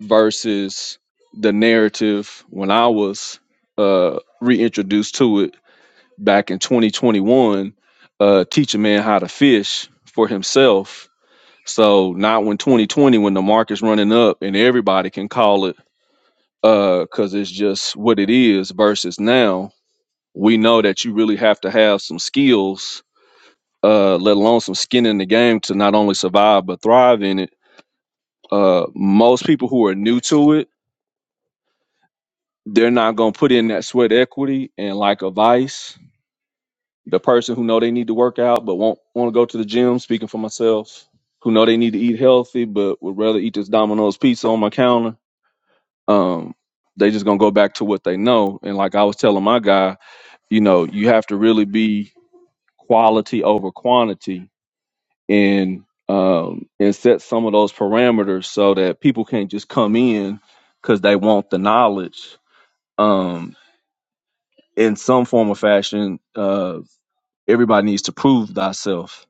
versus the narrative when i was uh reintroduced to it back in 2021 uh teach a man how to fish for himself so not when 2020 when the market's running up and everybody can call it uh because it's just what it is versus now we know that you really have to have some skills uh let alone some skin in the game to not only survive but thrive in it uh most people who are new to it they're not going to put in that sweat equity and like a vice the person who know they need to work out but won't want to go to the gym speaking for myself who know they need to eat healthy but would rather eat this domino's pizza on my counter um they just gonna go back to what they know and like i was telling my guy you know you have to really be quality over quantity and um and set some of those parameters so that people can't just come in because they want the knowledge um in some form or fashion uh everybody needs to prove thyself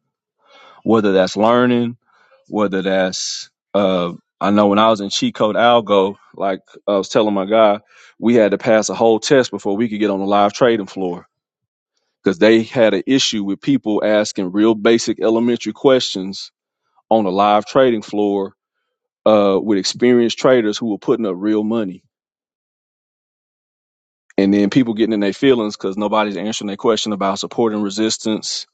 whether that's learning whether that's uh I know when I was in cheat code algo, like I was telling my guy, we had to pass a whole test before we could get on the live trading floor because they had an issue with people asking real basic elementary questions on a live trading floor uh, with experienced traders who were putting up real money. And then people getting in their feelings because nobody's answering their question about support and resistance,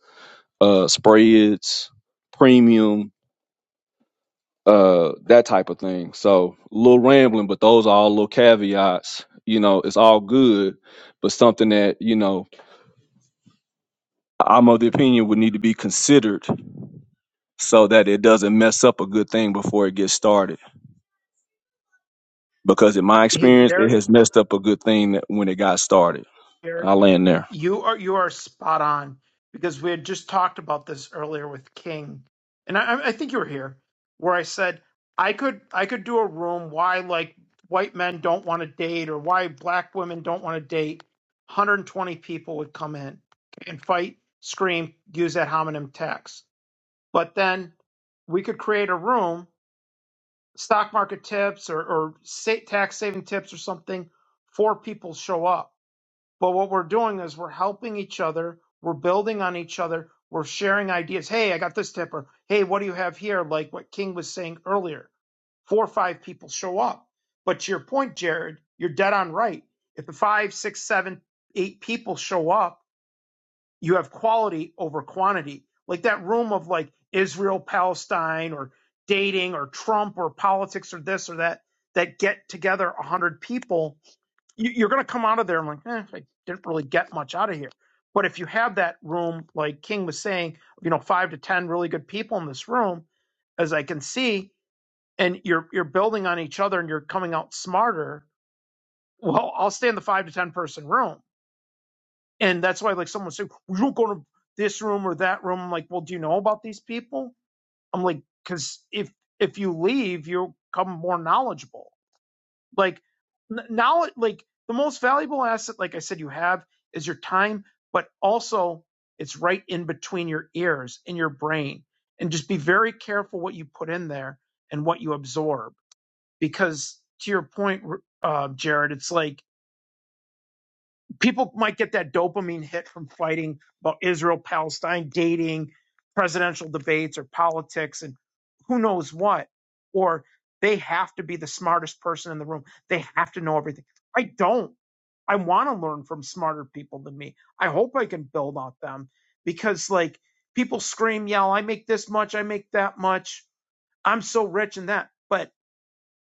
uh, spreads, premium, uh, that type of thing. So a little rambling, but those are all little caveats. You know, it's all good, but something that, you know, I'm of the opinion would need to be considered so that it doesn't mess up a good thing before it gets started. Because in my Hey experience, it Jared, has messed up a good thing that- when it got started. Jared. I land there. You are you are spot on because we had just talked about this earlier with King, and I, I think you were here where I said I could I could do a room why like white men don't want to date or why black women don't want to date. 120 people would come in and fight, scream, use that homonym tax. But then we could create a room, stock market tips or, or sa- tax saving tips or something. Four people show up but what we're doing is we're helping each other. We're building on each other. We're sharing ideas. Hey, I got this tip. Or, hey, what do you have here? Like what King was saying earlier. Four or five people show up. But to your point, Jared, you're dead on right. If the five, six, seven, eight people show up, you have quality over quantity. Like that room of like Israel, Palestine, or dating, or Trump, or politics, or this or that, that get together 100 people you, you're going to come out of there and like, eh, I didn't really get much out of here. But if you have that room, like King was saying, you know, five to ten really good people in this room, as I can see, and you're you're building on each other and you're coming out smarter. Well, I'll stay in the five to ten person room, and that's why like someone said, we don't go to this room or that room. I'm like, well, do you know about these people? I'm like, because if if you leave, you'll come more knowledgeable like now, like the most valuable asset, like I said, you have is your time, but also it's right in between your ears in your brain. And just be very careful what you put in there and what you absorb, because to your point, uh, Jared, it's like people might get that dopamine hit from fighting about Israel, Palestine, dating, presidential debates, or politics, and who knows what. Or they have to be the smartest person in the room. They have to know everything. I don't. I want to learn from smarter people than me. I hope I can build on them because, like, people scream, yell, I make this much, I make that much, I'm so rich and that. But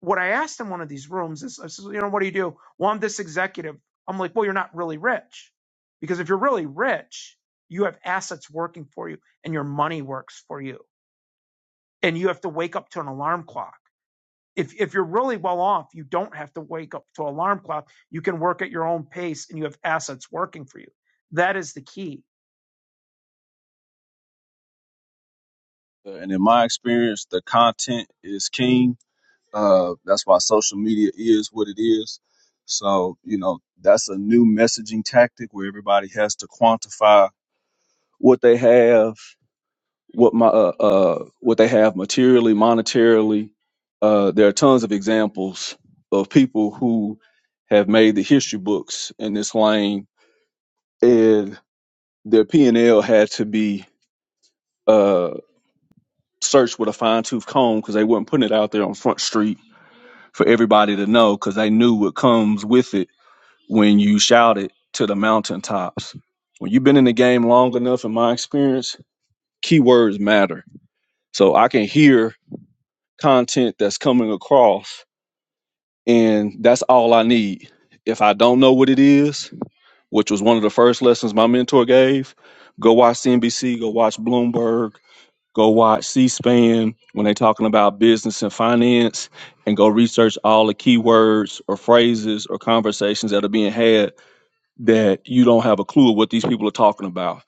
what I asked in one of these rooms is, I said, you know, what do you do? Well, I'm this executive. I'm like, well, you're not really rich because if you're really rich, you have assets working for you and your money works for you and you have to wake up to an alarm clock. If, if you're really well off, you don't have to wake up to an alarm clock. You can work at your own pace and you have assets working for you. That is the key. And in my experience, the content is king. Uh, that's why social media is what it is. So, you know, that's a new messaging tactic where everybody has to quantify what they have what my uh, uh what they have materially monetarily uh there are tons of examples of people who have made the history books in this lane and their p&l had to be uh searched with a fine-tooth comb because they weren't putting it out there on front street for everybody to know because they knew what comes with it when you shout it to the mountaintops when you've been in the game long enough in my experience keywords matter so i can hear content that's coming across and that's all i need if i don't know what it is which was one of the first lessons my mentor gave go watch cnbc go watch bloomberg go watch c-span when they're talking about business and finance and go research all the keywords or phrases or conversations that are being had that you don't have a clue of what these people are talking about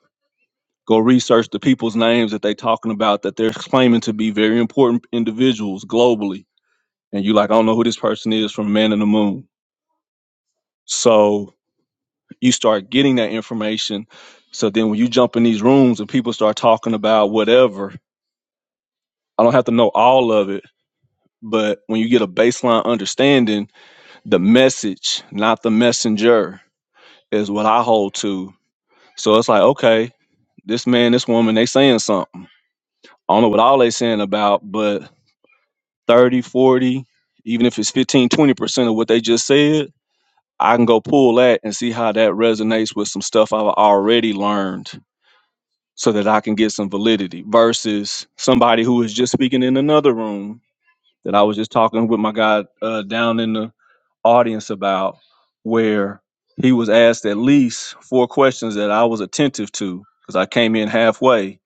go research the people's names that they're talking about that they're claiming to be very important individuals globally and you like, I don't know who this person is from Man in the Moon. So you start getting that information. So then when you jump in these rooms and people start talking about whatever, I don't have to know all of it, but when you get a baseline understanding, the message, not the messenger, is what I hold to. So it's like, okay, this man, this woman, they saying something. I don't know what all they saying about, but 30, 40, even if it's fifteen, twenty percent of what they just said I can go pull that and see how that resonates with some stuff I've already learned so that I can get some validity versus somebody who is just speaking in another room that I was just talking with my guy uh, down in the audience about, where he was asked at least four questions that I was attentive to because I came in halfway.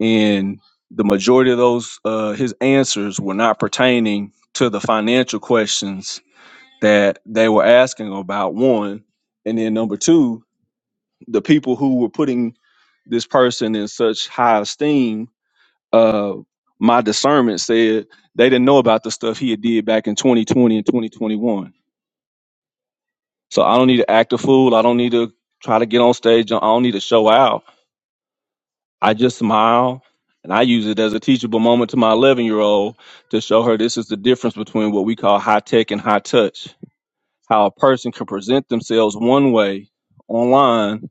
And the majority of those, uh, his answers were not pertaining to the financial questions that they were asking about one and then number two the people who were putting this person in such high esteem uh my discernment said they didn't know about the stuff he had did back in 2020 and 2021 so i don't need to act a fool i don't need to try to get on stage i don't need to show out i just smile and i use it as a teachable moment to my 11 year old to show her this is the difference between what we call high tech and high touch how a person can present themselves one way online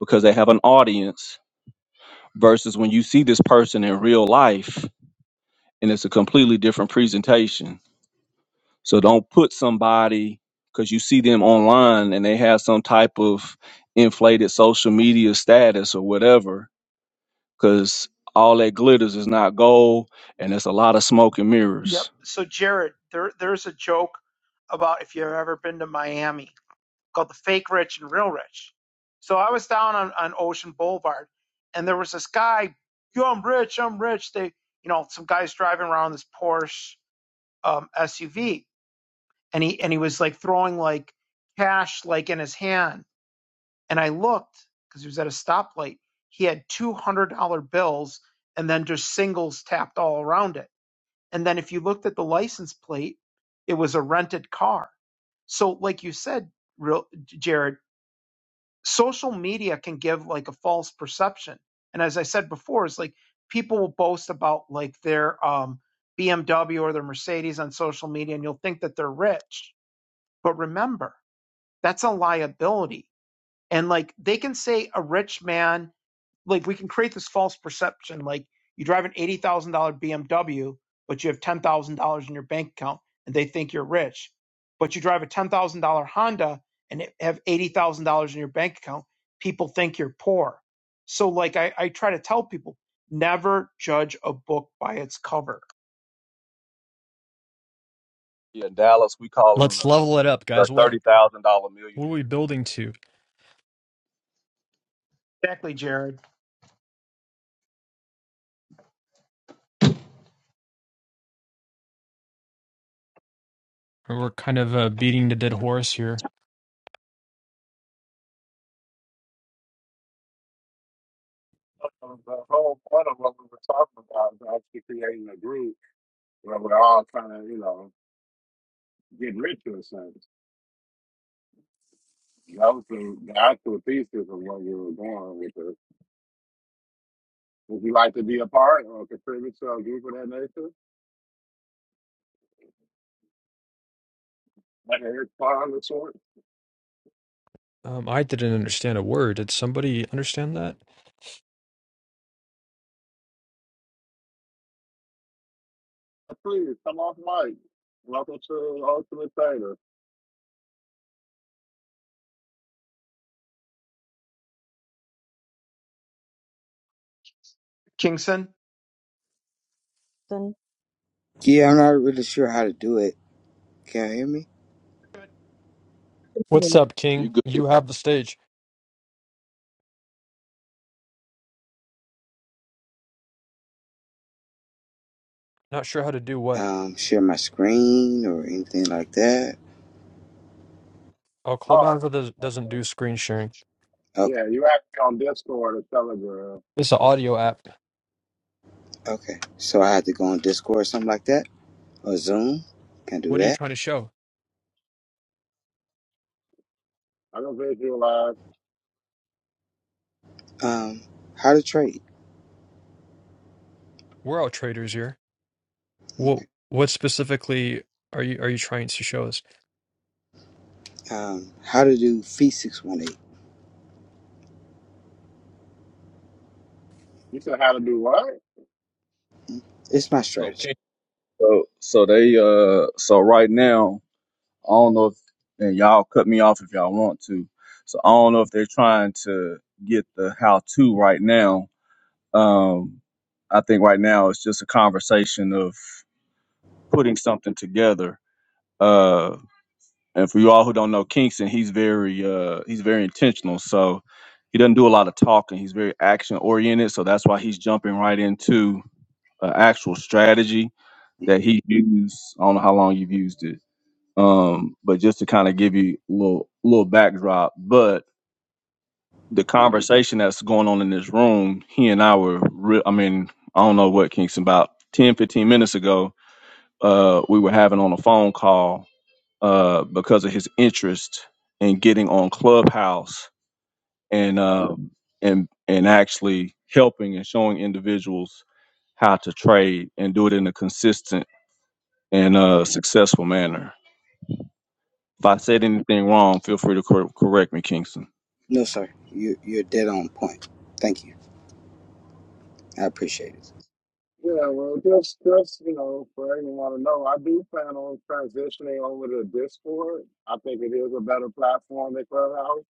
because they have an audience versus when you see this person in real life and it's a completely different presentation. So don't put somebody because you see them online and they have some type of inflated social media status or whatever because all that glitters is not gold and it's a lot of smoke and Yep. mirrors. So Jared, there, there's a joke about if you've ever been to Miami called the Fake Rich and Real Rich. So I was down on, on Ocean Boulevard, and there was this guy, yo, I'm rich, I'm rich. They, you know, some guys driving around this Porsche um, SUV, and he and he was like throwing like cash like in his hand, and I looked because he was at a stoplight. He had two hundred dollar bills, and then just singles tapped all around it. And then if you looked at the license plate, it was a rented car. So, like you said, real Jared social media can give like a false perception. And as I said before, it's like people will boast about like their um, BMW or their Mercedes on social media, and you'll think that they're rich. But remember, that's a liability. And like they can say a rich man like we can create this false perception like you drive an eighty thousand dollar BMW, but you have ten thousand dollars in your bank account, and they think you're rich. But you drive a ten thousand dollar Honda and have eighty thousand dollars in your bank account, people think you're poor. So like I, I try to tell people, never judge a book by its cover. Yeah, in Dallas, we call them Let's level it up, the, guys. the What $30,000 what are we millionaire. building to? Exactly, Jared We're kind of uh, beating the dead horse here. Uh, the whole point of what we were talking about is actually creating a group where we're all trying to, you know, get rich in a sense. That was the, the actual thesis of what we were going with it. Would you like to be a part or contribute to a group of that nature? Like a Eric part of the sort? Um, I didn't understand a word. Did somebody understand that? Please come off mic. Welcome to Ultimate Trader. Kingston. Then Yeah, I'm not really sure how to do it. Can you hear me? What What's up, You King? good? You have the stage. Not sure how to do what. Um, share my screen or anything like that. Oh, All right. Clubhouse does, doesn't do screen sharing. Okay, Yeah, you asked me on Discord or Telegram. It's an audio app. okay. So I had to go on Discord or something like that, or Zoom. Can do What are you that. trying to show? I don't can visualize. Um, how to trade. We're all traders here. What what specifically are you are you trying to show us? Um, how to do fee six one eight. You said how to do what? It's my So strategy. keep So so they uh so right now I don't know if and y'all cut me off if y'all want to. So I don't know if they're trying to get the how to right now. Um I think right now it's just a conversation of putting something together. Uh and for you all who don't know Kingston, he's very uh he's very intentional. So he doesn't do a lot of talking. He's very action oriented, so that's why he's jumping right into uh, actual strategy that he used. I don't know how long you've used it Um, but just to kind of give you a little little backdrop, but the conversation that's going on in this room, he and I were, re- I mean, I don't know what Kingston about 10, 15 minutes ago, uh, we were having on a phone call uh, because of his interest in getting on Clubhouse and uh, and and actually helping and showing individuals how to trade and do it in a consistent and uh, successful manner If I said anything wrong, feel free to cor- correct me, Kingston. No, sir. You you're dead on point. Thank you. I appreciate it. Yeah, well, just just you know, for everyone to know, I do plan on transitioning over to Discord. I think it is a better platform than Clubhouse.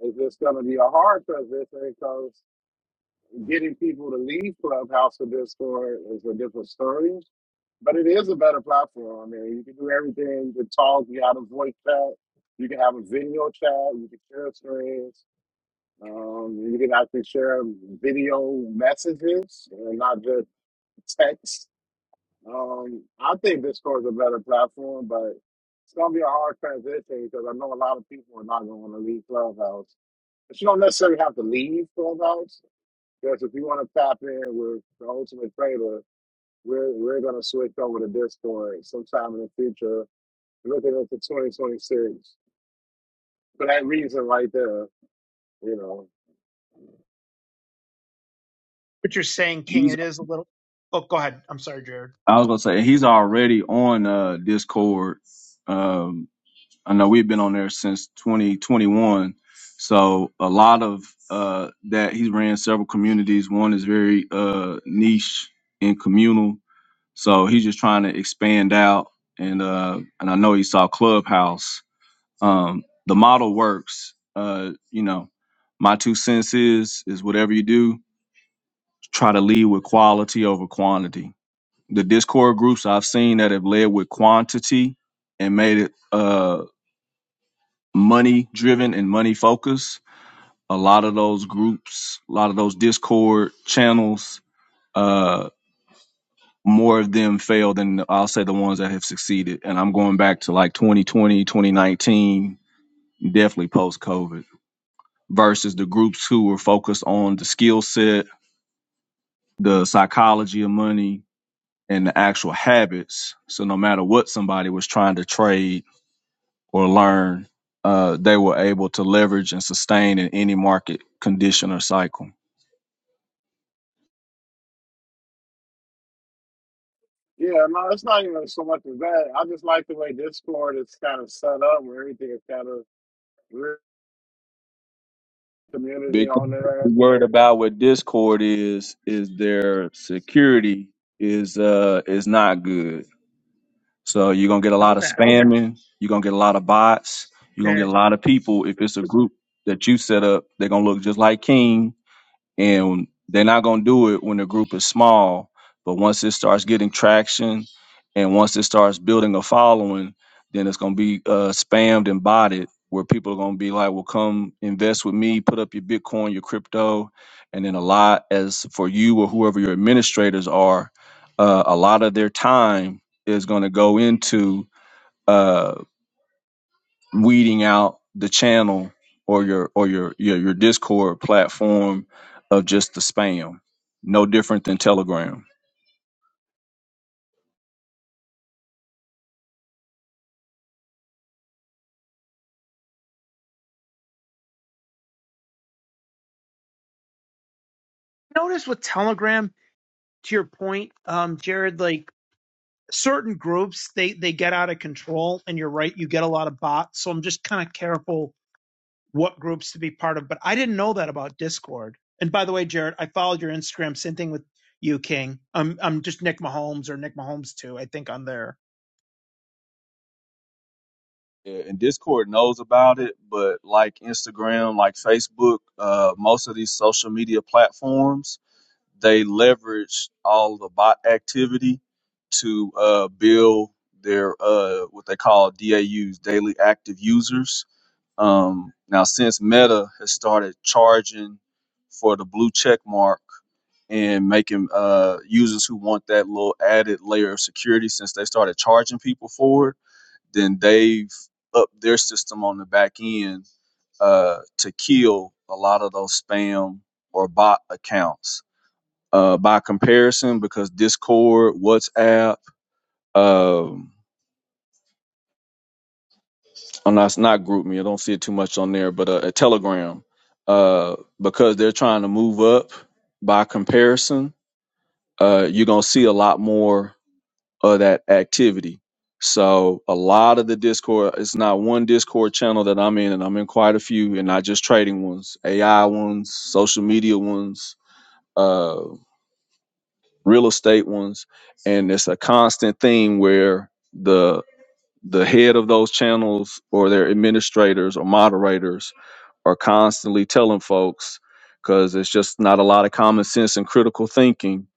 It's just going to be a hard transition because getting people to leave Clubhouse to Discord is a different story. But it is a better platform. I mean, you can do everything. You can talk. You have a voice chat. You can have a video chat. You can share screens. Um, you can actually share video messages and not just text. Um, I think Discord is a better platform, but it's gonna be a hard transition because I know a lot of people are not going to leave Clubhouse. But you don't necessarily have to leave Clubhouse because if you want to tap in with the Ultimate Trader, we're we're gonna switch over to Discord sometime in the future, looking into 2026. For that reason, right there, you know. you're saying, King, He's it is a little. Oh, go ahead. I'm sorry, Jared. I was gonna say he's already on uh Discord. Um I know we've been on there since 2021. So a lot of uh that he's ran several communities. One is very uh niche and communal So he's just trying to expand out, and uh, and I know he saw Clubhouse. Um, the model works. Uh, you know, my two cents is is whatever you do, try to lead with quality over quantity. The Discord groups I've seen that have led with quantity and made it uh, money driven and money focused. A lot of those groups, a lot of those Discord channels uh, more of them fail than I'll say the ones that have succeeded. And I'm going back to like 2020, 2019, definitely post COVID, versus the groups who were focused on the skill set, the psychology of money, and the actual habits. So no matter what somebody was trying to trade or learn, uh, they were able to leverage and sustain in any market condition or cycle. Yeah, no, it's not even so much as that. I just like the way Discord is kind of set up, where everything is kind of we're community Big on thing to there. be worried about with Discord is is their security is uh is not good So you're gonna get a Know lot of that, spamming. You're gonna get a lot of bots. You're gonna get Jared. a lot of people. If it's a group that you set up, they're gonna look just like King and they're not going to do it when the group is small but once it starts getting traction and once it starts building a following then it's going to be uh, spammed and botted where people are going to be like well come invest with me put up your bitcoin your crypto and then a lot as for you or whoever your administrators are uh, a lot of their time is going to go into uh, weeding out the channel or your or your your, your Discord platform of just the spam. No different than Telegram. Notice with Telegram, to your point, um, Jared, like certain groups they they get out of control and you're right you get a lot of bots so i'm just kind of careful what groups to be part of but i didn't know that about discord and by the way jared i followed your instagram same thing with you king i'm i'm just nick mahomes or nick mahomes too i think on there Yeah, and Discord knows about it, but like Instagram, like Facebook, uh, most of these social media platforms, they leverage all the bot activity to uh, build their uh, what they call DAUs, daily active users. Um, now, since Meta has started charging for the blue check mark and making uh, users who want that little added layer of security, since they started charging people for it, then they've upped their system on the back end uh, to kill a lot of those spam or bot accounts. Uh, by comparison, because Discord, WhatsApp, um, I'm not it's not group me. I don't see it too much on there, but uh, a Telegram, uh, because they're trying to move up by comparison. Uh, you're gonna see a lot more of that activity. So a lot of the Discord, it's not one Discord channel that I'm in, and I'm in quite a few, and not just trading ones, AI ones, social media ones, uh, real estate ones, and it's a constant theme where the the head of those channels or their administrators or moderators are constantly telling folks because it's just not a lot of common sense and critical thinking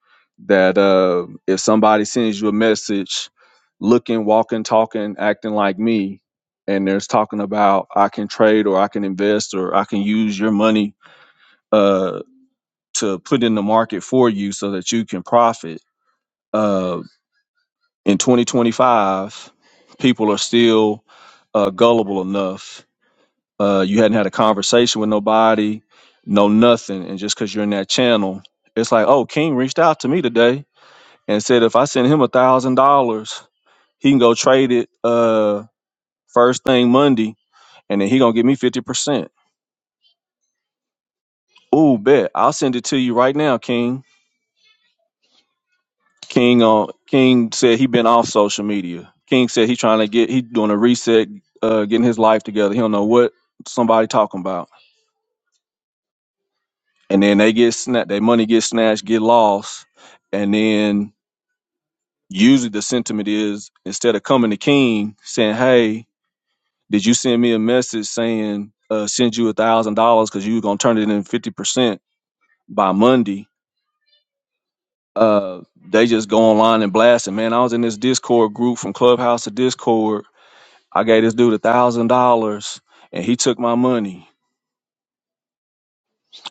that uh, if somebody sends you a message looking, walking, talking, acting like me, and there's talking about I can trade or I can invest or I can use your money uh, to put in the market for you so that you can profit. Uh, in 2025, people are still uh, gullible enough uh, you hadn't had a conversation with nobody, no nothing, and just because you're in that channel, it's like, oh, King reached out to me today and said if I send him a thousand dollars, he can go trade it uh, first thing Monday, and then he gonna give me fifty percent. Ooh, bet I'll send it to you right now, King. King on King said he been off social media. King said he trying to get he doing a reset, uh, getting his life together. He don't know what somebody talking about. and then they get snatched, their money gets snatched, get lost, and then usually the sentiment is instead of coming to King saying, "Hey, did you send me a message saying uh, send you a thousand dollars because you were gonna turn it in fifty percent by Monday?" Uh, they just go online and blast it. Man, I was in this Discord group from Clubhouse to Discord. I gave this dude a thousand dollars, and he took my money.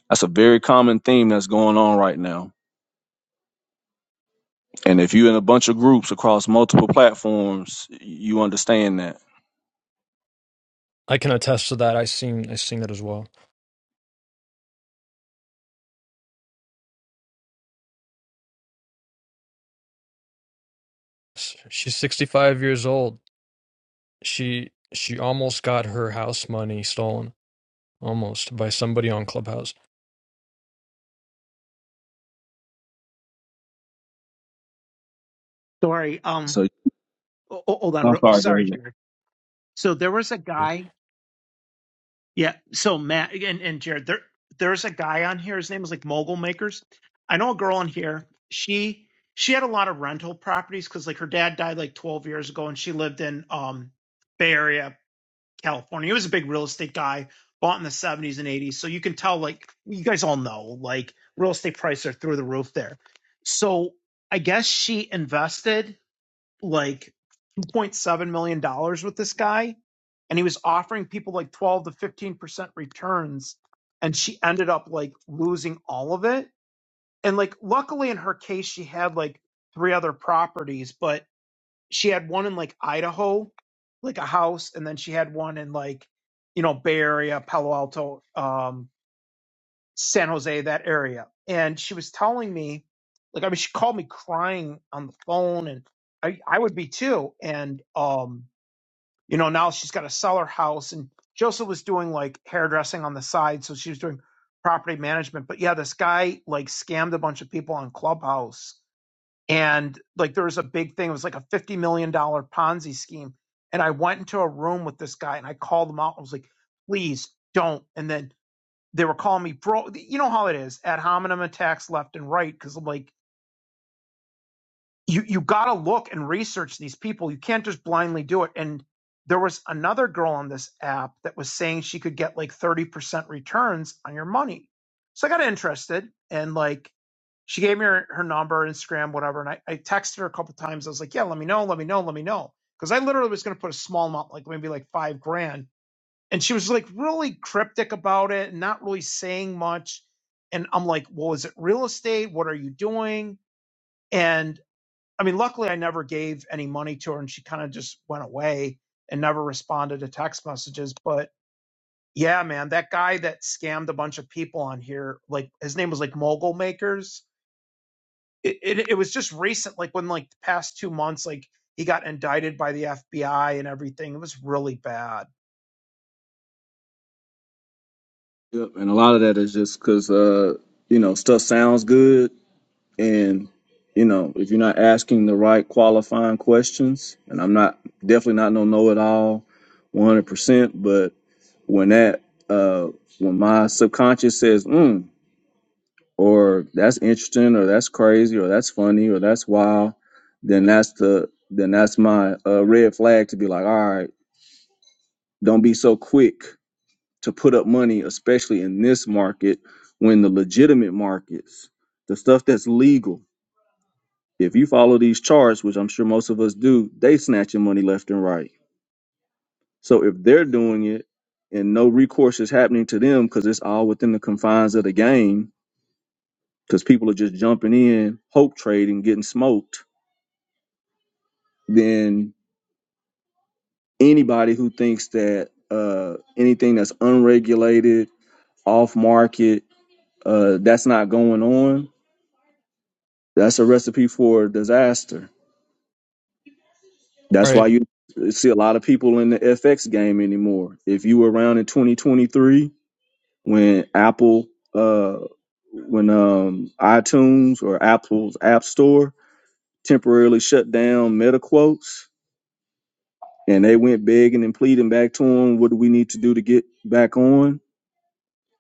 That's a very common theme that's going on right now And if you're in a bunch of groups across multiple platforms, you understand that. I can attest to that. I seen I seen that as well. S- She's sixty five years old. She she almost got her house money stolen. Almost by somebody on Clubhouse. sorry um So ho- hold on I'm sorry, sorry David. jared so there was a All guy Yeah. So Matt and, and Jared, there there's a guy on here. His name is like Mogul Makers. I know a girl on here. She she had a lot of rental properties because like her dad died like 12 years ago, and she lived in um Bay Area, California. He was a big real estate guy, bought in the 70s and 80s. So you can tell like you guys all know like real estate prices are through the roof there. So I guess she invested like 2.7 million dollars with this guy and he was offering people like 12 to 15% returns and she ended up like losing all of it and like luckily in her case she had like three other properties but she had one in like idaho like a house and then she had one in like you know bay area palo alto um san jose that area and she was telling me like i mean she called me crying on the phone and i i would be too and um you know now she's got to sell her house and Joseph was doing like hairdressing on the side so she was doing property management but yeah this guy like scammed a bunch of people on clubhouse and like there was a big thing it was like a 50 million dollar ponzi scheme and i went into a room with this guy and i called him out i was like please don't and then they were calling me bro you know how it is ad hominem attacks left and right because i'm like you you got to look and research these people. You can't just blindly do it. And there was another girl on this app that was saying she could get like 30% returns on your money. So I got interested and like she gave me her, her number, Instagram, whatever. And I, I texted her a couple times. I was like, yeah, let me know, let me know, let me know. Cause I literally was going to put a small amount, like maybe like five grand. And she was like really cryptic about it and not really saying much. And I'm like, well, is it real estate? What are you doing? And I mean, luckily I never gave any money to her and she kind of just went away and never responded to text messages. But yeah, man, that guy that scammed a bunch of people on here, like his name was like Mogul Makers. It, it, it was just recent, like when like the past two months, like he got indicted by the FBI and everything. It was really bad. Yep. And a lot of that is just because uh, you know stuff sounds good, and you know if you're not asking the right qualifying questions, and I'm not definitely not no know it all, 100. percent But when that uh, when my subconscious says, mm, or that's interesting or that's crazy or that's funny or that's wild then that's the then that's my uh, red flag to be like all right don't be so quick to put up money especially in this market when the legitimate markets the stuff that's legal if you follow these charts which i'm sure most of us do they snatching money left and right so if they're doing it and no recourse is happening to them because it's all within the confines of the game because people are just jumping in hope trading getting smoked than anybody who thinks that uh, anything that's unregulated, off market, uh, that's not going on. That's a recipe for disaster. That's why right. you see a lot of people in the FX game anymore. If you were around in 2023 when Apple, uh, when um, iTunes or Apple's App Store temporarily shut down meta quotes and they went begging and pleading back to them, what do we need to do to get back on?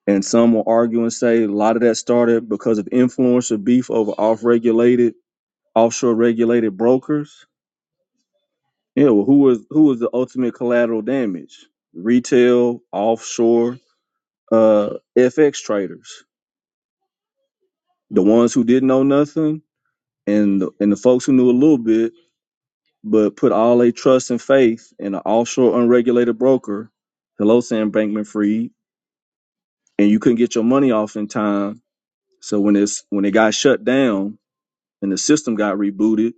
And some will argue and say a lot of that started because of influencer beef over off-regulated, offshore regulated brokers. Yeah, well, who was who was the ultimate collateral damage? Retail, offshore, uh, FX traders, the ones who didn't know nothing, and the, and the folks who knew a little bit, but put all their trust and faith in an offshore unregulated broker. Hello, Sam Bankman-Fried, and you couldn't get your money off in time. So when it's when it got shut down, and the system got rebooted,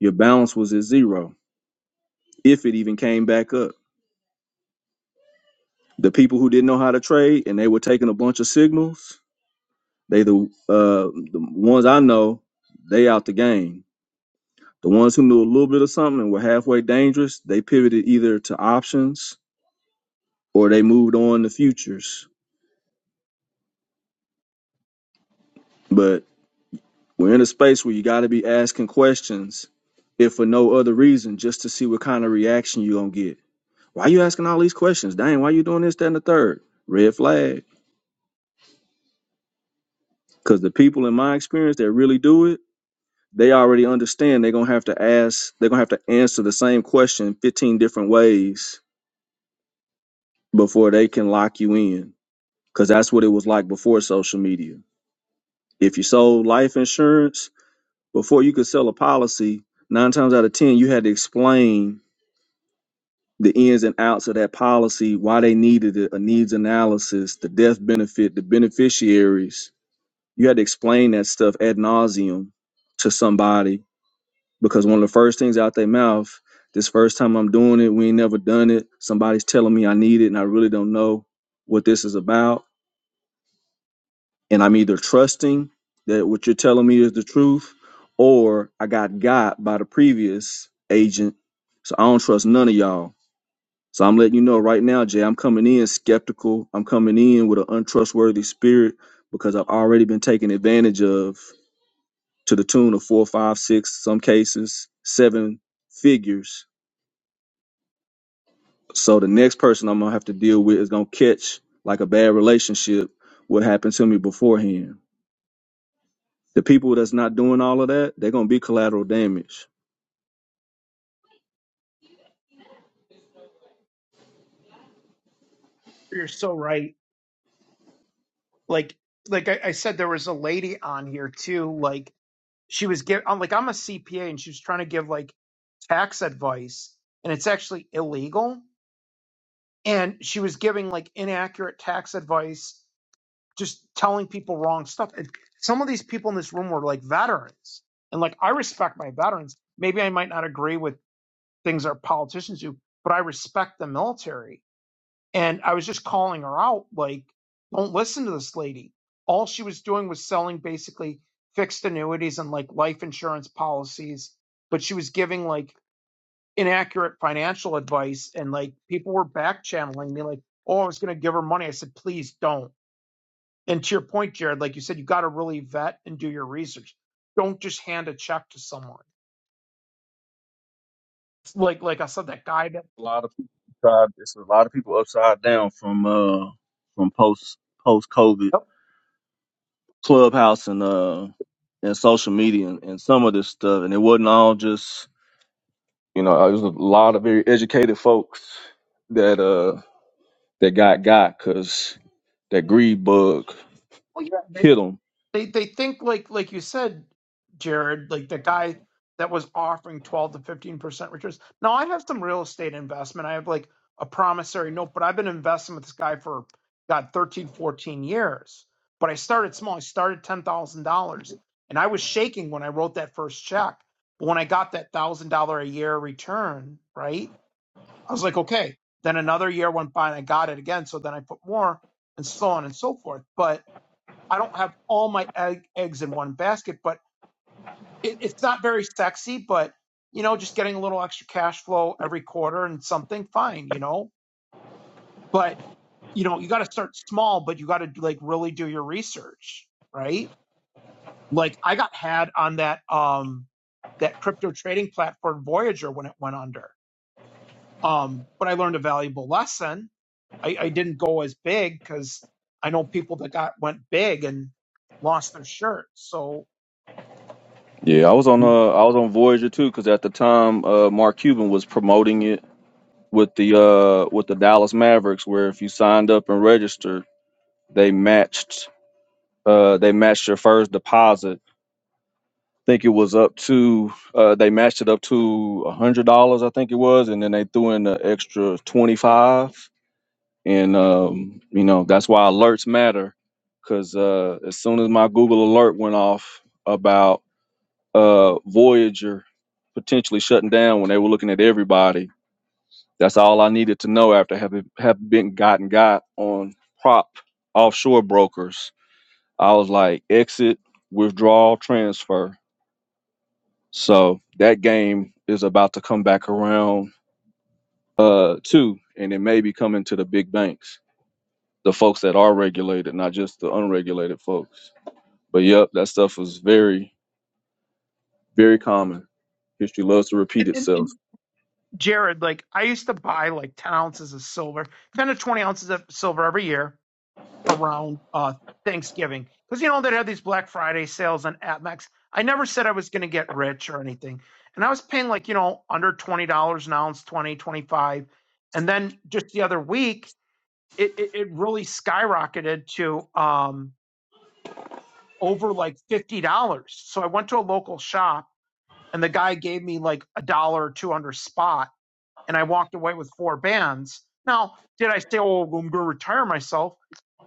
your balance was at zero, if it even came back up. The people who didn't know how to trade and they were taking a bunch of signals, they the uh, the ones I know, they out the game. The ones who knew a little bit of something and were halfway dangerous, they pivoted either to options or they moved on to futures. But we're in a space where you got to be asking questions, if for no other reason, just to see what kind of reaction you're gonna get Why you asking all these questions? Dang, why you doing this, that, and the third? Red flag. Because the people in my experience that really do it, they already understand they're gonna have to ask, they're gonna have to answer the same question 15 different ways before they can lock you in. Cause that's what it was like before social media. If you sold life insurance, before you could sell a policy, nine times out of ten, you had to explain the ins and outs of that policy, why they needed it, a needs analysis, the death benefit, the beneficiaries you had to explain that stuff ad nauseum to somebody because one of the first things out their mouth, this first time I'm doing it, we ain't never done it. Somebody's telling me I need it and I really don't know what this is about. And I'm either trusting that what you're telling me is the truth or I got got by the previous agent. So I don't trust none of y'all. So I'm letting you know right now, Jay, I'm coming in skeptical. I'm coming in with an untrustworthy spirit because I've already been taken advantage of to the tune of four, five, six, some cases, seven figures. So the next person I'm gonna have to deal with is gonna catch like a bad relationship, what happened to me beforehand. The people that's not doing all of that, they're gonna be collateral damage. You're so right. Like, like I, I said, there was a lady on here too. Like she was giving, like I'm a CPA and she was trying to give like tax advice and it's actually illegal and she was giving like inaccurate tax advice, just telling people wrong stuff. And some of these people in this room were like veterans, and like I respect my veterans. Maybe I might not agree with things our politicians do, but I respect the military. And I was just calling her out, like, don't listen to this lady. All she was doing was selling basically fixed annuities and like life insurance policies, but she was giving like inaccurate financial advice and like people were back channeling me like oh i was going to give her money i said please don't and to your point jared like you said you got to really vet and do your research don't just hand a check to someone like like i said that guy that A lot of people tried it's a lot of people upside down from uh from post post COVID oh, clubhouse and uh and social media and, and some of this stuff. And it wasn't all just you know, it was a lot of very educated folks that uh that got got because that greed bug yeah. hit him. they they think like like you said, Jared, like the guy that was offering twelve to fifteen percent returns. Now I have some real estate investment. I have like a promissory note, but I've been investing with this guy for God 13 14 years. But I started small. I started ten thousand dollars, and I was shaking when I wrote that first check. But when I got that thousand dollar a year return, right, I was like, okay. Then another year went by, and I got it again. So then I put more, and so on and so forth. But I don't have all my egg, eggs in one basket, but it, it's not very sexy. But you know, just getting a little extra cash flow every quarter and something fine, you know. But you know, you got to start small, but you got to like really do your research, right? Like I got had on that um that crypto trading platform Voyager when it went under. Um, but I learned a valuable lesson. I, I didn't go as big because I know people that got went big and lost their shirt. So Yeah, I was on and, uh I was on Voyager too because at the time uh Mark Cuban was promoting it with the uh with the Dallas Mavericks where if you signed up and registered they matched uh they matched your first deposit. I think it was up to uh they matched it up to a hundred dollars I think it was and then they threw in an extra twenty five and um, you know that's why alerts matter because uh, as soon as my google alert went off about uh, voyager potentially shutting down when they were looking at everybody that's all i needed to know after having have been gotten got on prop offshore brokers i was like exit withdrawal transfer so that game is about to come back around uh too and it may be coming to the big banks the folks that are regulated, not just the unregulated folks. But yep, that stuff was very, very common. History loves to repeat and, and itself. Jared, like I used to buy like 10 ounces of silver, 10 to 20 ounces of silver every year around uh, Thanksgiving. Because, you know, they had these Black Friday sales on Atmex. I never said I was going to get rich or anything. And I was paying like, you know, under $20 an ounce, 20, 25. And then just the other week, it, it, it really skyrocketed to um, over like $50. So I went to a local shop and the guy gave me like a dollar or two under spot and I walked away with four bands. Now, did I say, oh, well, I'm going to retire myself?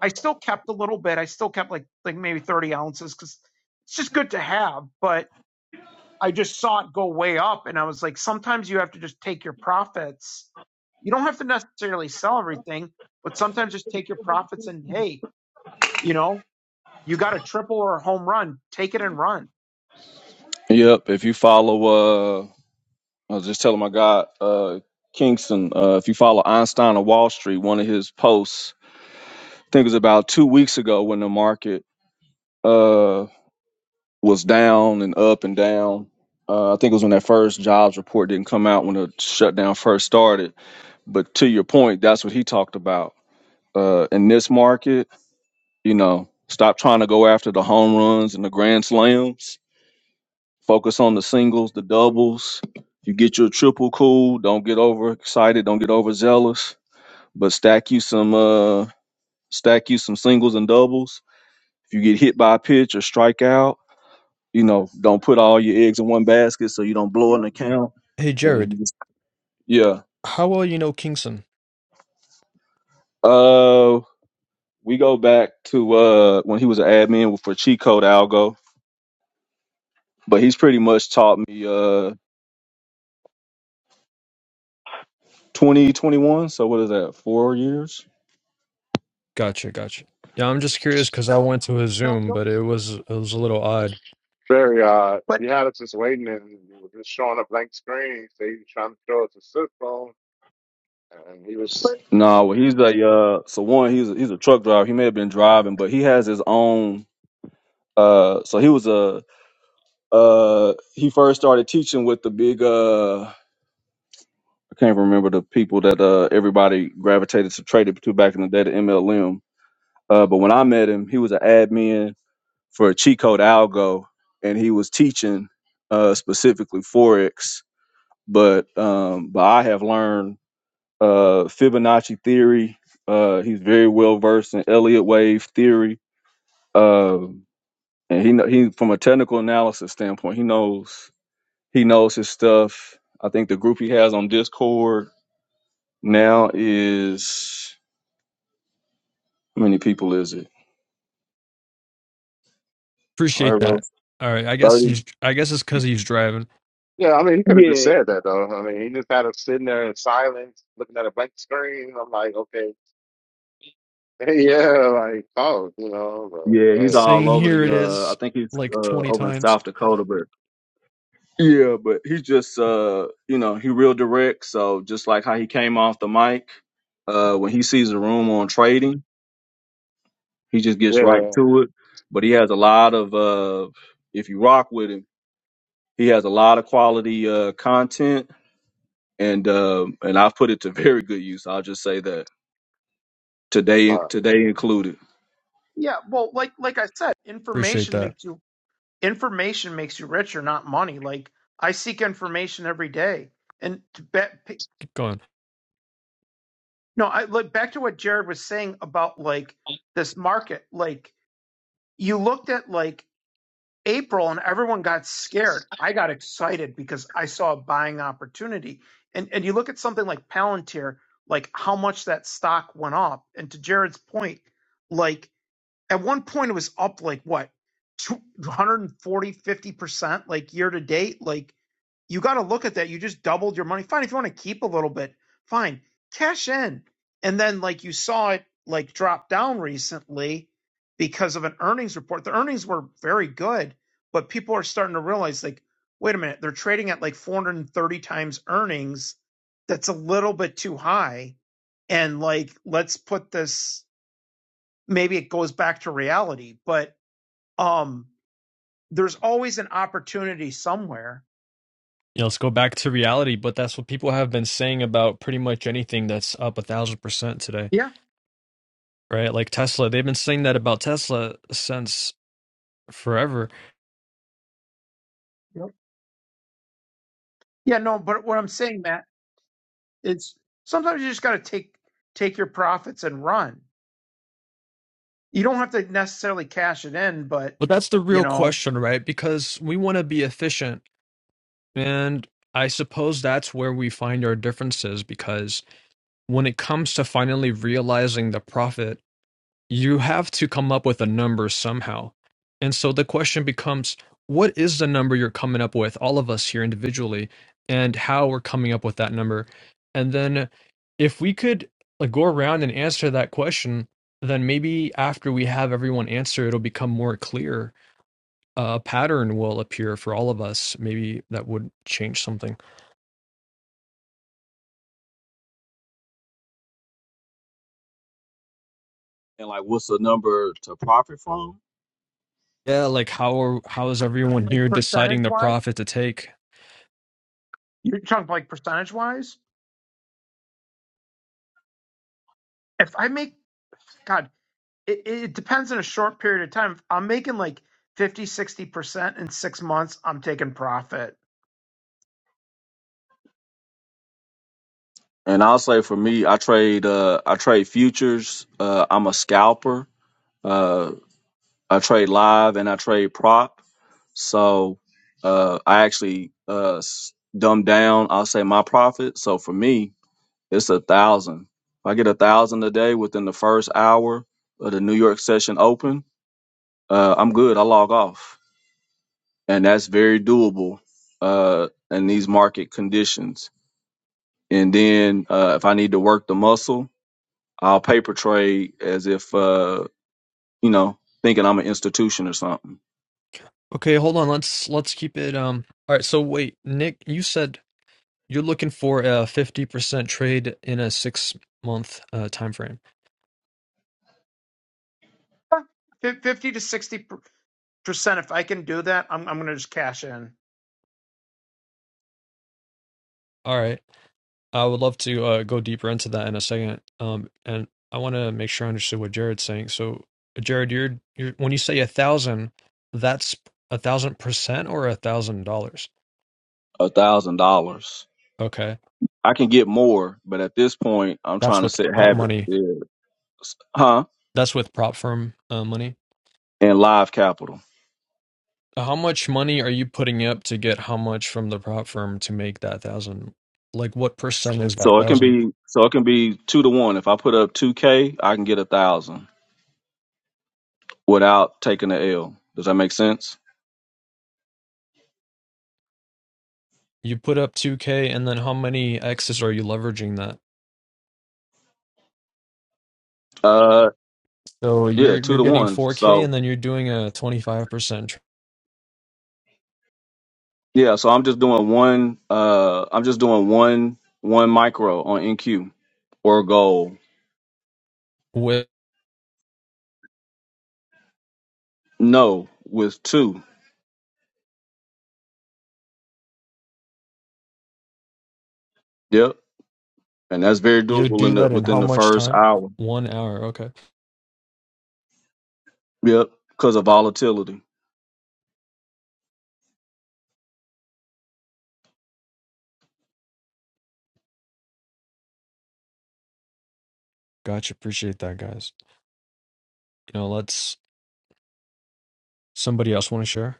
I still kept a little bit. I still kept like like maybe 30 ounces because it's just good to have. But I just saw it go way up. And I was like, sometimes you have to just take your profits. You don't have to necessarily sell everything, but sometimes just take your profits and hey, you know, you got a triple or a home run, take it and run. Yep, if you follow, uh, I was just telling my guy, uh, Kingston, uh, if you follow Einstein of Wall Street, one of his posts, I think it was about two weeks ago when the market uh, was down and up and down. Uh, I think it was when that first jobs report didn't come out when the shutdown first started. But to your point, that's what he talked about. Uh, in this market, You know, stop trying to go after the home runs and the grand slams. Focus on the singles, the doubles. You get your triple cool. Don't get overexcited. Don't get overzealous. But stack you some uh stack you some singles and doubles. If you get hit by a pitch or strike out, you know, don't put all your eggs in one basket so you don't blow You an know, account. Hey, And Jared, you just yeah. how well you know Kingston? Uh we go back to uh when he was an admin for Cheat Code Algo, but he's pretty much taught me uh 2021. So what is that? Four years? Gotcha, gotcha. Yeah, I'm just curious because I went to his no, Zoom, no. but it was it was a little odd. Very odd. But You had us just waiting and you were just showing up blank screen. So he was trying to show us a cell phone. And he but was, No, well, he's a uh, so one. He's a, he's a truck driver. He may have been driving, but he has his own. Uh, so he was a uh, he first started teaching with the big uh, I can't remember the people that uh everybody gravitated to traded to back in the day, the MLM. Uh, but when I met him, he was an admin for cheat code algo, and he was teaching uh specifically forex. But um, but I have learned uh, Fibonacci theory. Uh, he's very well versed in Elliott wave theory. Uh, and he kn- he from a technical analysis standpoint, he knows he knows his stuff. I think the group he has on Discord now is how many people is it? Appreciate Pyro that. All right, I guess thirty. he's I guess it's because he's driving. yeah, I mean, he could have just Yeah, said that though. I mean, he just had us sitting there in silence, looking at a blank screen. I'm like, okay, yeah, like, oh, you know, yeah, but he's anyway, all Saying over here the. it Uh, I is think he's uh, like 20 over in times. South Dakota, but Yeah, but he's just uh, you know, he real direct. So just like how he came off the mic, uh, when he sees a room on trading, he just gets right yeah. to it. But he has a lot of uh, if you rock with him, he has a lot of quality uh content, and uh, and I've put it to very good use. I'll just say that today, Uh, today included. yeah, well, like like I said, Appreciate information that. makes you information makes you richer, not money. Like I seek information every day, and to bet, Keep going. no, I look back to what Jared was saying about like this market. Like you looked at like April, and everyone got scared. I got excited because I saw a buying opportunity, and and you look at something like Palantir, like how much that stock went up, and to Jared's point, like at one point it was up like what. two hundred and forty fifty percent like year to date like you got to look at that. You just doubled your money. Fine, if you want to keep a little bit, fine, cash in. And then like you saw it like drop down recently because of an earnings report. The earnings were very good, but people are starting to realize like, wait a minute, they're trading at like 430 times earnings. That's a little bit too high. And like, let's put this. Maybe it goes back to reality, but um, there's always an opportunity somewhere. Yeah, let's go back to reality, but that's what people have been saying about pretty much anything that's up a thousand percent today, Yeah. right? Like Tesla, they've been saying that about Tesla since forever Yep. Yeah. No, but what I'm saying, Matt. It's sometimes you just got to take take your profits and run. You don't have to necessarily cash it in, but But that's the you real know, question, right? Because we want to be efficient. And I suppose that's where we find our differences because when it comes to finally realizing the profit, you have to come up with a number somehow. And so the question becomes what is the number you're coming up with, all of us here individually, and how we're coming up with that number? And then if we could like go around and answer that question, then maybe after we have everyone answer, it'll become more clear a pattern will appear for all of us. Maybe that would change something. And like, what's the number to profit from? Yeah, like how are, how is everyone like here percentage deciding the wise, profit to take? you're talking like percentage wise. If I make God, it, it depends on a short period of time. If I'm making like fifty, sixty percent in six months, I'm taking profit. And I'll say for me, I trade uh, I trade futures. Uh, I'm a scalper I trade live and I trade prop. So uh, I actually uh, s- dumb down. I'll say my profit. So for me, it's a thousand. If I get a thousand a day within the first hour of the New York session open, uh, I'm good. I log off, and that's very doable uh, in these market conditions. And then uh, if I need to work the muscle, I'll paper trade as if uh, you know thinking I'm an institution or something. Okay, hold on. Let's let's keep it. Um. All right. So wait, Nick, you said you're looking for a fifty percent trade in a six month uh, time frame. Fif- 50 to 60% if I can do that, I'm, I'm going to just cash in. All right. I would love to uh, go deeper into that in a second. Um. And I want to make sure I understood what Jared's saying. So, Jared, you're you're when you say a thousand, that's a thousand percent or a thousand dollars. A thousand dollars Okay. I can get more, but at this point, I'm That's trying to with set prop habit, money. yeah, huh? That's with prop firm uh, money. And live capital, How much money are you putting up to get how much from the prop firm to make that thousand? Like, what percent is that so it can thousand? be so it can be two to one. If I put up two k, I can get a thousand without taking the L. Does that make sense? You put up two k, and then how many x's are you leveraging that? Uh, So you're yeah, two you're to getting one. four k, So and then you're doing a twenty five percent. yeah, so I'm just doing one. Uh, I'm just doing one one micro on NQ or goal. With No, with two. Yep, and that's very you doable in do the that in within how the much first time? hour. One hour. Okay, Yep, because of volatility. gotcha. Appreciate that, guys. You know, let's. Somebody else want to share?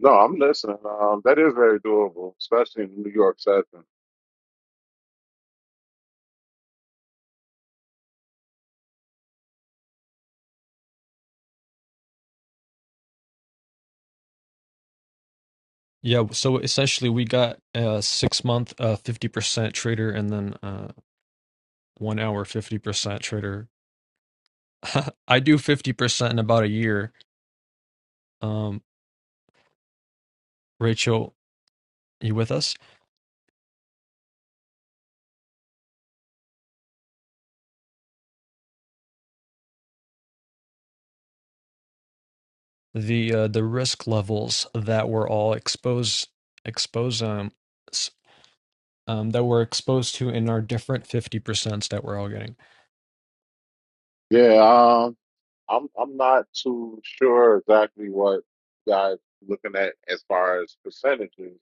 no, I'm listening. Um, that is very doable, especially in New York setting. Yeah, so essentially we got a six month uh fifty percent trader and then uh one hour fifty percent trader. I do fifty percent in about a year. Um, Rachel, you with us? The uh, the risk levels that we're all exposed expose um, s- um that we're exposed to in our different fifty percents that we're all getting Yeah, um, I'm I'm not too sure exactly what you guys looking at as far as percentages.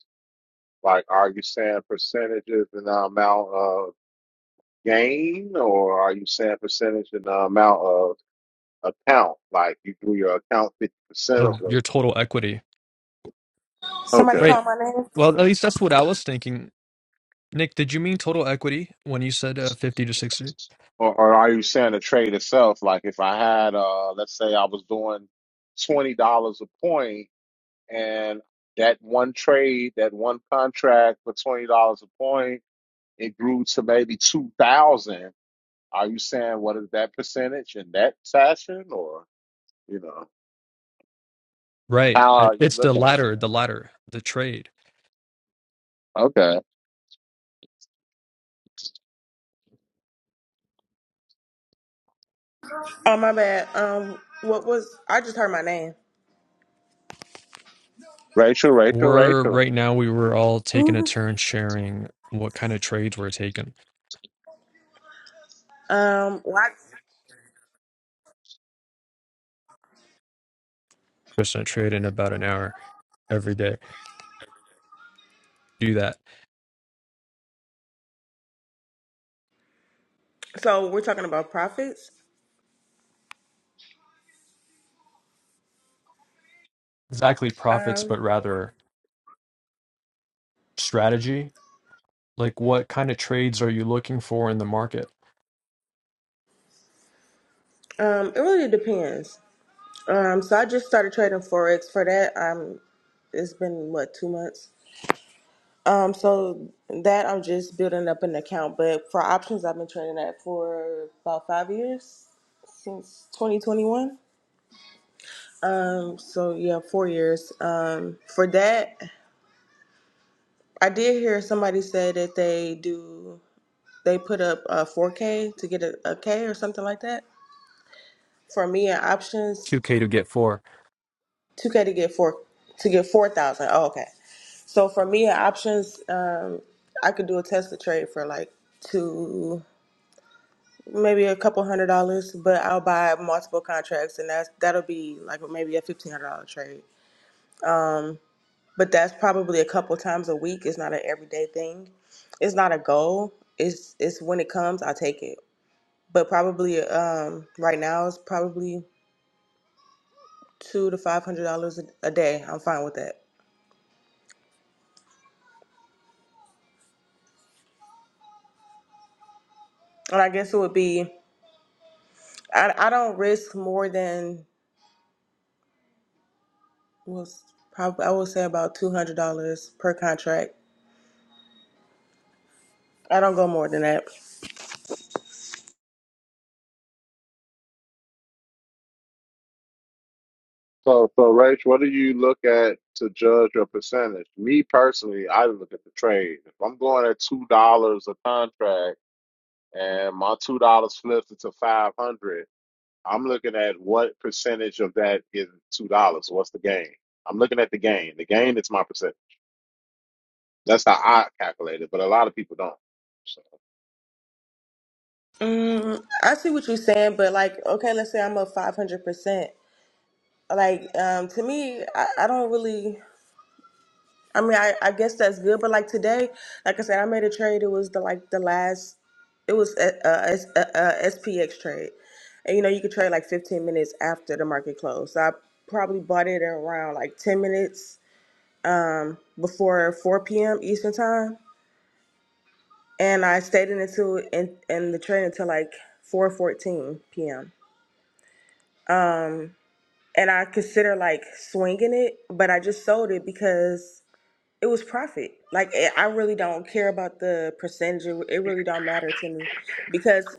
Like, are you saying percentages in the amount of gain, or are you saying percentage in the amount of account? Like, you do your account 50% of of it. your total equity. Somebody Okay. Right. called my name. Well, at least that's what I was thinking. Nick, did you mean total equity when you said uh, fifty to sixty? Or, or are you saying the trade itself? Like, if I had, uh, let's say I was doing $20 a point and that one trade, that one contract for $20 a point, it grew to maybe 2000 Are you saying what is that percentage in that fashion, or? You know, Right. how I, are you it's the looking at latter, the that? latter, the trade. Okay, Oh my bad. Um, what was I just heard my name? Rachel, Rachel, We're Rachel. right now, we were all taking a turn sharing what kind of trades we're taking. Um, what? Just a trade in about an hour every day. Do that. So we're talking about profits. Exactly profits, Um, but rather strategy. Like, what kind of trades are you looking for in the market? um, it really depends. Um, so I just started trading forex for that. Um, it's been what two months. Um, so that I'm just building up an account, but for options, I've been trading that for about five years since 2021. Um, so yeah, four years. Um, for that, I did hear somebody say that they do they put up uh 4K to get a, a K or something like that. For me, in options, 2K to get four. 2K to get four to get four thousand. Oh, okay. So for me, in options, um, I could do a Tesla trade for like two. maybe a couple hundred dollars, but I'll buy multiple contracts, and that's that'll be like maybe a fifteen hundred dollar trade. But that's probably a couple times a week. It's not an everyday thing. It's not a goal. It's it's when it comes, I take it. But probably um, right now it's probably two to five hundred dollars a a day. I'm fine with that. And I guess it would be I I don't risk more than was probably I would say about two hundred dollars per contract. I don't go more than that. So, so Rachel, what do you look at to judge your percentage? Me personally, I look at the trade. If I'm going at two dollars a contract and my two dollars flips into five hundred, I'm looking at what percentage of that is two dollars. What's the gain? I'm looking at the gain. The gain is my percent. That's how I calculate it, but a lot of people don't. So, Mm, I see what you're saying, but like, okay, let's say I'm up 500%. Like, um, to me, I, I don't really, I mean, I, I guess that's good, but like today, like I said, I made a trade. It was the, like the last, it was a, SPX trade. And you know, you could trade like 15 minutes after the market closed. So I probably bought it around like 10 minutes, um, before 4 p.m. Eastern time. And I stayed in until, in, in the trade until like 4.14 p.m. Um, and I consider like swinging it, but I just sold it because it was profit. Like I I really don't care about the percentage. It it really don't matter to me because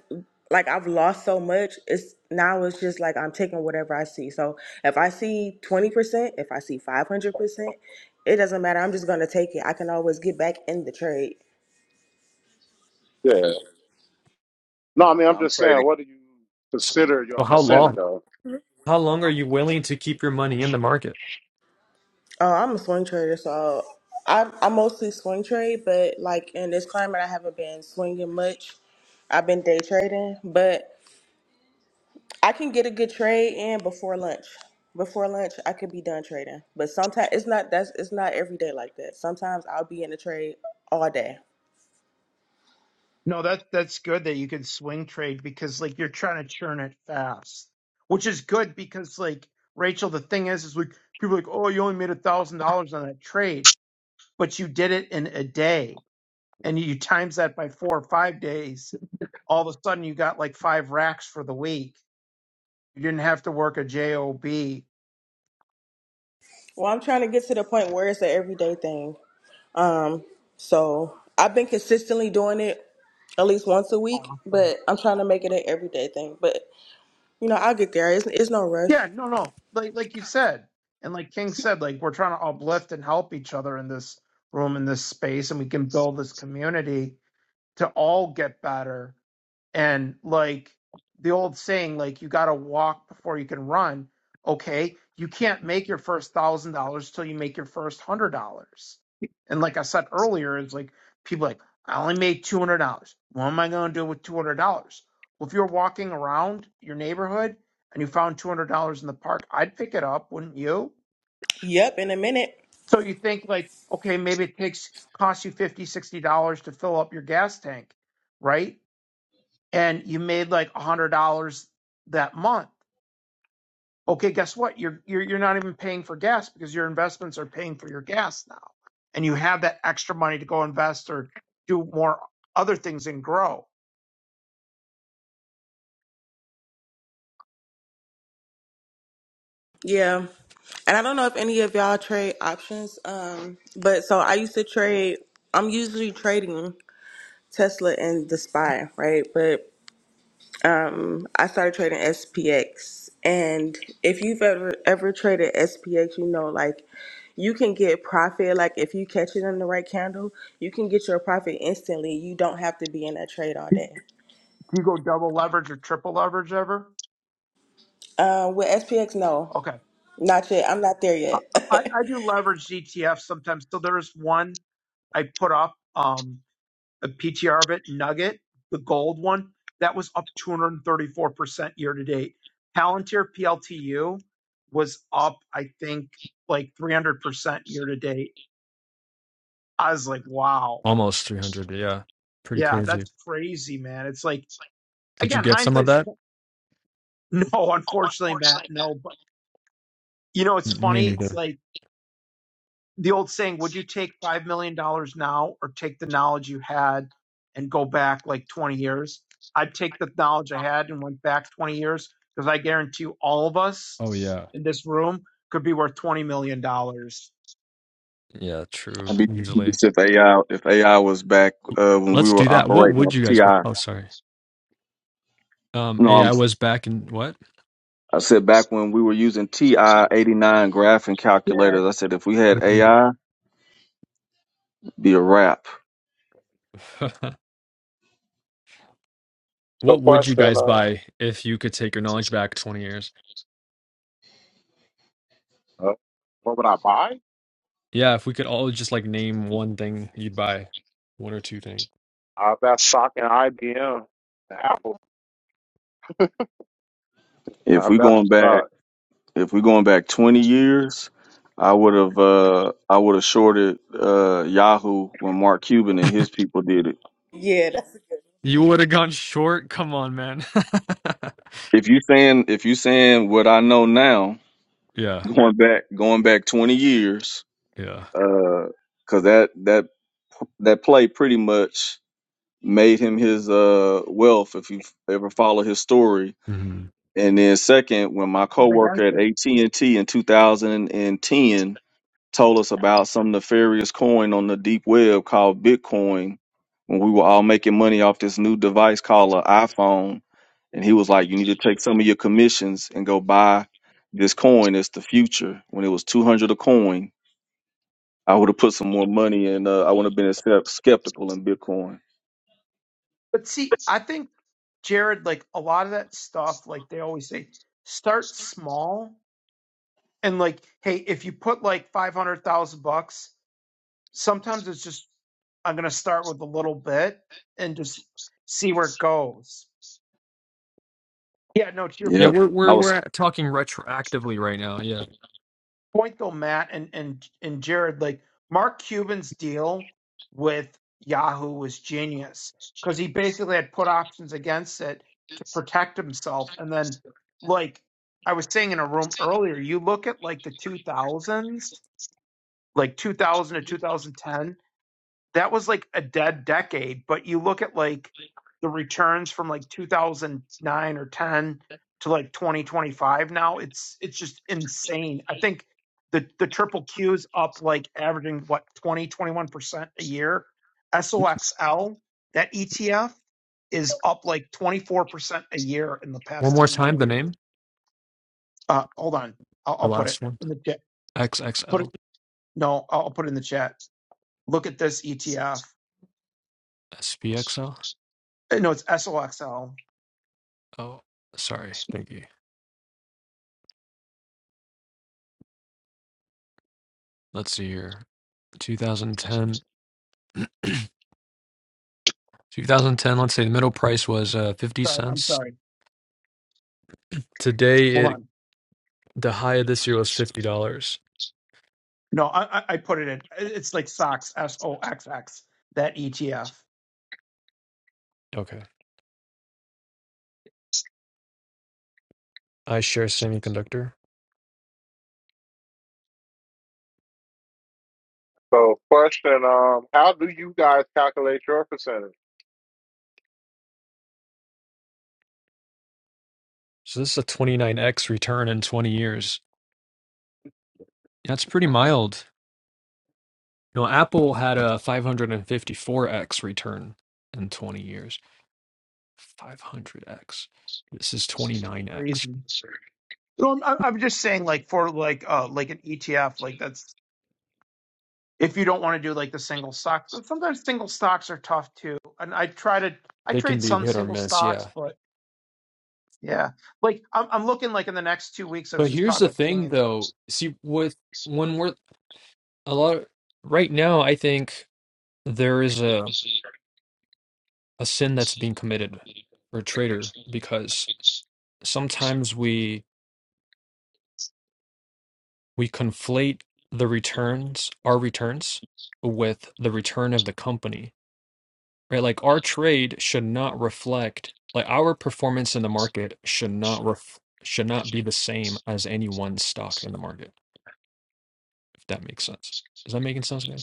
like I've lost so much. It's now it's just like I'm taking whatever I see. So if I see 20%, if I see 500%, it doesn't matter. I'm just going to take it. I can always get back in the trade. yeah. No, I mean, And I'm I'm just trading. saying, what do you So, consider your how percentage long? of? How long are you willing to keep your money in the market? Oh, I'm a swing trader, so I I mostly swing trade, but like in this climate, I haven't been swinging much. I've been day trading, but I can get a good trade in before lunch. Before lunch, I could be done trading. But sometimes it's not that's it's not every day like that. Sometimes I'll be in a trade all day. No, that that's good that you can swing trade because like you're trying to churn it fast, which is good because like Rachel, the thing is, is like people are like, oh, you only made a thousand dollars on that trade, but you did it in a day, and you times that by four or five days. All of a sudden, you got like five racks for the week. You didn't have to work a job. Well, I'm trying to get to the point where it's an everyday thing. Um, so I've been consistently doing it at least once a week, Awesome. but I'm trying to make it an everyday thing. But you know, I'll get there. It's, it's no rush. Yeah, no, no, like like you said, and like King said, like we're trying to uplift and help each other in this room in this space and we can build this community to all get better. And like the old saying, like you got to walk before you can run. Okay, you can't make your first thousand dollars till you make your first hundred dollars. And like I said earlier, it's like people are like I only made two hundred dollars. What am I going to do with two hundred dollars? Well, if you're walking around your neighborhood and you found two hundred dollars in the park, I'd pick it up, wouldn't you? Yep, in a minute. So you think like, okay, maybe it takes costs you fifty, sixty dollars to fill up your gas tank, right? and you made like a hundred dollars that month. Okay, guess what? You're, you're you're not even paying for gas because your investments are paying for your gas now, and you have that extra money to go invest or do more other things and grow. Yeah. And I don't know if any of y'all trade options. Um, but so I used to trade I'm usually trading Tesla and the SPY, right? But um I started trading SPX. And if you've ever ever traded SPX, you know like you can get profit like if you catch it in the right candle, you can get your profit instantly. You don't have to be in that trade all day. Do you go double leverage or triple leverage ever? Uh, with SPX, no. Okay, Not yet. I'm not there I, I yet. I do leverage ETFs sometimes. So there's one I put up. Um, a PTR of it, Nugget, the gold one, that was up 234% year to date. Palantir PLTU was up, I think, like 300% year to date. I was like, wow. Almost 300. Yeah. Pretty Yeah, crazy. that's crazy, man. It's like, Did you again, get some of hindsight's that? no, unfortunately, Matt, no. But, you know, it's Me funny. It's neither. like, the old saying, would you take $5 million dollars now or take the knowledge you had and go back like 20 years? I'd take the knowledge I had and went back 20 years because I guarantee you all of us Oh yeah. in this room could be worth $20 million. dollars. Yeah, I'd true. be Usually. confused if AI if AI was back uh, when we Let's do were that. What operating would off you guys? bu- TI. Oh, sorry. Um, No, I'm AI was back in what? I said back when we were using TI eighty nine graphing Yeah. calculators. I said if we had AI, it'd be a wrap. So, what would you question: guys uh, buy if you could take your knowledge back 20 years? uh, What would I buy? Yeah, if we could all just like name one thing you'd buy, one or two things. I invest stock in IBM, and Apple. If I we going invest back stock. if we going back twenty years, I would have uh, I would have shorted uh, Yahoo when Mark Cuban and his people did it. yeah. You would have gone short. Come on, man. If you saying if you saying what I know now, yeah, going back going back twenty years. yeah, Uh, because that that that play pretty much made him his uh wealth if you've ever followed his story. hmm And then second, when Uh, my coworker at AT and T in 2010 told us about some nefarious coin on the deep web called Bitcoin, when we were all making money off this new device called an iPhone, and he was like, "You need to take some of your commissions and go buy this coin. It's the future." When it was 200 a coin, I would have put some more money in. Uh, I would have been skep- skeptical in Bitcoin. But see, I think, Jared, like a lot of that stuff, like they always say, start small. And like, hey, if you put like 500,000 bucks sometimes it's just I'm gonna start with a little bit and just see where it goes. Yeah, no, to your yeah. p- Yep. We're I we're was. we're talking retroactively right now. Yeah. point though, Matt and and and Jared, like Mark Cuban's deal with Yahoo was genius because he basically had put options against it to protect himself, and then like I was saying in a room earlier, you look at like the 2000s, like 2000 to 2010. that was like a dead decade. But you look at like the returns from like 2009 or 10 to like 2025 now, it's it's just insane. I think the the triple Q is up like averaging what 20 21 percent a year. SOXL that ETF is up like 24 percent a year in the One past more 10 years. time, the name, Uh, hold on, I'll, the I'll put it last one. in the chat. Put XXL, it no, I'll I'll put it in the chat. Look at this ETF. SPXL. Uh, No, it's SOXL. Oh, sorry. Thank you. Let's see here. 2010. 2010, let's say the middle price was uh, 50 Sorry, I'm cents. sorry. Today, Hold it on. the high of this year was $50. No, I, I I put it in. It's like socks, S O X X. That ETF. Okay. I share semiconductor. So, question: um, How do you guys calculate your percentage? So this is a 29x return in 20 years. That's pretty mild. You know, Apple had a 554x return in 20 years. 500x. This is 29x. Crazy. No, I'm, I'm I'm just saying, like for like uh like an ETF, like that's if you don't want to do like the single stock. But sometimes single stocks are tough too. And I try to I They can trade be some hit or single miss, stocks, yeah. but yeah, like I'm I'm looking like in the next two weeks. I was But just here's talking the with King, thing and though. See, with when we're a lot right now i think there is a, a sin that's being committed for a trader because sometimes we we conflate the returns our returns with the return of the company right like our trade should not reflect like our performance in the market should not ref, should not be the same as any one stock in the market if that makes sense is that making sense guys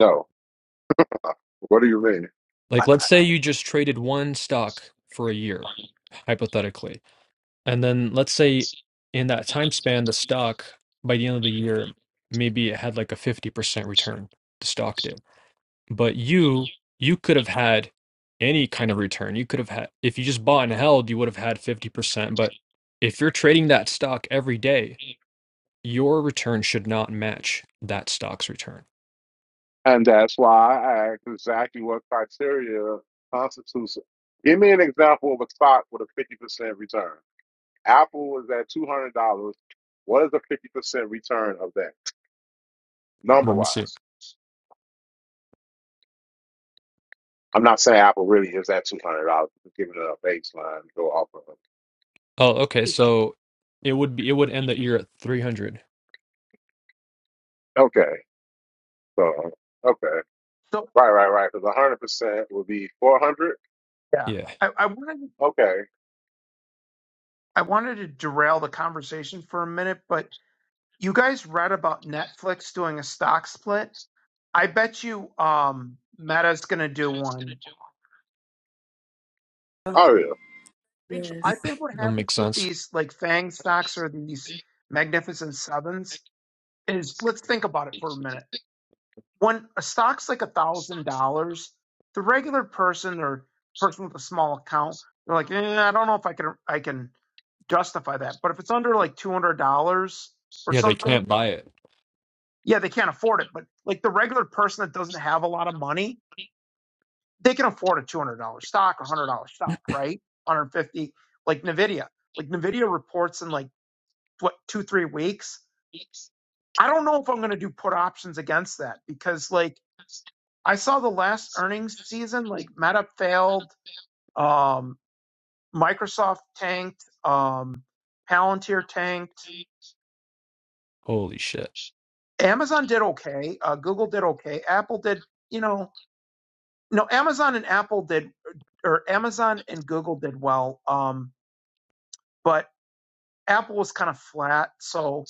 No. What do you mean? like I, let's say you just traded one stock for a year hypothetically And then let's say in that time span, the stock by the end of the year, maybe it had like a 50% return, the stock did. But you, you could have had any kind of return. You could have had, if you just bought and held, you would have had 50%. But if you're trading that stock every day, your return should not match that stock's return. And that's why I asked exactly what criteria constitutes. it. Give me an example of a stock with a fifty percent return. Apple is at two hundred dollars. What is a fifty percent return of that number Let me see. wise? I'm not saying Apple really is that two hundred dollars. Just giving it a baseline to go off of. Oh, okay. I So it would be, it would end the year at 300. Okay, so okay, so right, right, right. Because hundred percent would be four hundred. yeah, Yeah, I, I wanted Okay, I wanted to derail the conversation for a minute, but you guys read about Netflix doing a stock split? I bet you um Meta's gonna do one. that's oh yeah, Rachel, Yes. I think what that happens makes with sense. these like FANG stocks or these magnificent sevens is let's think about it for a minute. When a stock's like a thousand dollars, the regular person or person with a small account, they're like, eh, I don't know if I can I can justify that. But if it's under like two hundred dollars or Yeah, they something, can't buy it. yeah, they can't afford it. But like the regular person that doesn't have a lot of money, they can afford a $200 stock, a $100 stock, right? 150 like Nvidia. Like Nvidia reports in like what 2-3 weeks. I don't know if I'm going to do put options against that because like I saw the last earnings season like Meta failed, um Microsoft tanked, um Palantir tanked. Holy shit. Amazon did okay, uh Google did okay, Apple did, you know, no Amazon and Apple did or Amazon and Google did well. Um, but Apple was kind of flat, so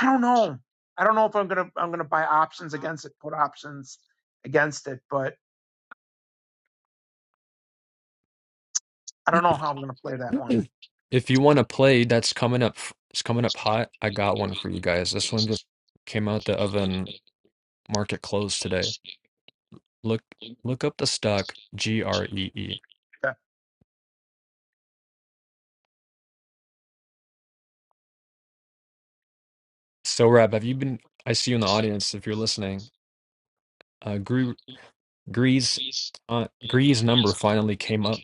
I don't know. I don't know if I'm gonna I'm gonna buy options against it, put options against it, but I don't know how I'm gonna play that one. If you want to play, that's coming up. It's coming up hot. I got one for you guys. This one just came out the oven. Market closed today. Look, look up the stock G R E E. So, Rab, have you been? I see you in the audience. If you're listening, uh, Gre- Gree's uh, Gree's number finally came up.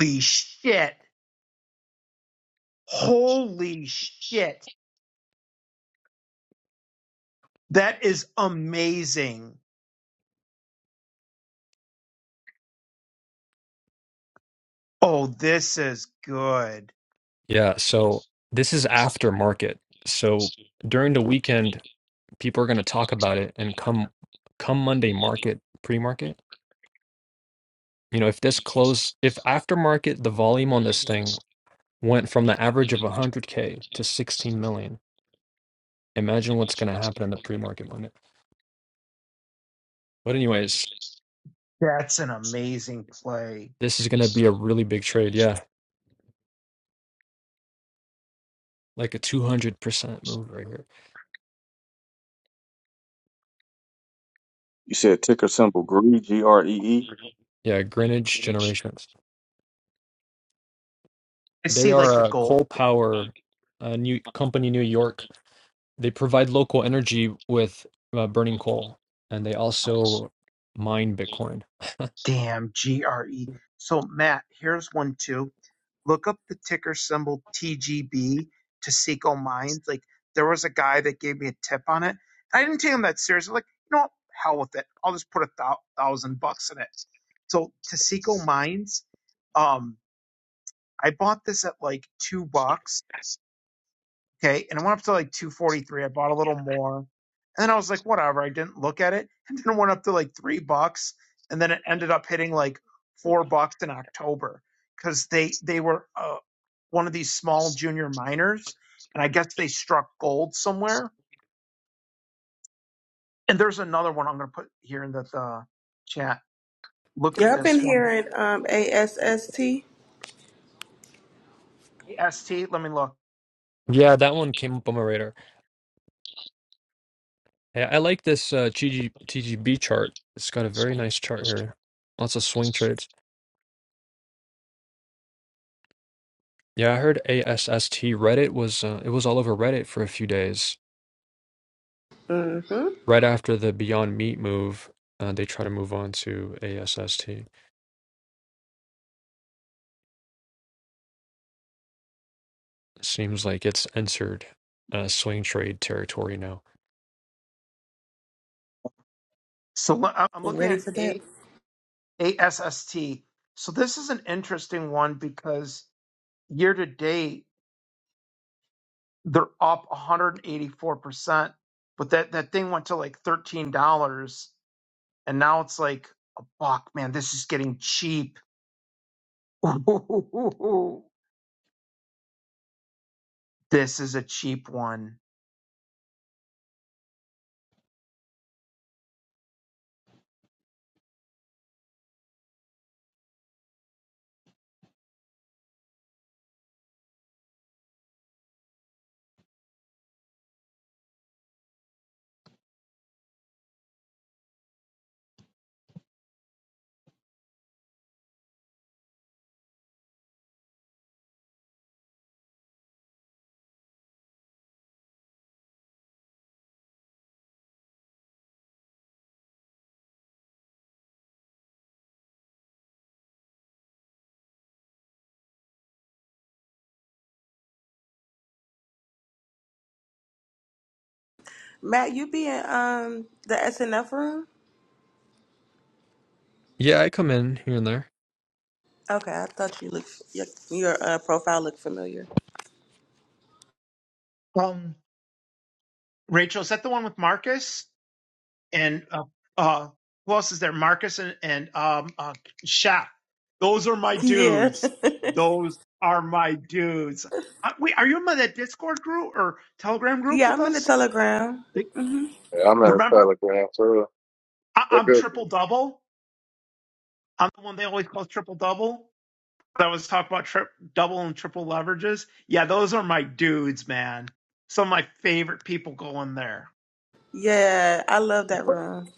Holy shit! Holy shit! That is amazing. Oh, this is good. Yeah. So this is after market. So during the weekend, people are going to talk about it, and come come Monday market pre market. You know, if this close, if aftermarket, the volume on this thing went from the average of 100K to 16 million, imagine what's going to happen in the pre market market. But, anyways, That's an amazing play. this is going to be a really big trade. Yeah. Like a 200% move right here. You said ticker symbol GREE, G R E E. Yeah. Greenwich Generations. I They see like the are a gold. coal power uh, new company, New York. They provide local energy with uh, burning coal and they also mine Bitcoin. Damn, G R E. So Matt, here's one too Look up the ticker symbol TGB to Mines. Like there was a guy that gave me a tip on it. I didn't take him that seriously. Like you know, what? hell with it. I'll just put a thou- thousand bucks in it. So Taseko Mines, um, I bought this at like two bucks Okay. And it went up to like 243. I bought a little more. And then I was like, whatever. I didn't look at it. And then it went up to like three bucks. And then it ended up hitting like four bucks in October because they, they were uh, one of these small junior miners. And I guess they struck gold somewhere. And there's another one I'm going to put here in the, the chat. Look at Yeah, I've been this one. hearing um a mm AST. Let me look. Yeah. That one came up on my radar. Hey, I like this uh, GG, TGB chart. It's got a very nice chart here. Lots of swing trades. Yeah, I heard ASST Reddit was uh, it was all over Reddit for a few days Mm-hmm. right after the Beyond Meat move. Uh, they try to move on to ASST. Seems like it's entered uh, swing trade territory now. So le- I- I'm I'm looking ready at for that. A- ASST. So this is an interesting one because year to date, they're up 184 percent. But that that thing went to like thirteen dollars, and now it's like a buck. Man, this is getting cheap. Ooh, this is a cheap one. Matt, you be in um the SNF room? Yeah, I come in here and there. Okay, I thought you looked your, your uh, profile looked familiar. Um, Rachel, is that the one with Marcus and uh, uh who else is there? Marcus and and um uh, Shaq. Those are my Yeah. dudes. Those are my dudes. Uh, wait, are you in my that Discord group or Telegram group Yeah, with I'm in the us? Telegram. They- hmm yeah. I'm at a Remember? Telegram, so I, they're I'm good. triple people. double. I'm the one they always call triple double. I was talking about trip double and triple leverages. Yeah, those are my dudes, man. Some of my favorite people go in there. Yeah, I love that But room.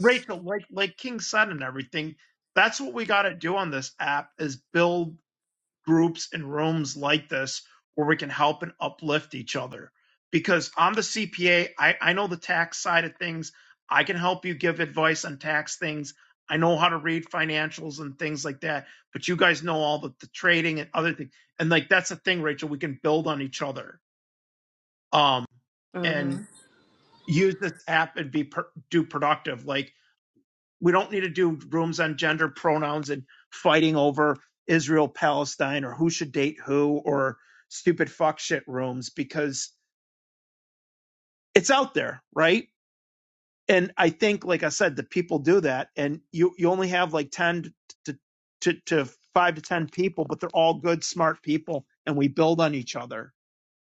Rachel, like like King said and everything, that's what we got to do on this app is build groups and rooms like this where we can help and uplift each other. Because I'm the CPA, I, I know the tax side of things. I can help you give advice on tax things. I know how to read financials and things like that. But you guys know all the, the trading and other things. And like that's the thing, Rachel, we can build on each other. Um hmm and use this app and be per- do productive. Like we don't need to do rooms on gender pronouns and fighting over Israel Palestine or who should date who or stupid fuck shit rooms because it's out there, right? And I think, like I said, the people do that, and you you only have like ten to to, to five to ten people, but they're all good, smart people, and we build on each other.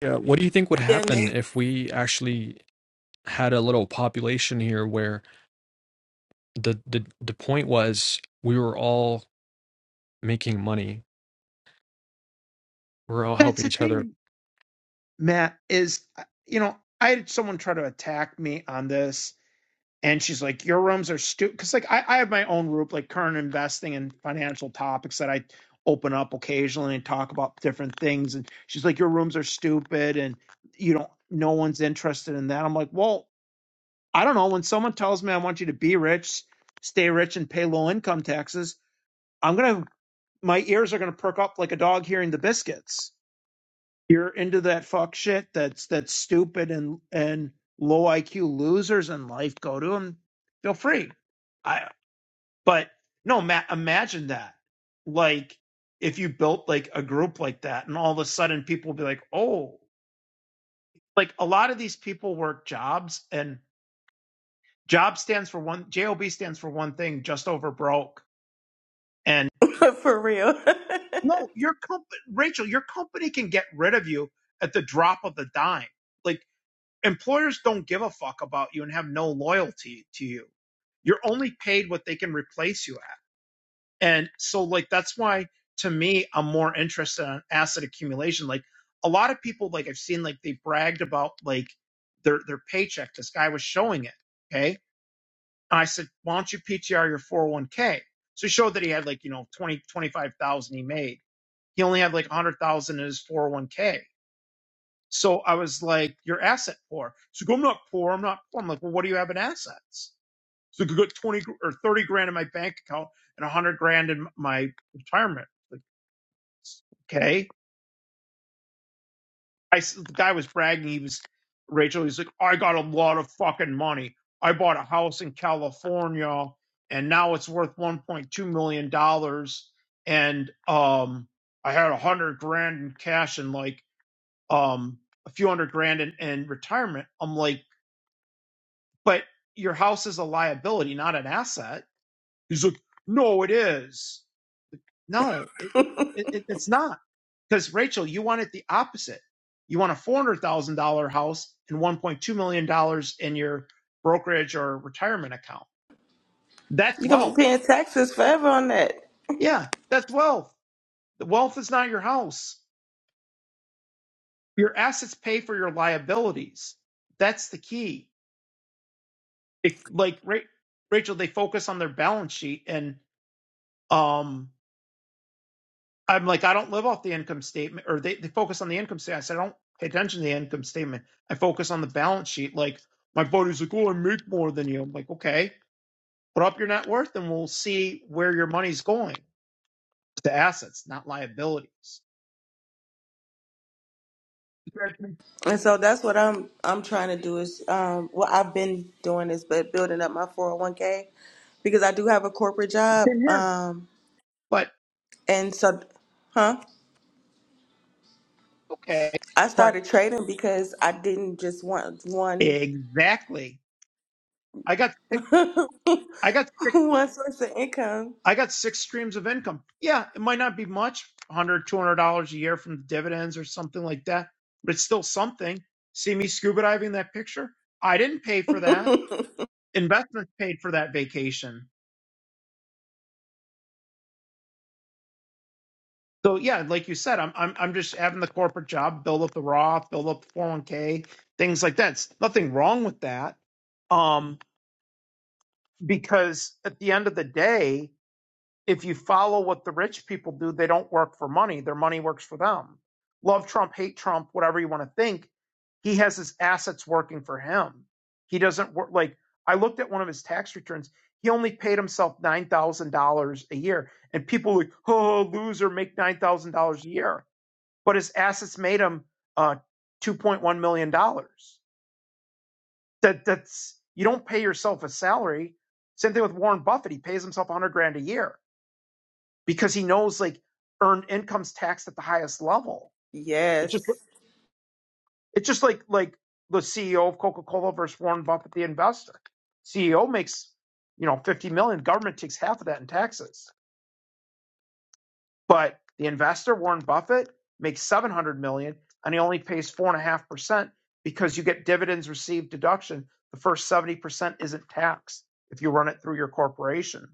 Yeah, what do you think would Yeah, happen Nick. if we actually had a little population here where the the the point was we were all making money we're all That's helping the each other thing, Matt. Is you know I had someone try to attack me on this and she's like, "Your rooms are stupid." Because like I, I have my own group, like current investing and financial topics that I open up occasionally and talk about different things. And she's like, "Your rooms are stupid," and you know, no one's interested in that. I'm like, "Well, I don't know." When someone tells me I want you to be rich, stay rich, and pay low income taxes, I'm gonna my ears are gonna perk up like a dog hearing the biscuits you're into that fuck shit that's that's stupid and and low IQ losers in life go to them. Feel free. I but no, ma- imagine that. Like if you built like a group like that, and all of a sudden people will be like, oh, like a lot of these people work jobs, and job stands for one, job stands for one thing, just over broke. And for real. no, your company, Rachel, your company can get rid of you at the drop of the dime Like. employers don't give a fuck about you and have no loyalty to you. You're only paid what they can replace you at. And so like that's why to me I'm more interested in asset accumulation. Like a lot of people like I've seen like they bragged about like their their paycheck. This guy was showing it. Okay. And I said, Why don't you PTR your 401k? So he showed that he had like, you know, 20 25,000 he made. He only had like 100,000 in his 401k. So I was like, "You're asset poor." She's like, "I'm not poor. I'm not poor." I'm like, "Well, what do you have in assets?" So I got twenty gr- or thirty grand in my bank account and a hundred grand in my retirement. Like, okay. I s- the guy was bragging. He was Rachel. He's like, "I got a lot of fucking money. I bought a house in California, and now it's worth one point two million dollars. And um, I had a hundred grand in cash and like um a few hundred grand in, in retirement." I'm like but your house is a liability, not an asset. He's like, no, it is. No, it, it, it, it's not. Because Rachel, you want it the opposite. You want a four hundred thousand dollar house and one point two million dollars in your brokerage or retirement account. That's You're gonna be wealth. paying taxes forever on that. Yeah, that's wealth. The wealth is not your house. Your assets pay for your liabilities. That's the key. If like Ra- Rachel, they focus on their balance sheet and um I'm like, I don't live off the income statement, or they, they focus on the income statement. I said, I don't pay attention to the income statement. I focus on the balance sheet. Like, my buddy's like, oh, I make more than you. I'm like, okay, put up your net worth and we'll see where your money's going to assets, not liabilities. And so that's what I'm I'm trying to do is um well I've been doing this but building up my 401k because I do have a corporate job Same here. um But, and so huh okay. I Right. started trading because I didn't just want one Exactly. I got six. I got 6 one source of income. I got six streams of income. Yeah, it might not be much, 100 $200 a year from the dividends or something like that, but it's still something. See me scuba diving that picture? I didn't pay for that. Investments paid for that vacation. So yeah, like you said, I'm I'm I'm just having the corporate job, build up the Roth, build up the 401k, things like that. It's nothing wrong with that. Um, because at the end of the day, if you follow what the rich people do, they don't work for money. Their money works for them. Love Trump, hate Trump, whatever you want to think. He has his assets working for him. He doesn't work like I looked at one of his tax returns. He only paid himself nine thousand dollars a year, and people like, oh, loser, make nine thousand dollars a year. But his assets made him uh, two point one million dollars. That that's you don't pay yourself a salary. Same thing with Warren Buffett. He pays himself one hundred grand a year because he knows like earned income's taxed at the highest level. It's just Yes. it's just like like the CEO of Coca Cola versus Warren Buffett, the investor. CEO makes you know fifty million. Government takes half of that in taxes, but the investor Warren Buffett makes seven hundred million, and he only pays four and a half percent because you get dividends received deduction. The first seventy percent isn't taxed if you run it through your corporation.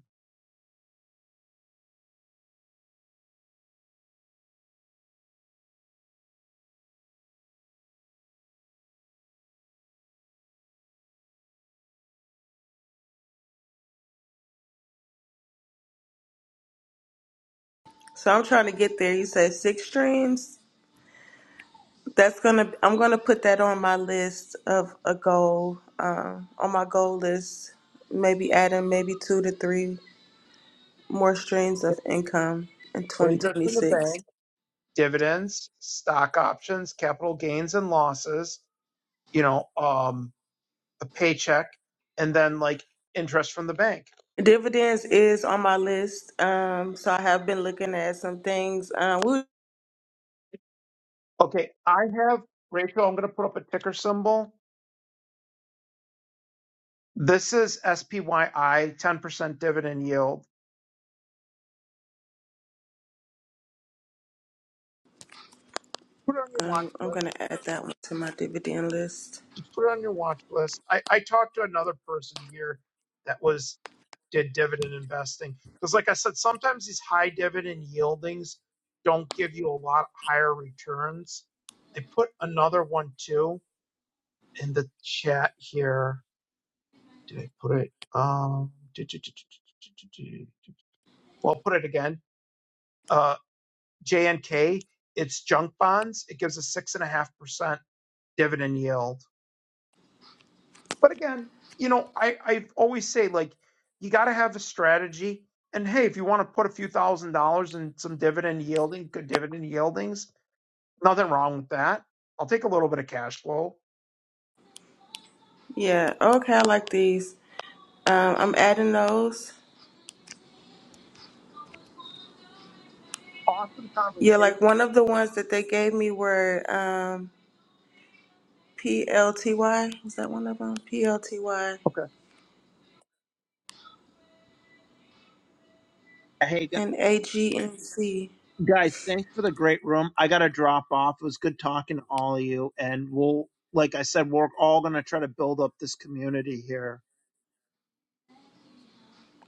So I'm trying to get there. You said six streams. That's gonna I'm gonna put that on my list of a goal, um, on my goal list. Maybe adding maybe two to three more streams of income in Interest in the 2026. bank, dividends, stock options, capital gains and losses, you know, um, a paycheck and then like interest from the bank. Dividends is on my list. Um, so I have been looking at some things. Um, we, Okay, I have Rachel. I'm going to put up a ticker symbol. This is SPYI, 10% dividend yield. Put it on your watch um, I'm list. gonna add that one to my dividend list. Just put it on your watch list. I, I talked to another person here that was did dividend investing because, like I said, sometimes these high dividend yieldings don't give you a lot higher returns. I put another one too in the chat here Did I put it? Um, do, do, do, do, do, do, do, do, well, I'll put it again. Uh, JNK, it's junk bonds. It gives a six and a half percent dividend yield. But again, you know, I I always say like you got to have a strategy. And hey, if you want to put a few thousand dollars in some dividend yielding, good dividend yieldings, nothing wrong with that. I'll take a little bit of cash flow. Yeah. Okay. I like these. Um, I'm adding those. Awesome Yeah, conversation. like one of the ones that they gave me were um, PLTY. Was that one of them? PLTY Okay. and AGNC. Guys, thanks for the great room. I got to drop off. It was good talking to all of you. And we'll, like I said, we're all going to try to build up this community here.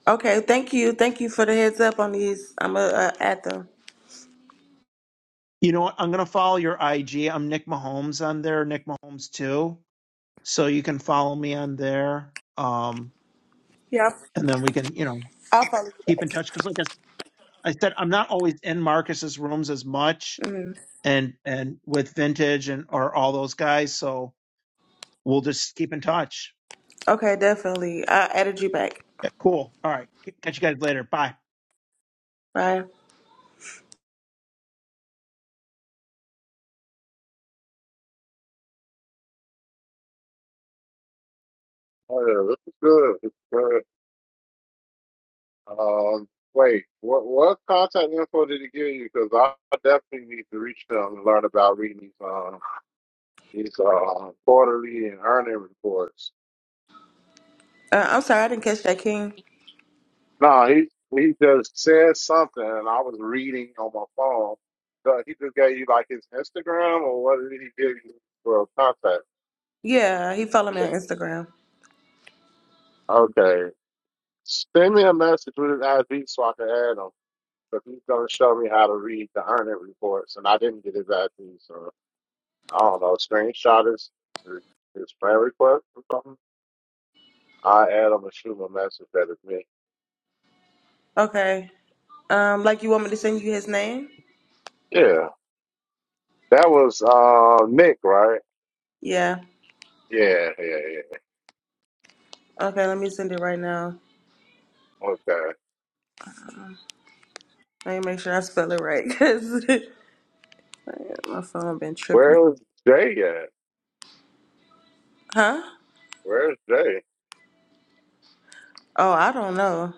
Okay, thank you. Thank you for the heads up on these. I'm going to uh, add them. You know what? I'm going to follow your IG. I'm Nick Mahomes on there, Nick Mahomes too. So you can follow me on there. Um, Yeah, I'll and then we can, you know, I'll follow you. keep in touch. Cause like I, s- I said, I'm not always in Marcus's rooms as much Mm. and, and with vintage and, or all those guys. So we'll just keep in touch. Okay, definitely. I added you back. Yeah, cool. All right. Catch you guys later. Bye. Bye. Oh yeah, this is good. This is good. Um, wait, what what contact info did he give you? Because I I definitely need to reach them and learn about reading these um these uh, quarterly and earning reports. Uh, I'm sorry, I didn't catch that king. No, he he just said something, and I was reading on my phone. So he just gave you like his Instagram, or what did he give you for contact? Yeah, he followed me on Instagram. Okay, send me a message with his ID so I can add him. But he's gonna show me how to read the earning reports, and I didn't get his ID, so I don't know. Screenshot his his friend request or something. I add him and shoot him a message that is me. Okay. Um, like you want me to send you his name? Yeah, that was uh Nick, right? Yeah. Yeah, yeah, yeah. Okay, let me send it right now. Okay. Let me make sure I spell it right, cause my phone been tripping. Where is Jay at? Huh? Where's Jay? Oh, I don't know.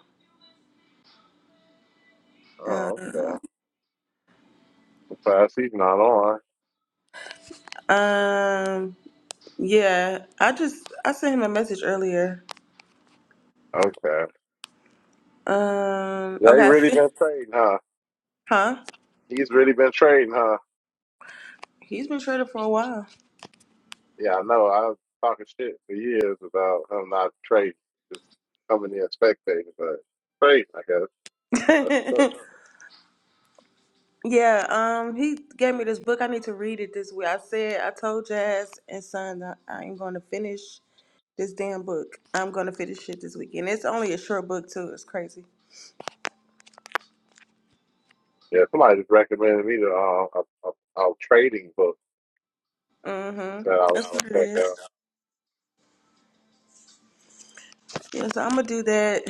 Uh, Oh, okay. I'm Surprised he's not on. um, yeah. I just I sent him a message earlier. Okay. Um, Jay okay. I really see. been trading, huh? Huh? He's really been trading, huh? He's been traded for a while. Yeah, I know. I was talking shit for years about him not trading, just coming in spectating, but trading, I guess. That's the truth. Yeah, um, he gave me this book. I need to read it this week. I said I told Jazz and Son that I am going to finish this damn book. I'm going to finish it this weekend. It's only a short book too. It's crazy. Yeah, somebody just recommended me to uh, a, a, a trading book hmm that I was That's Oh, going what it is. to check out. Yeah, so I'm gonna do that.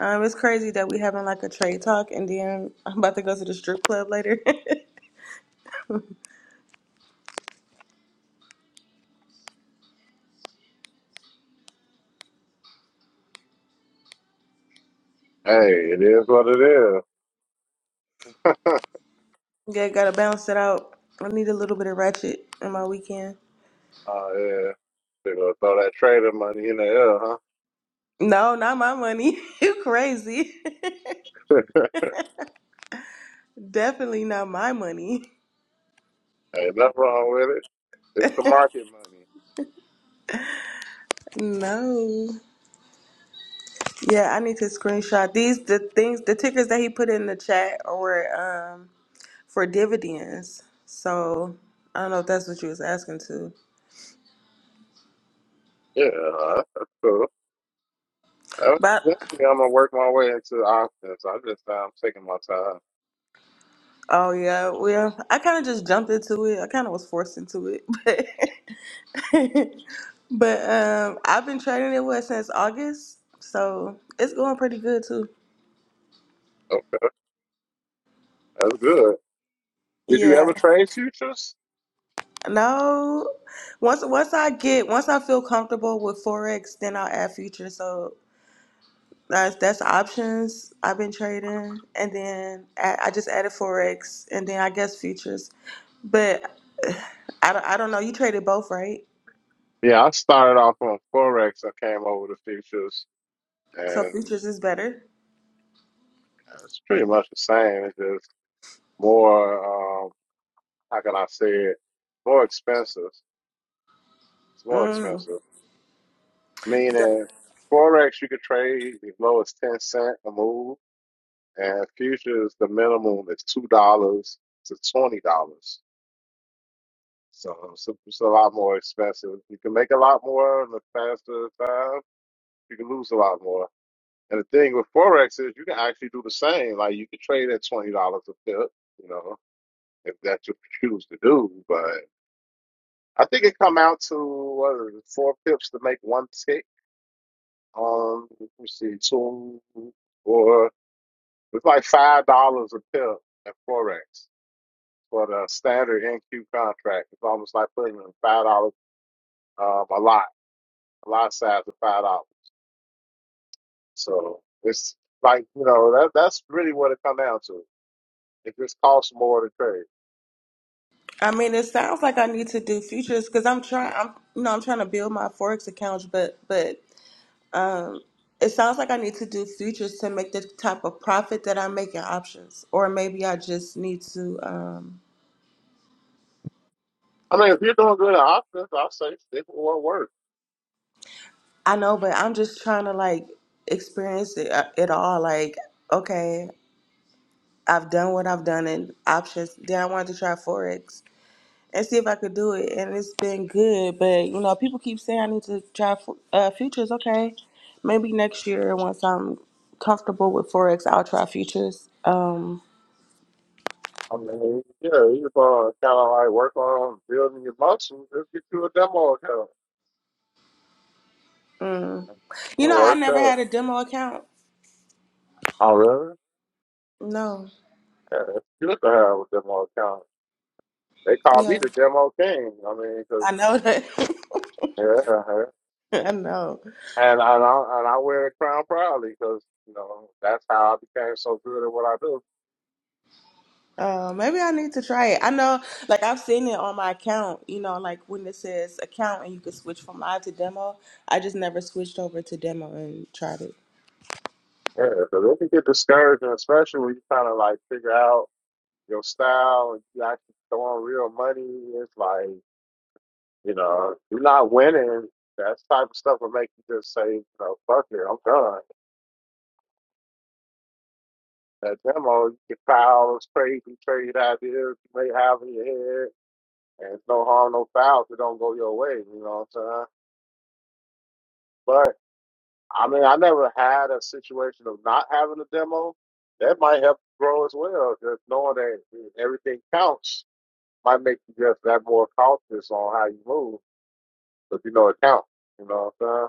Um, it's crazy that we having like a trade talk, and then I'm about to go to the strip club later. Hey, it is what it is. yeah, gotta balance it out. I need a little bit of ratchet in my weekend. Oh, yeah. They're going to throw that trader money in the air, No, not my money. you crazy. huh? Definitely not my money. Ain't nothing wrong with it. It's the market money. No. Yeah, I need to screenshot these the things the tickers that he put in the chat were um for dividends. So I don't know if that's what you was asking to. Yeah, that's cool. That- But Eventually, I'm gonna work my way into options. I just I'm taking my time. oh yeah, well I kinda just jumped into it. I kinda was forced into it. But but um I've been trading it with since August. So it's going pretty good too. Okay, that's good. Did you Yeah. ever trade futures? No. Once once I get once I feel comfortable with Forex, then I'll add futures. So That's that's options I've been trading, and then I, I just added forex, and then I guess futures. But uh, I don't, I don't know. You traded both, right? Yeah, I started off on forex. I came over to futures, So and futures is better. it's pretty much the same. It's just more. Um, how can I say it? More expensive. It's more Mm. expensive. Yeah. Meaning, forex you could trade as low as ten cent a move And futures, the minimum is two dollars to twenty dollars. So it's, a, it's a lot more expensive. You can make a lot more in a faster time. You can lose a lot more. And the thing with forex is you can actually do the same. Like you can trade at twenty dollars a pip, you know, if that's what you choose to do. But I think it come out to what is it, four pips to make one tick. Um, let me see, two or it's like five dollars a pip at forex. for the standard NQ contract. It's almost like putting in five dollars um, a lot, a lot size of five dollars. So it's like you know that that's really what it comes down to. It just costs more to trade. I mean, it sounds like I need to do futures because I'm trying. I'm you know I'm trying to build my forex accounts, but but um, it sounds like I need to do futures to make the type of profit that I make in options, or maybe I just need to. um. I mean, if you're doing good at options, I say stick with what works. I know, but I'm just trying to like experience it, uh, it all. Like, okay, I've done what I've done in options. Then I wanted to try Forex and see if I could do it. And it's been good. But, you know, people keep saying I need to try fu- uh, futures. Okay. Maybe next year, once I'm comfortable with Forex, I'll try futures. Um, I mean, yeah, you gonna kind of like work on building your muscles. Just get you a demo account mm. and You know, I work never that. had a demo account. Oh, really? No. Yeah, it's good to have a demo account. They call me Yeah. the demo king. I mean, because I know that. yeah. yeah. I know. And I and I, and I wear the crown proudly because you know that's how I became so good at what I do. Uh, maybe I need to try it. I know, like I've seen it on my account. You know, like when it says account and you can switch from live to demo. I just never switched over to demo and tried it. Yeah, because it can get discouraging, especially when you kind of like figure out your style and you actually throwing real money. It's like you know you're not winning. That type of stuff will make you just say, you know, fuck it, I'm done. That demo, you can foul those crazy trade ideas you may have in your head, and it's no harm, no foul if it don't go your way. You know what I'm saying? I mean, I never had a situation of not having a demo. That might help grow as well. Just knowing that everything counts might make you just that more cautious on how you move, but you know it counts. You know what I'm saying?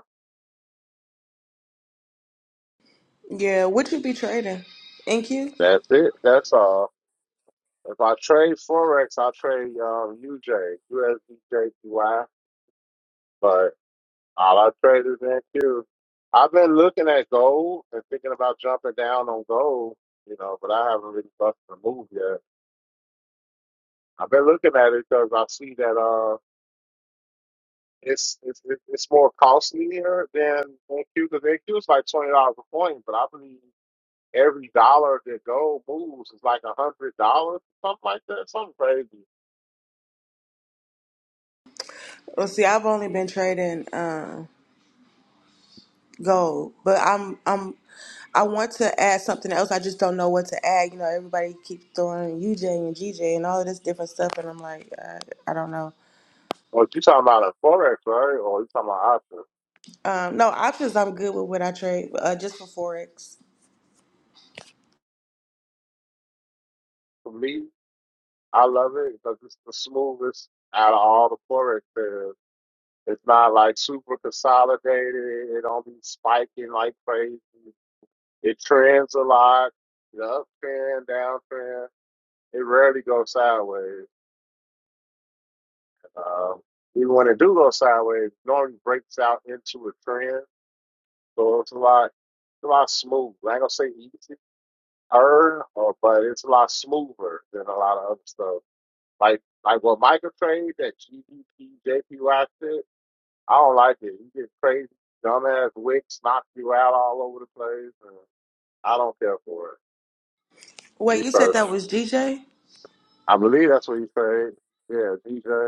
Yeah, what you be trading? NQ? That's it. That's all. If I trade forex, I trade um, UJ, USDJPY, but all I trade is NQ. I've been looking at gold and thinking about jumping down on gold, you know, but I haven't really busted a move yet. I've been looking at it because I see that uh, it's it's it's it's more costly here than NQ because NQ is like twenty dollars a coin, but I believe every dollar that gold moves is like a hundred dollars, something like that, something crazy. Well, see, I've only been trading uh, gold, but I'm I'm I want to add something else. I just don't know what to add. You know, everybody keeps throwing UJ and GJ and all of this different stuff, and I'm like, I, I don't know. Or you talking about a forex, right? Or you talking about options? Um, no options. I'm good with what I trade, uh, just for forex. For me, I love it because it's the smoothest out of all the forex pairs. It's not like super consolidated. It don't be spiking like crazy. It trends a lot the uptrend, downtrend. It rarely goes sideways. Um, even when it do go sideways, it normally breaks out into a trend. So it's a lot, it's a lot smooth. I ain't gonna say easier, or but it's a lot smoother than a lot of other stuff. Like like what Michael trade that GDP JPY shit. I don't like it. You get crazy, dumbass wicks knock you out all over the place, and I don't care for it. Wait, Me you said personally, that was GJ? I believe that's what he said. Yeah, DJ.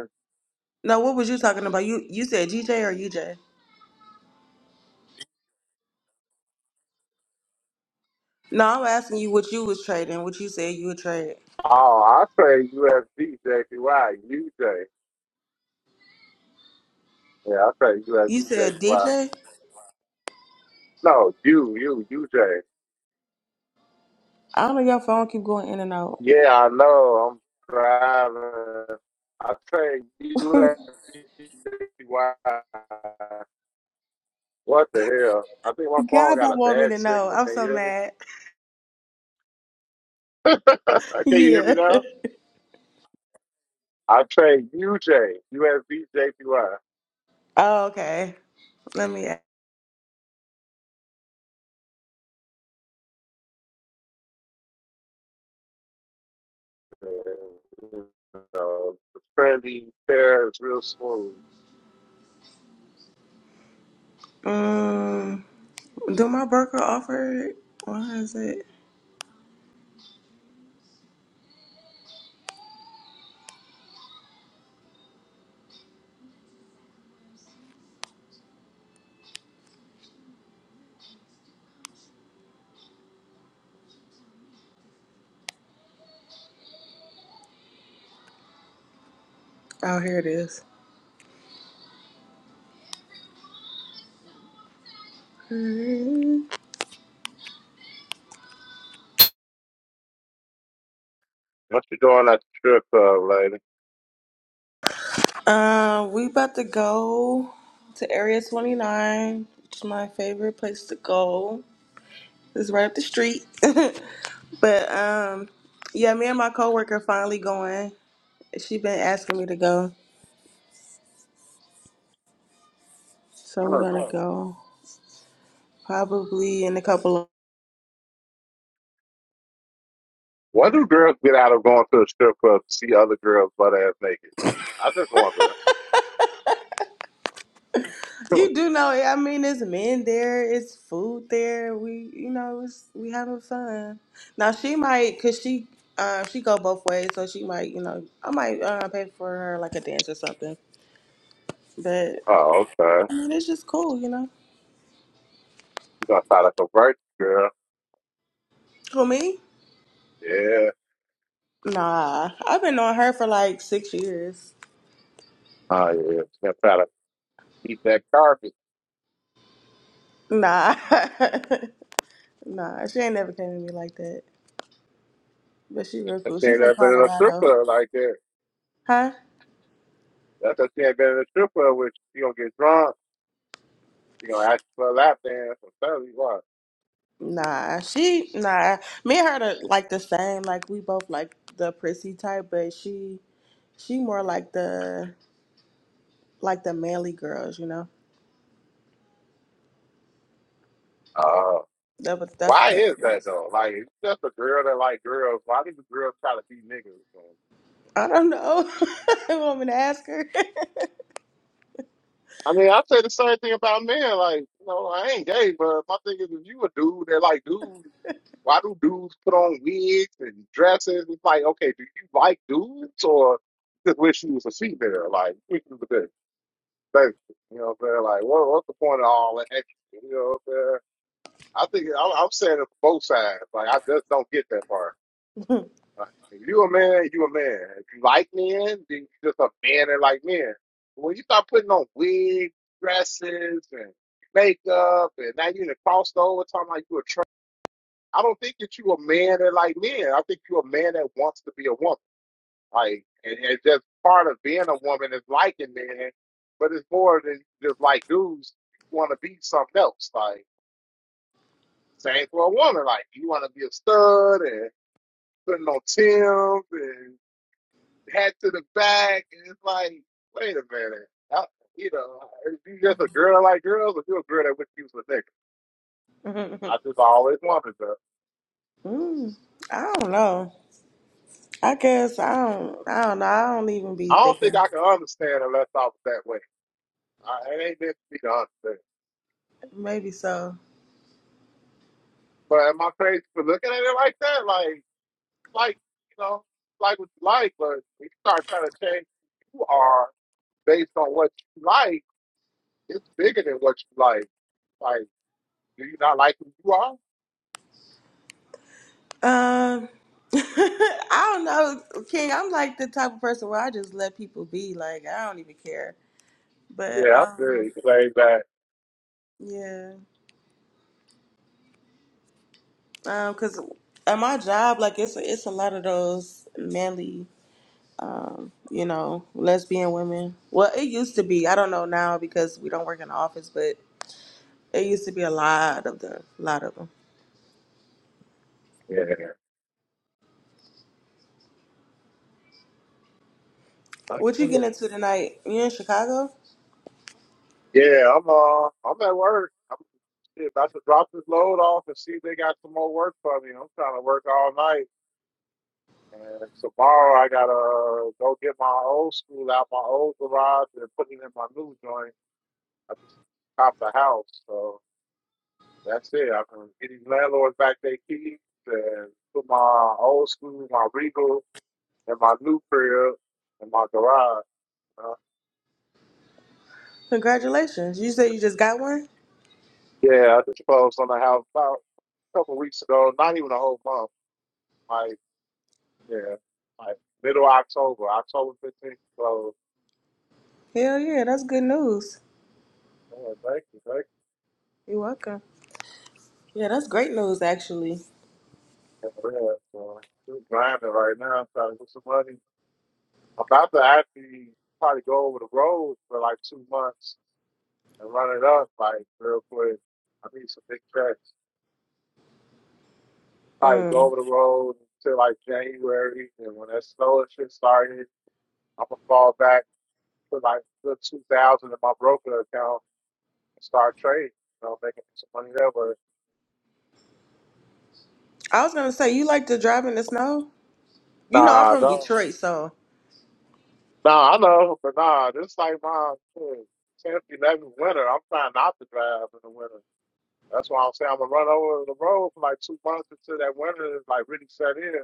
No, what was you talking about? You you said GJ or UJ? No, I'm asking you what you was trading, what you said you would trade. Oh, I trade USD Yeah, I trade You USD said DJ? No, you, you, UJ. I don't know your phone keep going in and out. Yeah, I know. I'm driving. I trade God USD What the hell? I think my phone got don't a want me bad to know. signal. I'm Can you so hear me? mad. Can you hear me yeah. now? I trade UJ, USD JPY. Oh, okay. Let me ask. So, trendy, fair, it's real smooth. um do my broker offer it? Why is it? Oh, here it is. What you doing at the strip club, lady? Uh, we about to go to Area 29, which is my favorite place to go. It's right up the street. but um, yeah, me and my coworker finally going. She been asking me to go, so we're Huh. gonna go probably in a couple of. What do girls get out of going to a strip club to see other girls butt ass naked? I just wonder. Hmm. You do know, I mean, it's men there, it's food there. We, you know, it's we having fun. Now she might, cause she, uh, she go both ways, so she might, you know, I might uh, pay for her like a dance or something. But Oh, okay. I mean, it's just cool, you know. You gonna try to convert the girl? For me? Yeah. Nah, I've been on her for like six years. Oh yeah. She gonna try to eat that carpet. Nah, nah, she ain't never came to me like that. But she real cool. She She ain't from never been in a strip Colorado, club like that. huh? That's 'cause she ain't been in a strip club. Which she gonna get drunk. She gonna ask for a lap dance or something. What? Nah, she nah. Me and her are like the same. Like we both like the prissy type, but she she more like the like the manly girls, you know. Oh. That was that's Why the type is of that girls. though? Like, it's just a girl that like girls. Why do the girls try to be niggas? I don't know. You want me to ask her? I mean, I say the same thing about men. Like, you know, I ain't gay, but my thing is, if you a dude, they're like, dude, why do dudes put on wigs and dresses? It's like, okay, do you like dudes or just wish you was a female? Like, which is the best? Like, you know what I'm saying? Like, what, what's the point of all that? Extra? You know what I'm saying? I think I'm, I'm saying it for both sides. Like, I just don't get that part. If you a man, you a man. If you like men, then you just a man that like men. When you start putting on wigs, dresses, and makeup, and now you in the crossed over talking like you a tra- I don't think that you a man that like men. I think you a man that wants to be a woman. Like, and, and just part of being a woman is liking men, but it's more than just like dudes. You want to be something else. Like, same for a woman. Like, you want to be a stud and putting on Tim's and. hat to the back, and it's like, wait a minute. I, you know, if you just a girl that like girls, or you a girl that would use a nigga. I just always wanted to. mm, I don't know. I guess I don't. I don't know. I don't even be I don't think thinking. I can understand unless I was that way. I, it ain't meant for me to understand. Maybe so. But am I crazy for looking at it like that? Like, like you know, like what you like, but when you start trying to change who you are based on what you like, it's bigger than what you like. Like, do you not like who you are? Um, I don't know, King. I'm like the type of person where I just let people be. Like I don't even care. But Yeah, I feel um, you. Say that. yeah, um, cause at my job, like it's it's a lot of those manly, um, you know, lesbian women. Well, it used to be. I don't know now because we don't work in the office, but it used to be a lot of them, a lot of them. Yeah. What I, you getting into tonight? You in Chicago? Yeah, I'm uh, I'm at work. I'm shit, about to drop this load off and see if they got some more work for me. I'm trying to work all night, and tomorrow I gotta uh, go get my old school out, my old garage, and put it in my new joint. I just topped the house, so that's it. I'm gonna get these landlords back their keys and put my old school, my Regal, and my new crib in my garage. you know? Congratulations! You said you just got one. Yeah, I just closed on the house about a couple weeks ago. Not even a whole month. Like, Yeah, like middle October, October fifteenth. So, Hell yeah, that's good news. man, thank you, thank You're welcome. Yeah, that's great news, actually. you. Yeah, so, we're grinding right now, trying to get some money. I'm about to actually probably go over the road for like two months and run it up, like real quick. I need some big tracks. Probably go Mm. over the road until like January, and when that snow and shit started, I'm gonna fall back to like the two thousand in my broker account and start trading. You know, making some money that way. I was gonna say you like to drive in the snow. You know, I'm Nah, from dog. Detroit, so Nah, I know, but nah, this like my shit, 10th, 11th winter. I'm trying not to drive in the winter. That's why I'm saying I'm gonna run over the road for like two months until that winter is like really set in.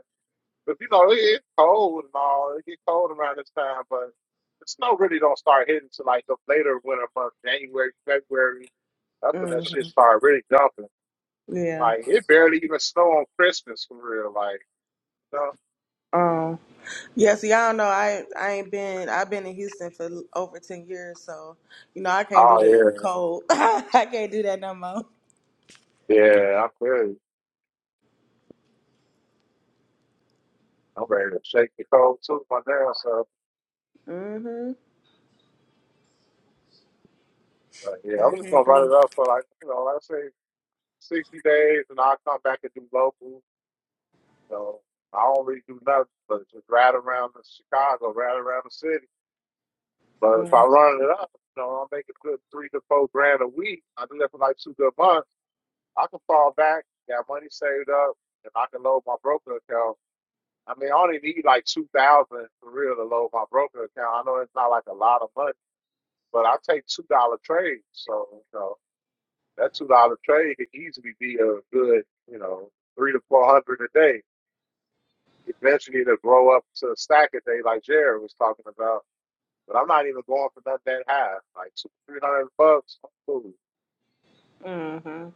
But you know, it, it's cold and all. It get cold around this time, but the snow really don't start hitting till like the later winter months, January, February. That's when mm, that shit start really dumping. yeah. Like it barely even snow on Christmas for real. Like, you know? Um, yeah. See, I don't know. I I ain't been. I've been in Houston for l- over ten years, so you know I can't do the oh cold. I can't do that no more. yeah, yeah, I'm good. I'm ready to shake the cold too, my damn self. Mhm. Uh, yeah, I I'm just gonna can't run do. it It. up for like you know, let's say sixty days, and I'll come back and do local. You know, I don't really do nothing but just ride around the Chicago, ride around the city. But if I Mm. run it up, you know, I'm making good three to four grand a week. I do that for like two good months. I can fall back, got money saved up, and I can load my broker account. I mean, I only need like two thousand for real to load my broker account. I know it's not like a lot of money, but I take two dollar trades, so you know. That two dollar trade could easily be a good, you know, three to four hundred a day. Eventually it'll grow up to a stack a day like Jared was talking about. But I'm not even going for nothing that high. Like two three hundred bucks, cool. Mhm.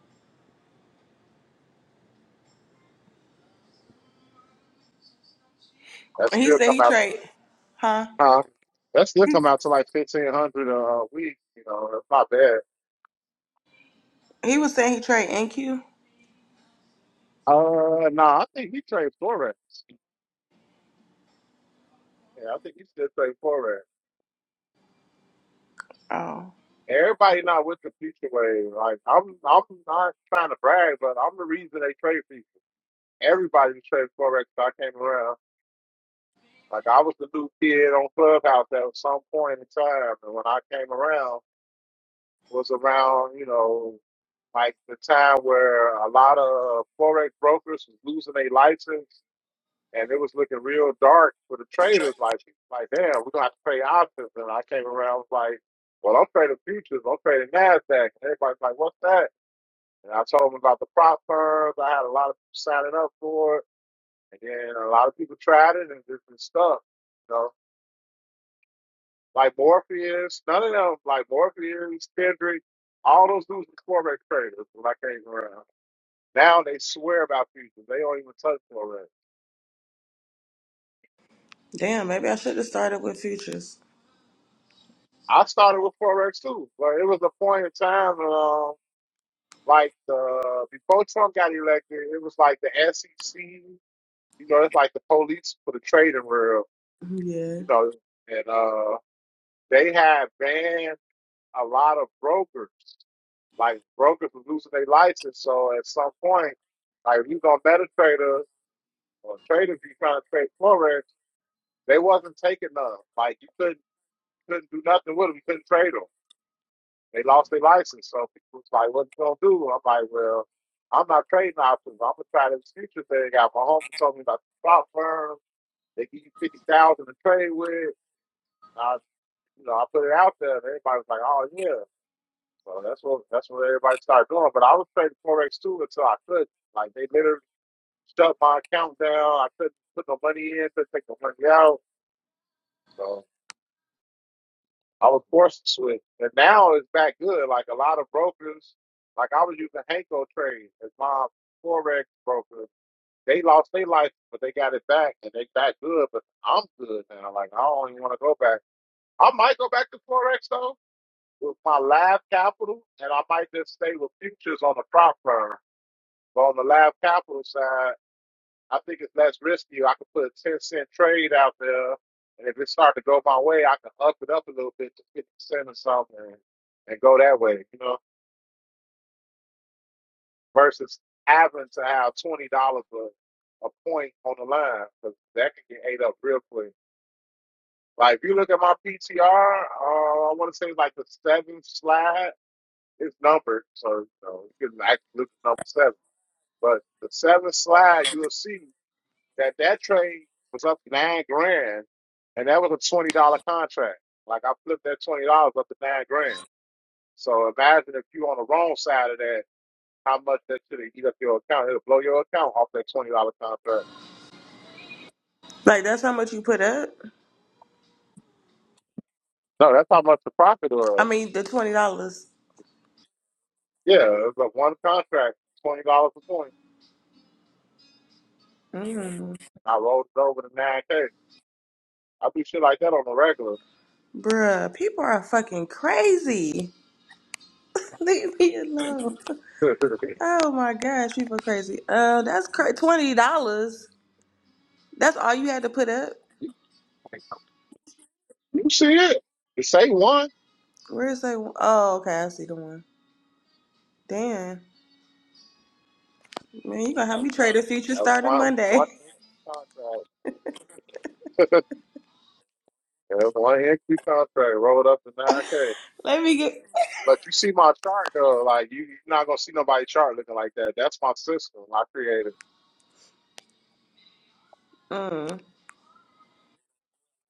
That And He still said come he out to trade, like huh? huh? That still come out to like fifteen hundred a week, you know, that's not bad. He was saying he trade NQ. Uh no, I think he trades forex. Yeah, I think he still trades forex. Oh, Everybody not with the future wave. Like I'm I'm not trying to brag, but I'm the reason they trade people. everybody was trading forex. So I came around. Like I was the new kid on Clubhouse at some point in time, and when I came around, was around you know like the time where a lot of forex brokers was losing their license, and it was looking real dark for the traders. Like like damn, we gonna have to trade options. And I came around was like, well, I'm trading futures. I'm trading Nasdaq. And everybody's like, what's that? And I told them about the prop firms. I had a lot of people signing up for it. And then a lot of people tried it and just been stuck. You know, like Morpheus, none of them, like Morpheus, Kendrick, all those dudes were Forex traders when I came around. Now they swear about futures. They don't even touch Forex. damn. Maybe I should have started with futures. I started with Forex too, but it was a point in time, um, like the, before Trump got elected, it was like the SEC, you know, it's like the police for the trading world, Mm-hmm, Yeah. you know, and uh, they had banned a lot of brokers Like brokers was losing their license, so at some point, like if you go MetaTrader or traders be trying to trade forex, they wasn't taking none. Like you couldn't couldn't do nothing with them. You couldn't trade them. They lost their license, so people was like, "What you gonna do?" I'm like, "Well, I'm not trading options. I'm gonna try this future thing out." My homie told me about the prop firm. They give you fifty thousand to trade with. I, you know, I put it out there, and everybody was like, "Oh yeah." Well, that's what that's what everybody started doing. But I was trading forex too until I couldn't. Like they literally shut my account down. I couldn't put no money in, couldn't take no money out. So I was forced to switch. And now it's back good. Like a lot of brokers, like I was using Hanko Trade as my forex broker. They lost their life, but they got it back, and they back good. But I'm good now. Like I don't even want to go back. I might go back to forex though with my live capital, and I might just stay with futures on the prop firm But on the live capital side, I think it's less risky. I could put a 10 cent trade out there, and if it starts to go my way, I can up it up a little bit to 50 cent or something and, and go that way, you know, versus having to have $20 a, a point on the line because that can get ate up real quick. Like, if you look at my PTR, uh, I want to say it's like the seventh slide, it's numbered. So, you know, you can actually look at number seven. But the seventh slide, you'll see that that trade was up nine grand, and that was a twenty dollar contract. Like I flipped that twenty dollars up to nine grand. So imagine if you on the wrong side of that, how much that should eat up your account? It'll blow your account off that twenty dollar contract. Like that's how much you put up. No, that's how much the profit I was. mean, the twenty dollars. Yeah, it was like one contract, twenty dollars a point. Mm. I rolled it over to nine k. I do shit like that on the regular. Bruh, people are fucking crazy. Leave me alone. you Oh my gosh, people crazy. Uh, that's cra- twenty dollars. That's all you had to put up. see it? You say one. Where's that? one? Oh, okay, I see the one. Damn, man, you gonna have me trade a future That was starting one one Monday? increase contract. That was one increase contract rolled up to nine k. Let me get. But you see my chart though, like you, you're not gonna see nobody chart looking like that. That's my system I created. Mm,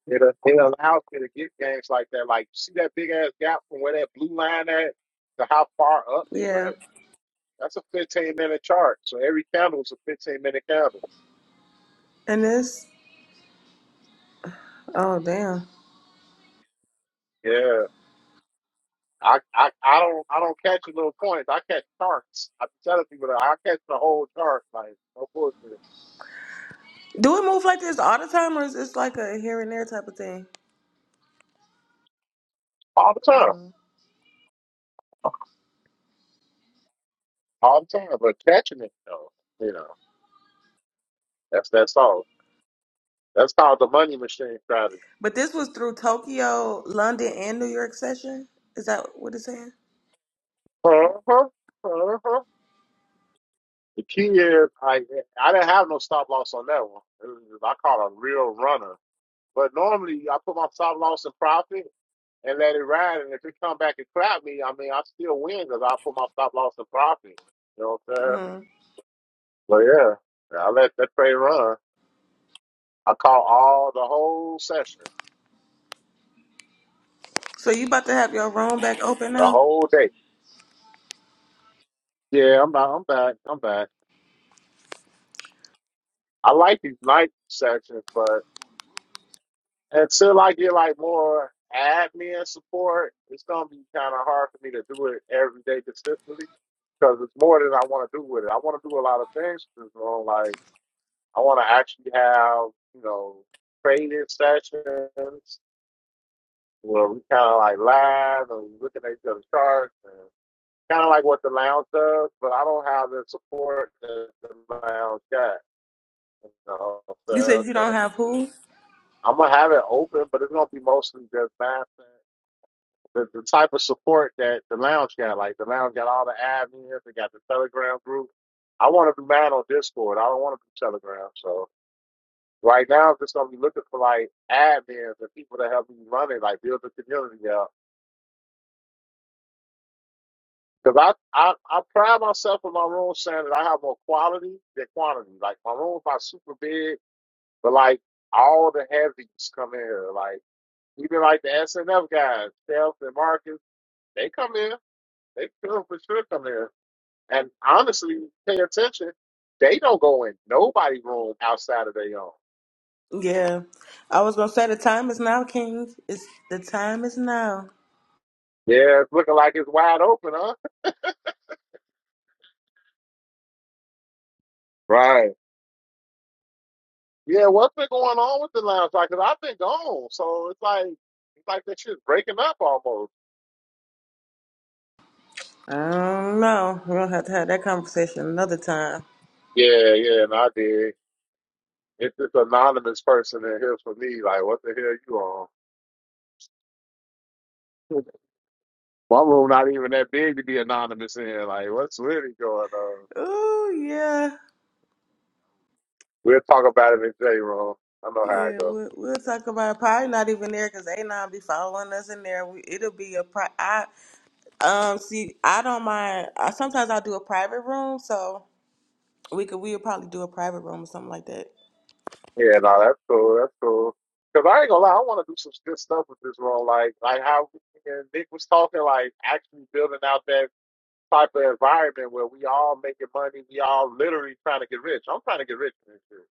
It uh, it allows me to get games like that. Like you see that big ass gap from where that blue line at to how far up it yeah, went. That's a 15 minute chart. So every candle is a 15 minute candle. and this. Oh damn. Yeah, I, I I don't I don't catch a little points. I catch charts. I'm telling people that I catch the whole chart like no bullshit Do it move like this all the time, or is it like a here and there type of thing? all the time, Mm. all the time. But catching it though, you know, that's that's all. That's called the money machine strategy. But this was through Tokyo, London, and New York session. Is that what it's saying? Uh-huh, uh-huh. The key is I I didn't have no stop loss on that one. It was just- I caught a real runner. But normally I put my stop loss in profit and let it ride. And if it come back and crap me, I mean I still win because I put my stop loss in profit. You know what I'm saying? Mm-hmm. But yeah, yeah, I let that trade run. I caught all the whole session, So you about to have your room back open the now? whole day. Yeah, I'm back. I'm back. I'm back. I like these night sessions, but. Until I get like more admin support, it's gonna be kind of hard for me to do it every day consistently because it's more than I want to do with it. I want to do a lot of things. You know, like I want to actually have you know training sessions where we kind of like live and we looking at each other's charts and kind of like what the lounge does, but I don't have the support that the lounge got. You know, You said so you don't so have who? I'm gonna have it open, but it's gonna be mostly just math the, the type of support that the lounge got. Like the lounge got all the admins, they got the Telegram group. I want to be mad on Discord. I don't want to be Telegram. So right now, I'm just gonna be looking for like admins and people to help me run it, like build the community up. Because I, I I pride myself in my room saying that I have more quality than quantity. Like my rooms not super big, but like all the heavies come here. Like even like the SNF guys, Steph and Marcus, they come in. They sure for sure come in. And honestly, pay attention. They don't go in nobody's room outside of their own. Yeah, I was gonna say the time is now, King. It's the time is now. Yeah, it's looking like it's wide open, huh? Right. Yeah, what's been going on with the lounge? Like, 'cause I've been gone, so it's like it's like that shit's breaking up almost. I don't know. we are gonna have to have that conversation another time. Yeah, yeah, and I did. It's this anonymous person in here for me. Like, what the hell you on? My room not even that big to be anonymous in. Like, what's really going on? Oh yeah, We'll talk about it in J room. I know how it yeah. goes. We'll, we'll talk about it. probably not even there because they not be following us in there. We, it'll be a pri. I um see. I don't mind. I, sometimes I'll do a private room. So We could we'll probably do a private room or something like that. Yeah, no, that's cool. That's cool. Cause I ain't gonna lie, I want to do some good stuff with this role. Like, like how we and Nick was talking, like actually building out that type of environment where we all making money, we all literally trying to get rich. I'm trying to get rich in this shit.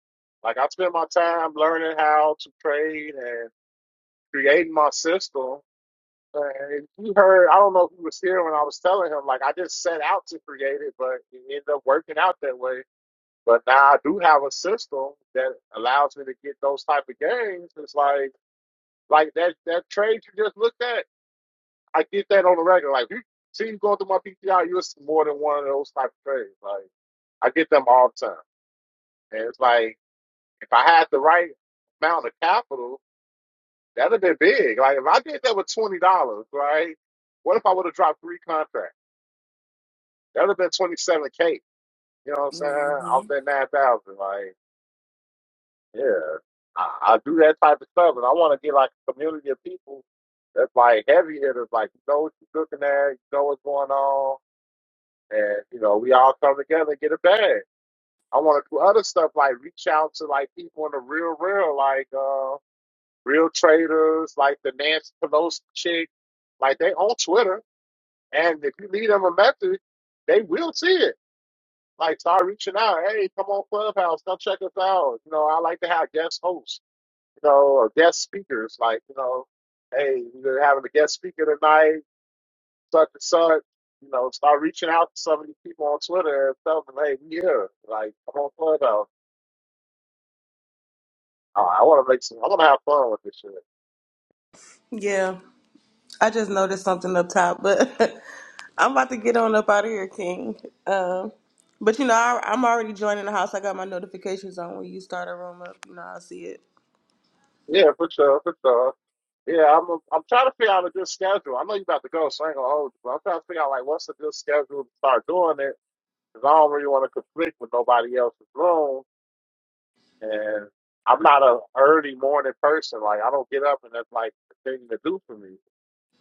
Like, I spend my time learning how to trade and creating my system. And he heard, I don't know if he was here when I was telling him, like I just set out to create it, but it ended up working out that way but now I do have a system that allows me to get those type of games. It's like like that that trade you just looked at. I get that on the regular. Like you see you going through my PTR, you're more than one of those type of trades. Like I get them all the time. And it's like if I had the right amount of capital, that'd have been big. Like if I did that with twenty dollars, right? What if I would have dropped three contracts? That'd have been twenty seven K. You know what I'm saying? hmm Off that nine thousand. like. Yeah, I, I do that type of stuff, and I want to get like a community of people that's like heavy hitters, like you know what you're looking at, you know what's going on, and you know we all come together and get a bag. I want to do other stuff like reach out to like people in the real, real, like uh, real traders, like the Nancy Pelosi chick, like they on Twitter, and if you leave them a message, they will see it. Like start reaching out, hey, come on Clubhouse, come check us out. You know, I like to have guest hosts you know, or guest speakers, like, you know, hey, we're having a guest speaker tonight, such and such. You know, start reaching out to some of these people on Twitter and tell them, hey, we here. Like, I'm on Clubhouse. Oh, I want to make some, I want to have fun with this shit. Yeah. I just noticed something up top, but I'm about to get on up out of here, King. Um but you know, I, I'm already joining the house. I got my notifications on when you start a room up. You know, I'll see it. Yeah, for sure, for sure. Yeah, I'm I'm trying to figure out a good schedule. I know you're about to go, so I ain't gonna hold you, but I'm trying to figure out like what's a good schedule to start doing it because I don't really want to conflict with nobody else's room And I'm not a early morning person. Like I don't get up and that's like a thing to do for me.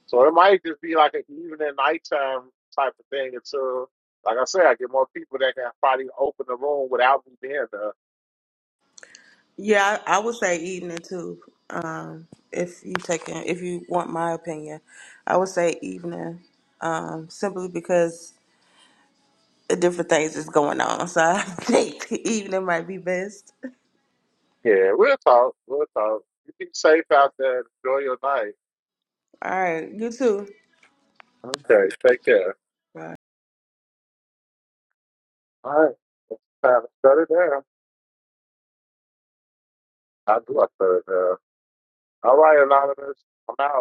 So it might just be like an evening, nighttime type of thing until, like I said, I get more people that can probably open the room without me being there. Yeah, I, I would say evening too. Um, if you taking, if you want my opinion, I would say evening. Um, simply because different things is going on, so I think evening might be best. Yeah, we'll talk. We'll talk. You be safe out there. Enjoy your night. All right, you too. Okay, take care. Bye. All right, time to shut it down. I do. I shut it down. All right, anonymous. I'm out.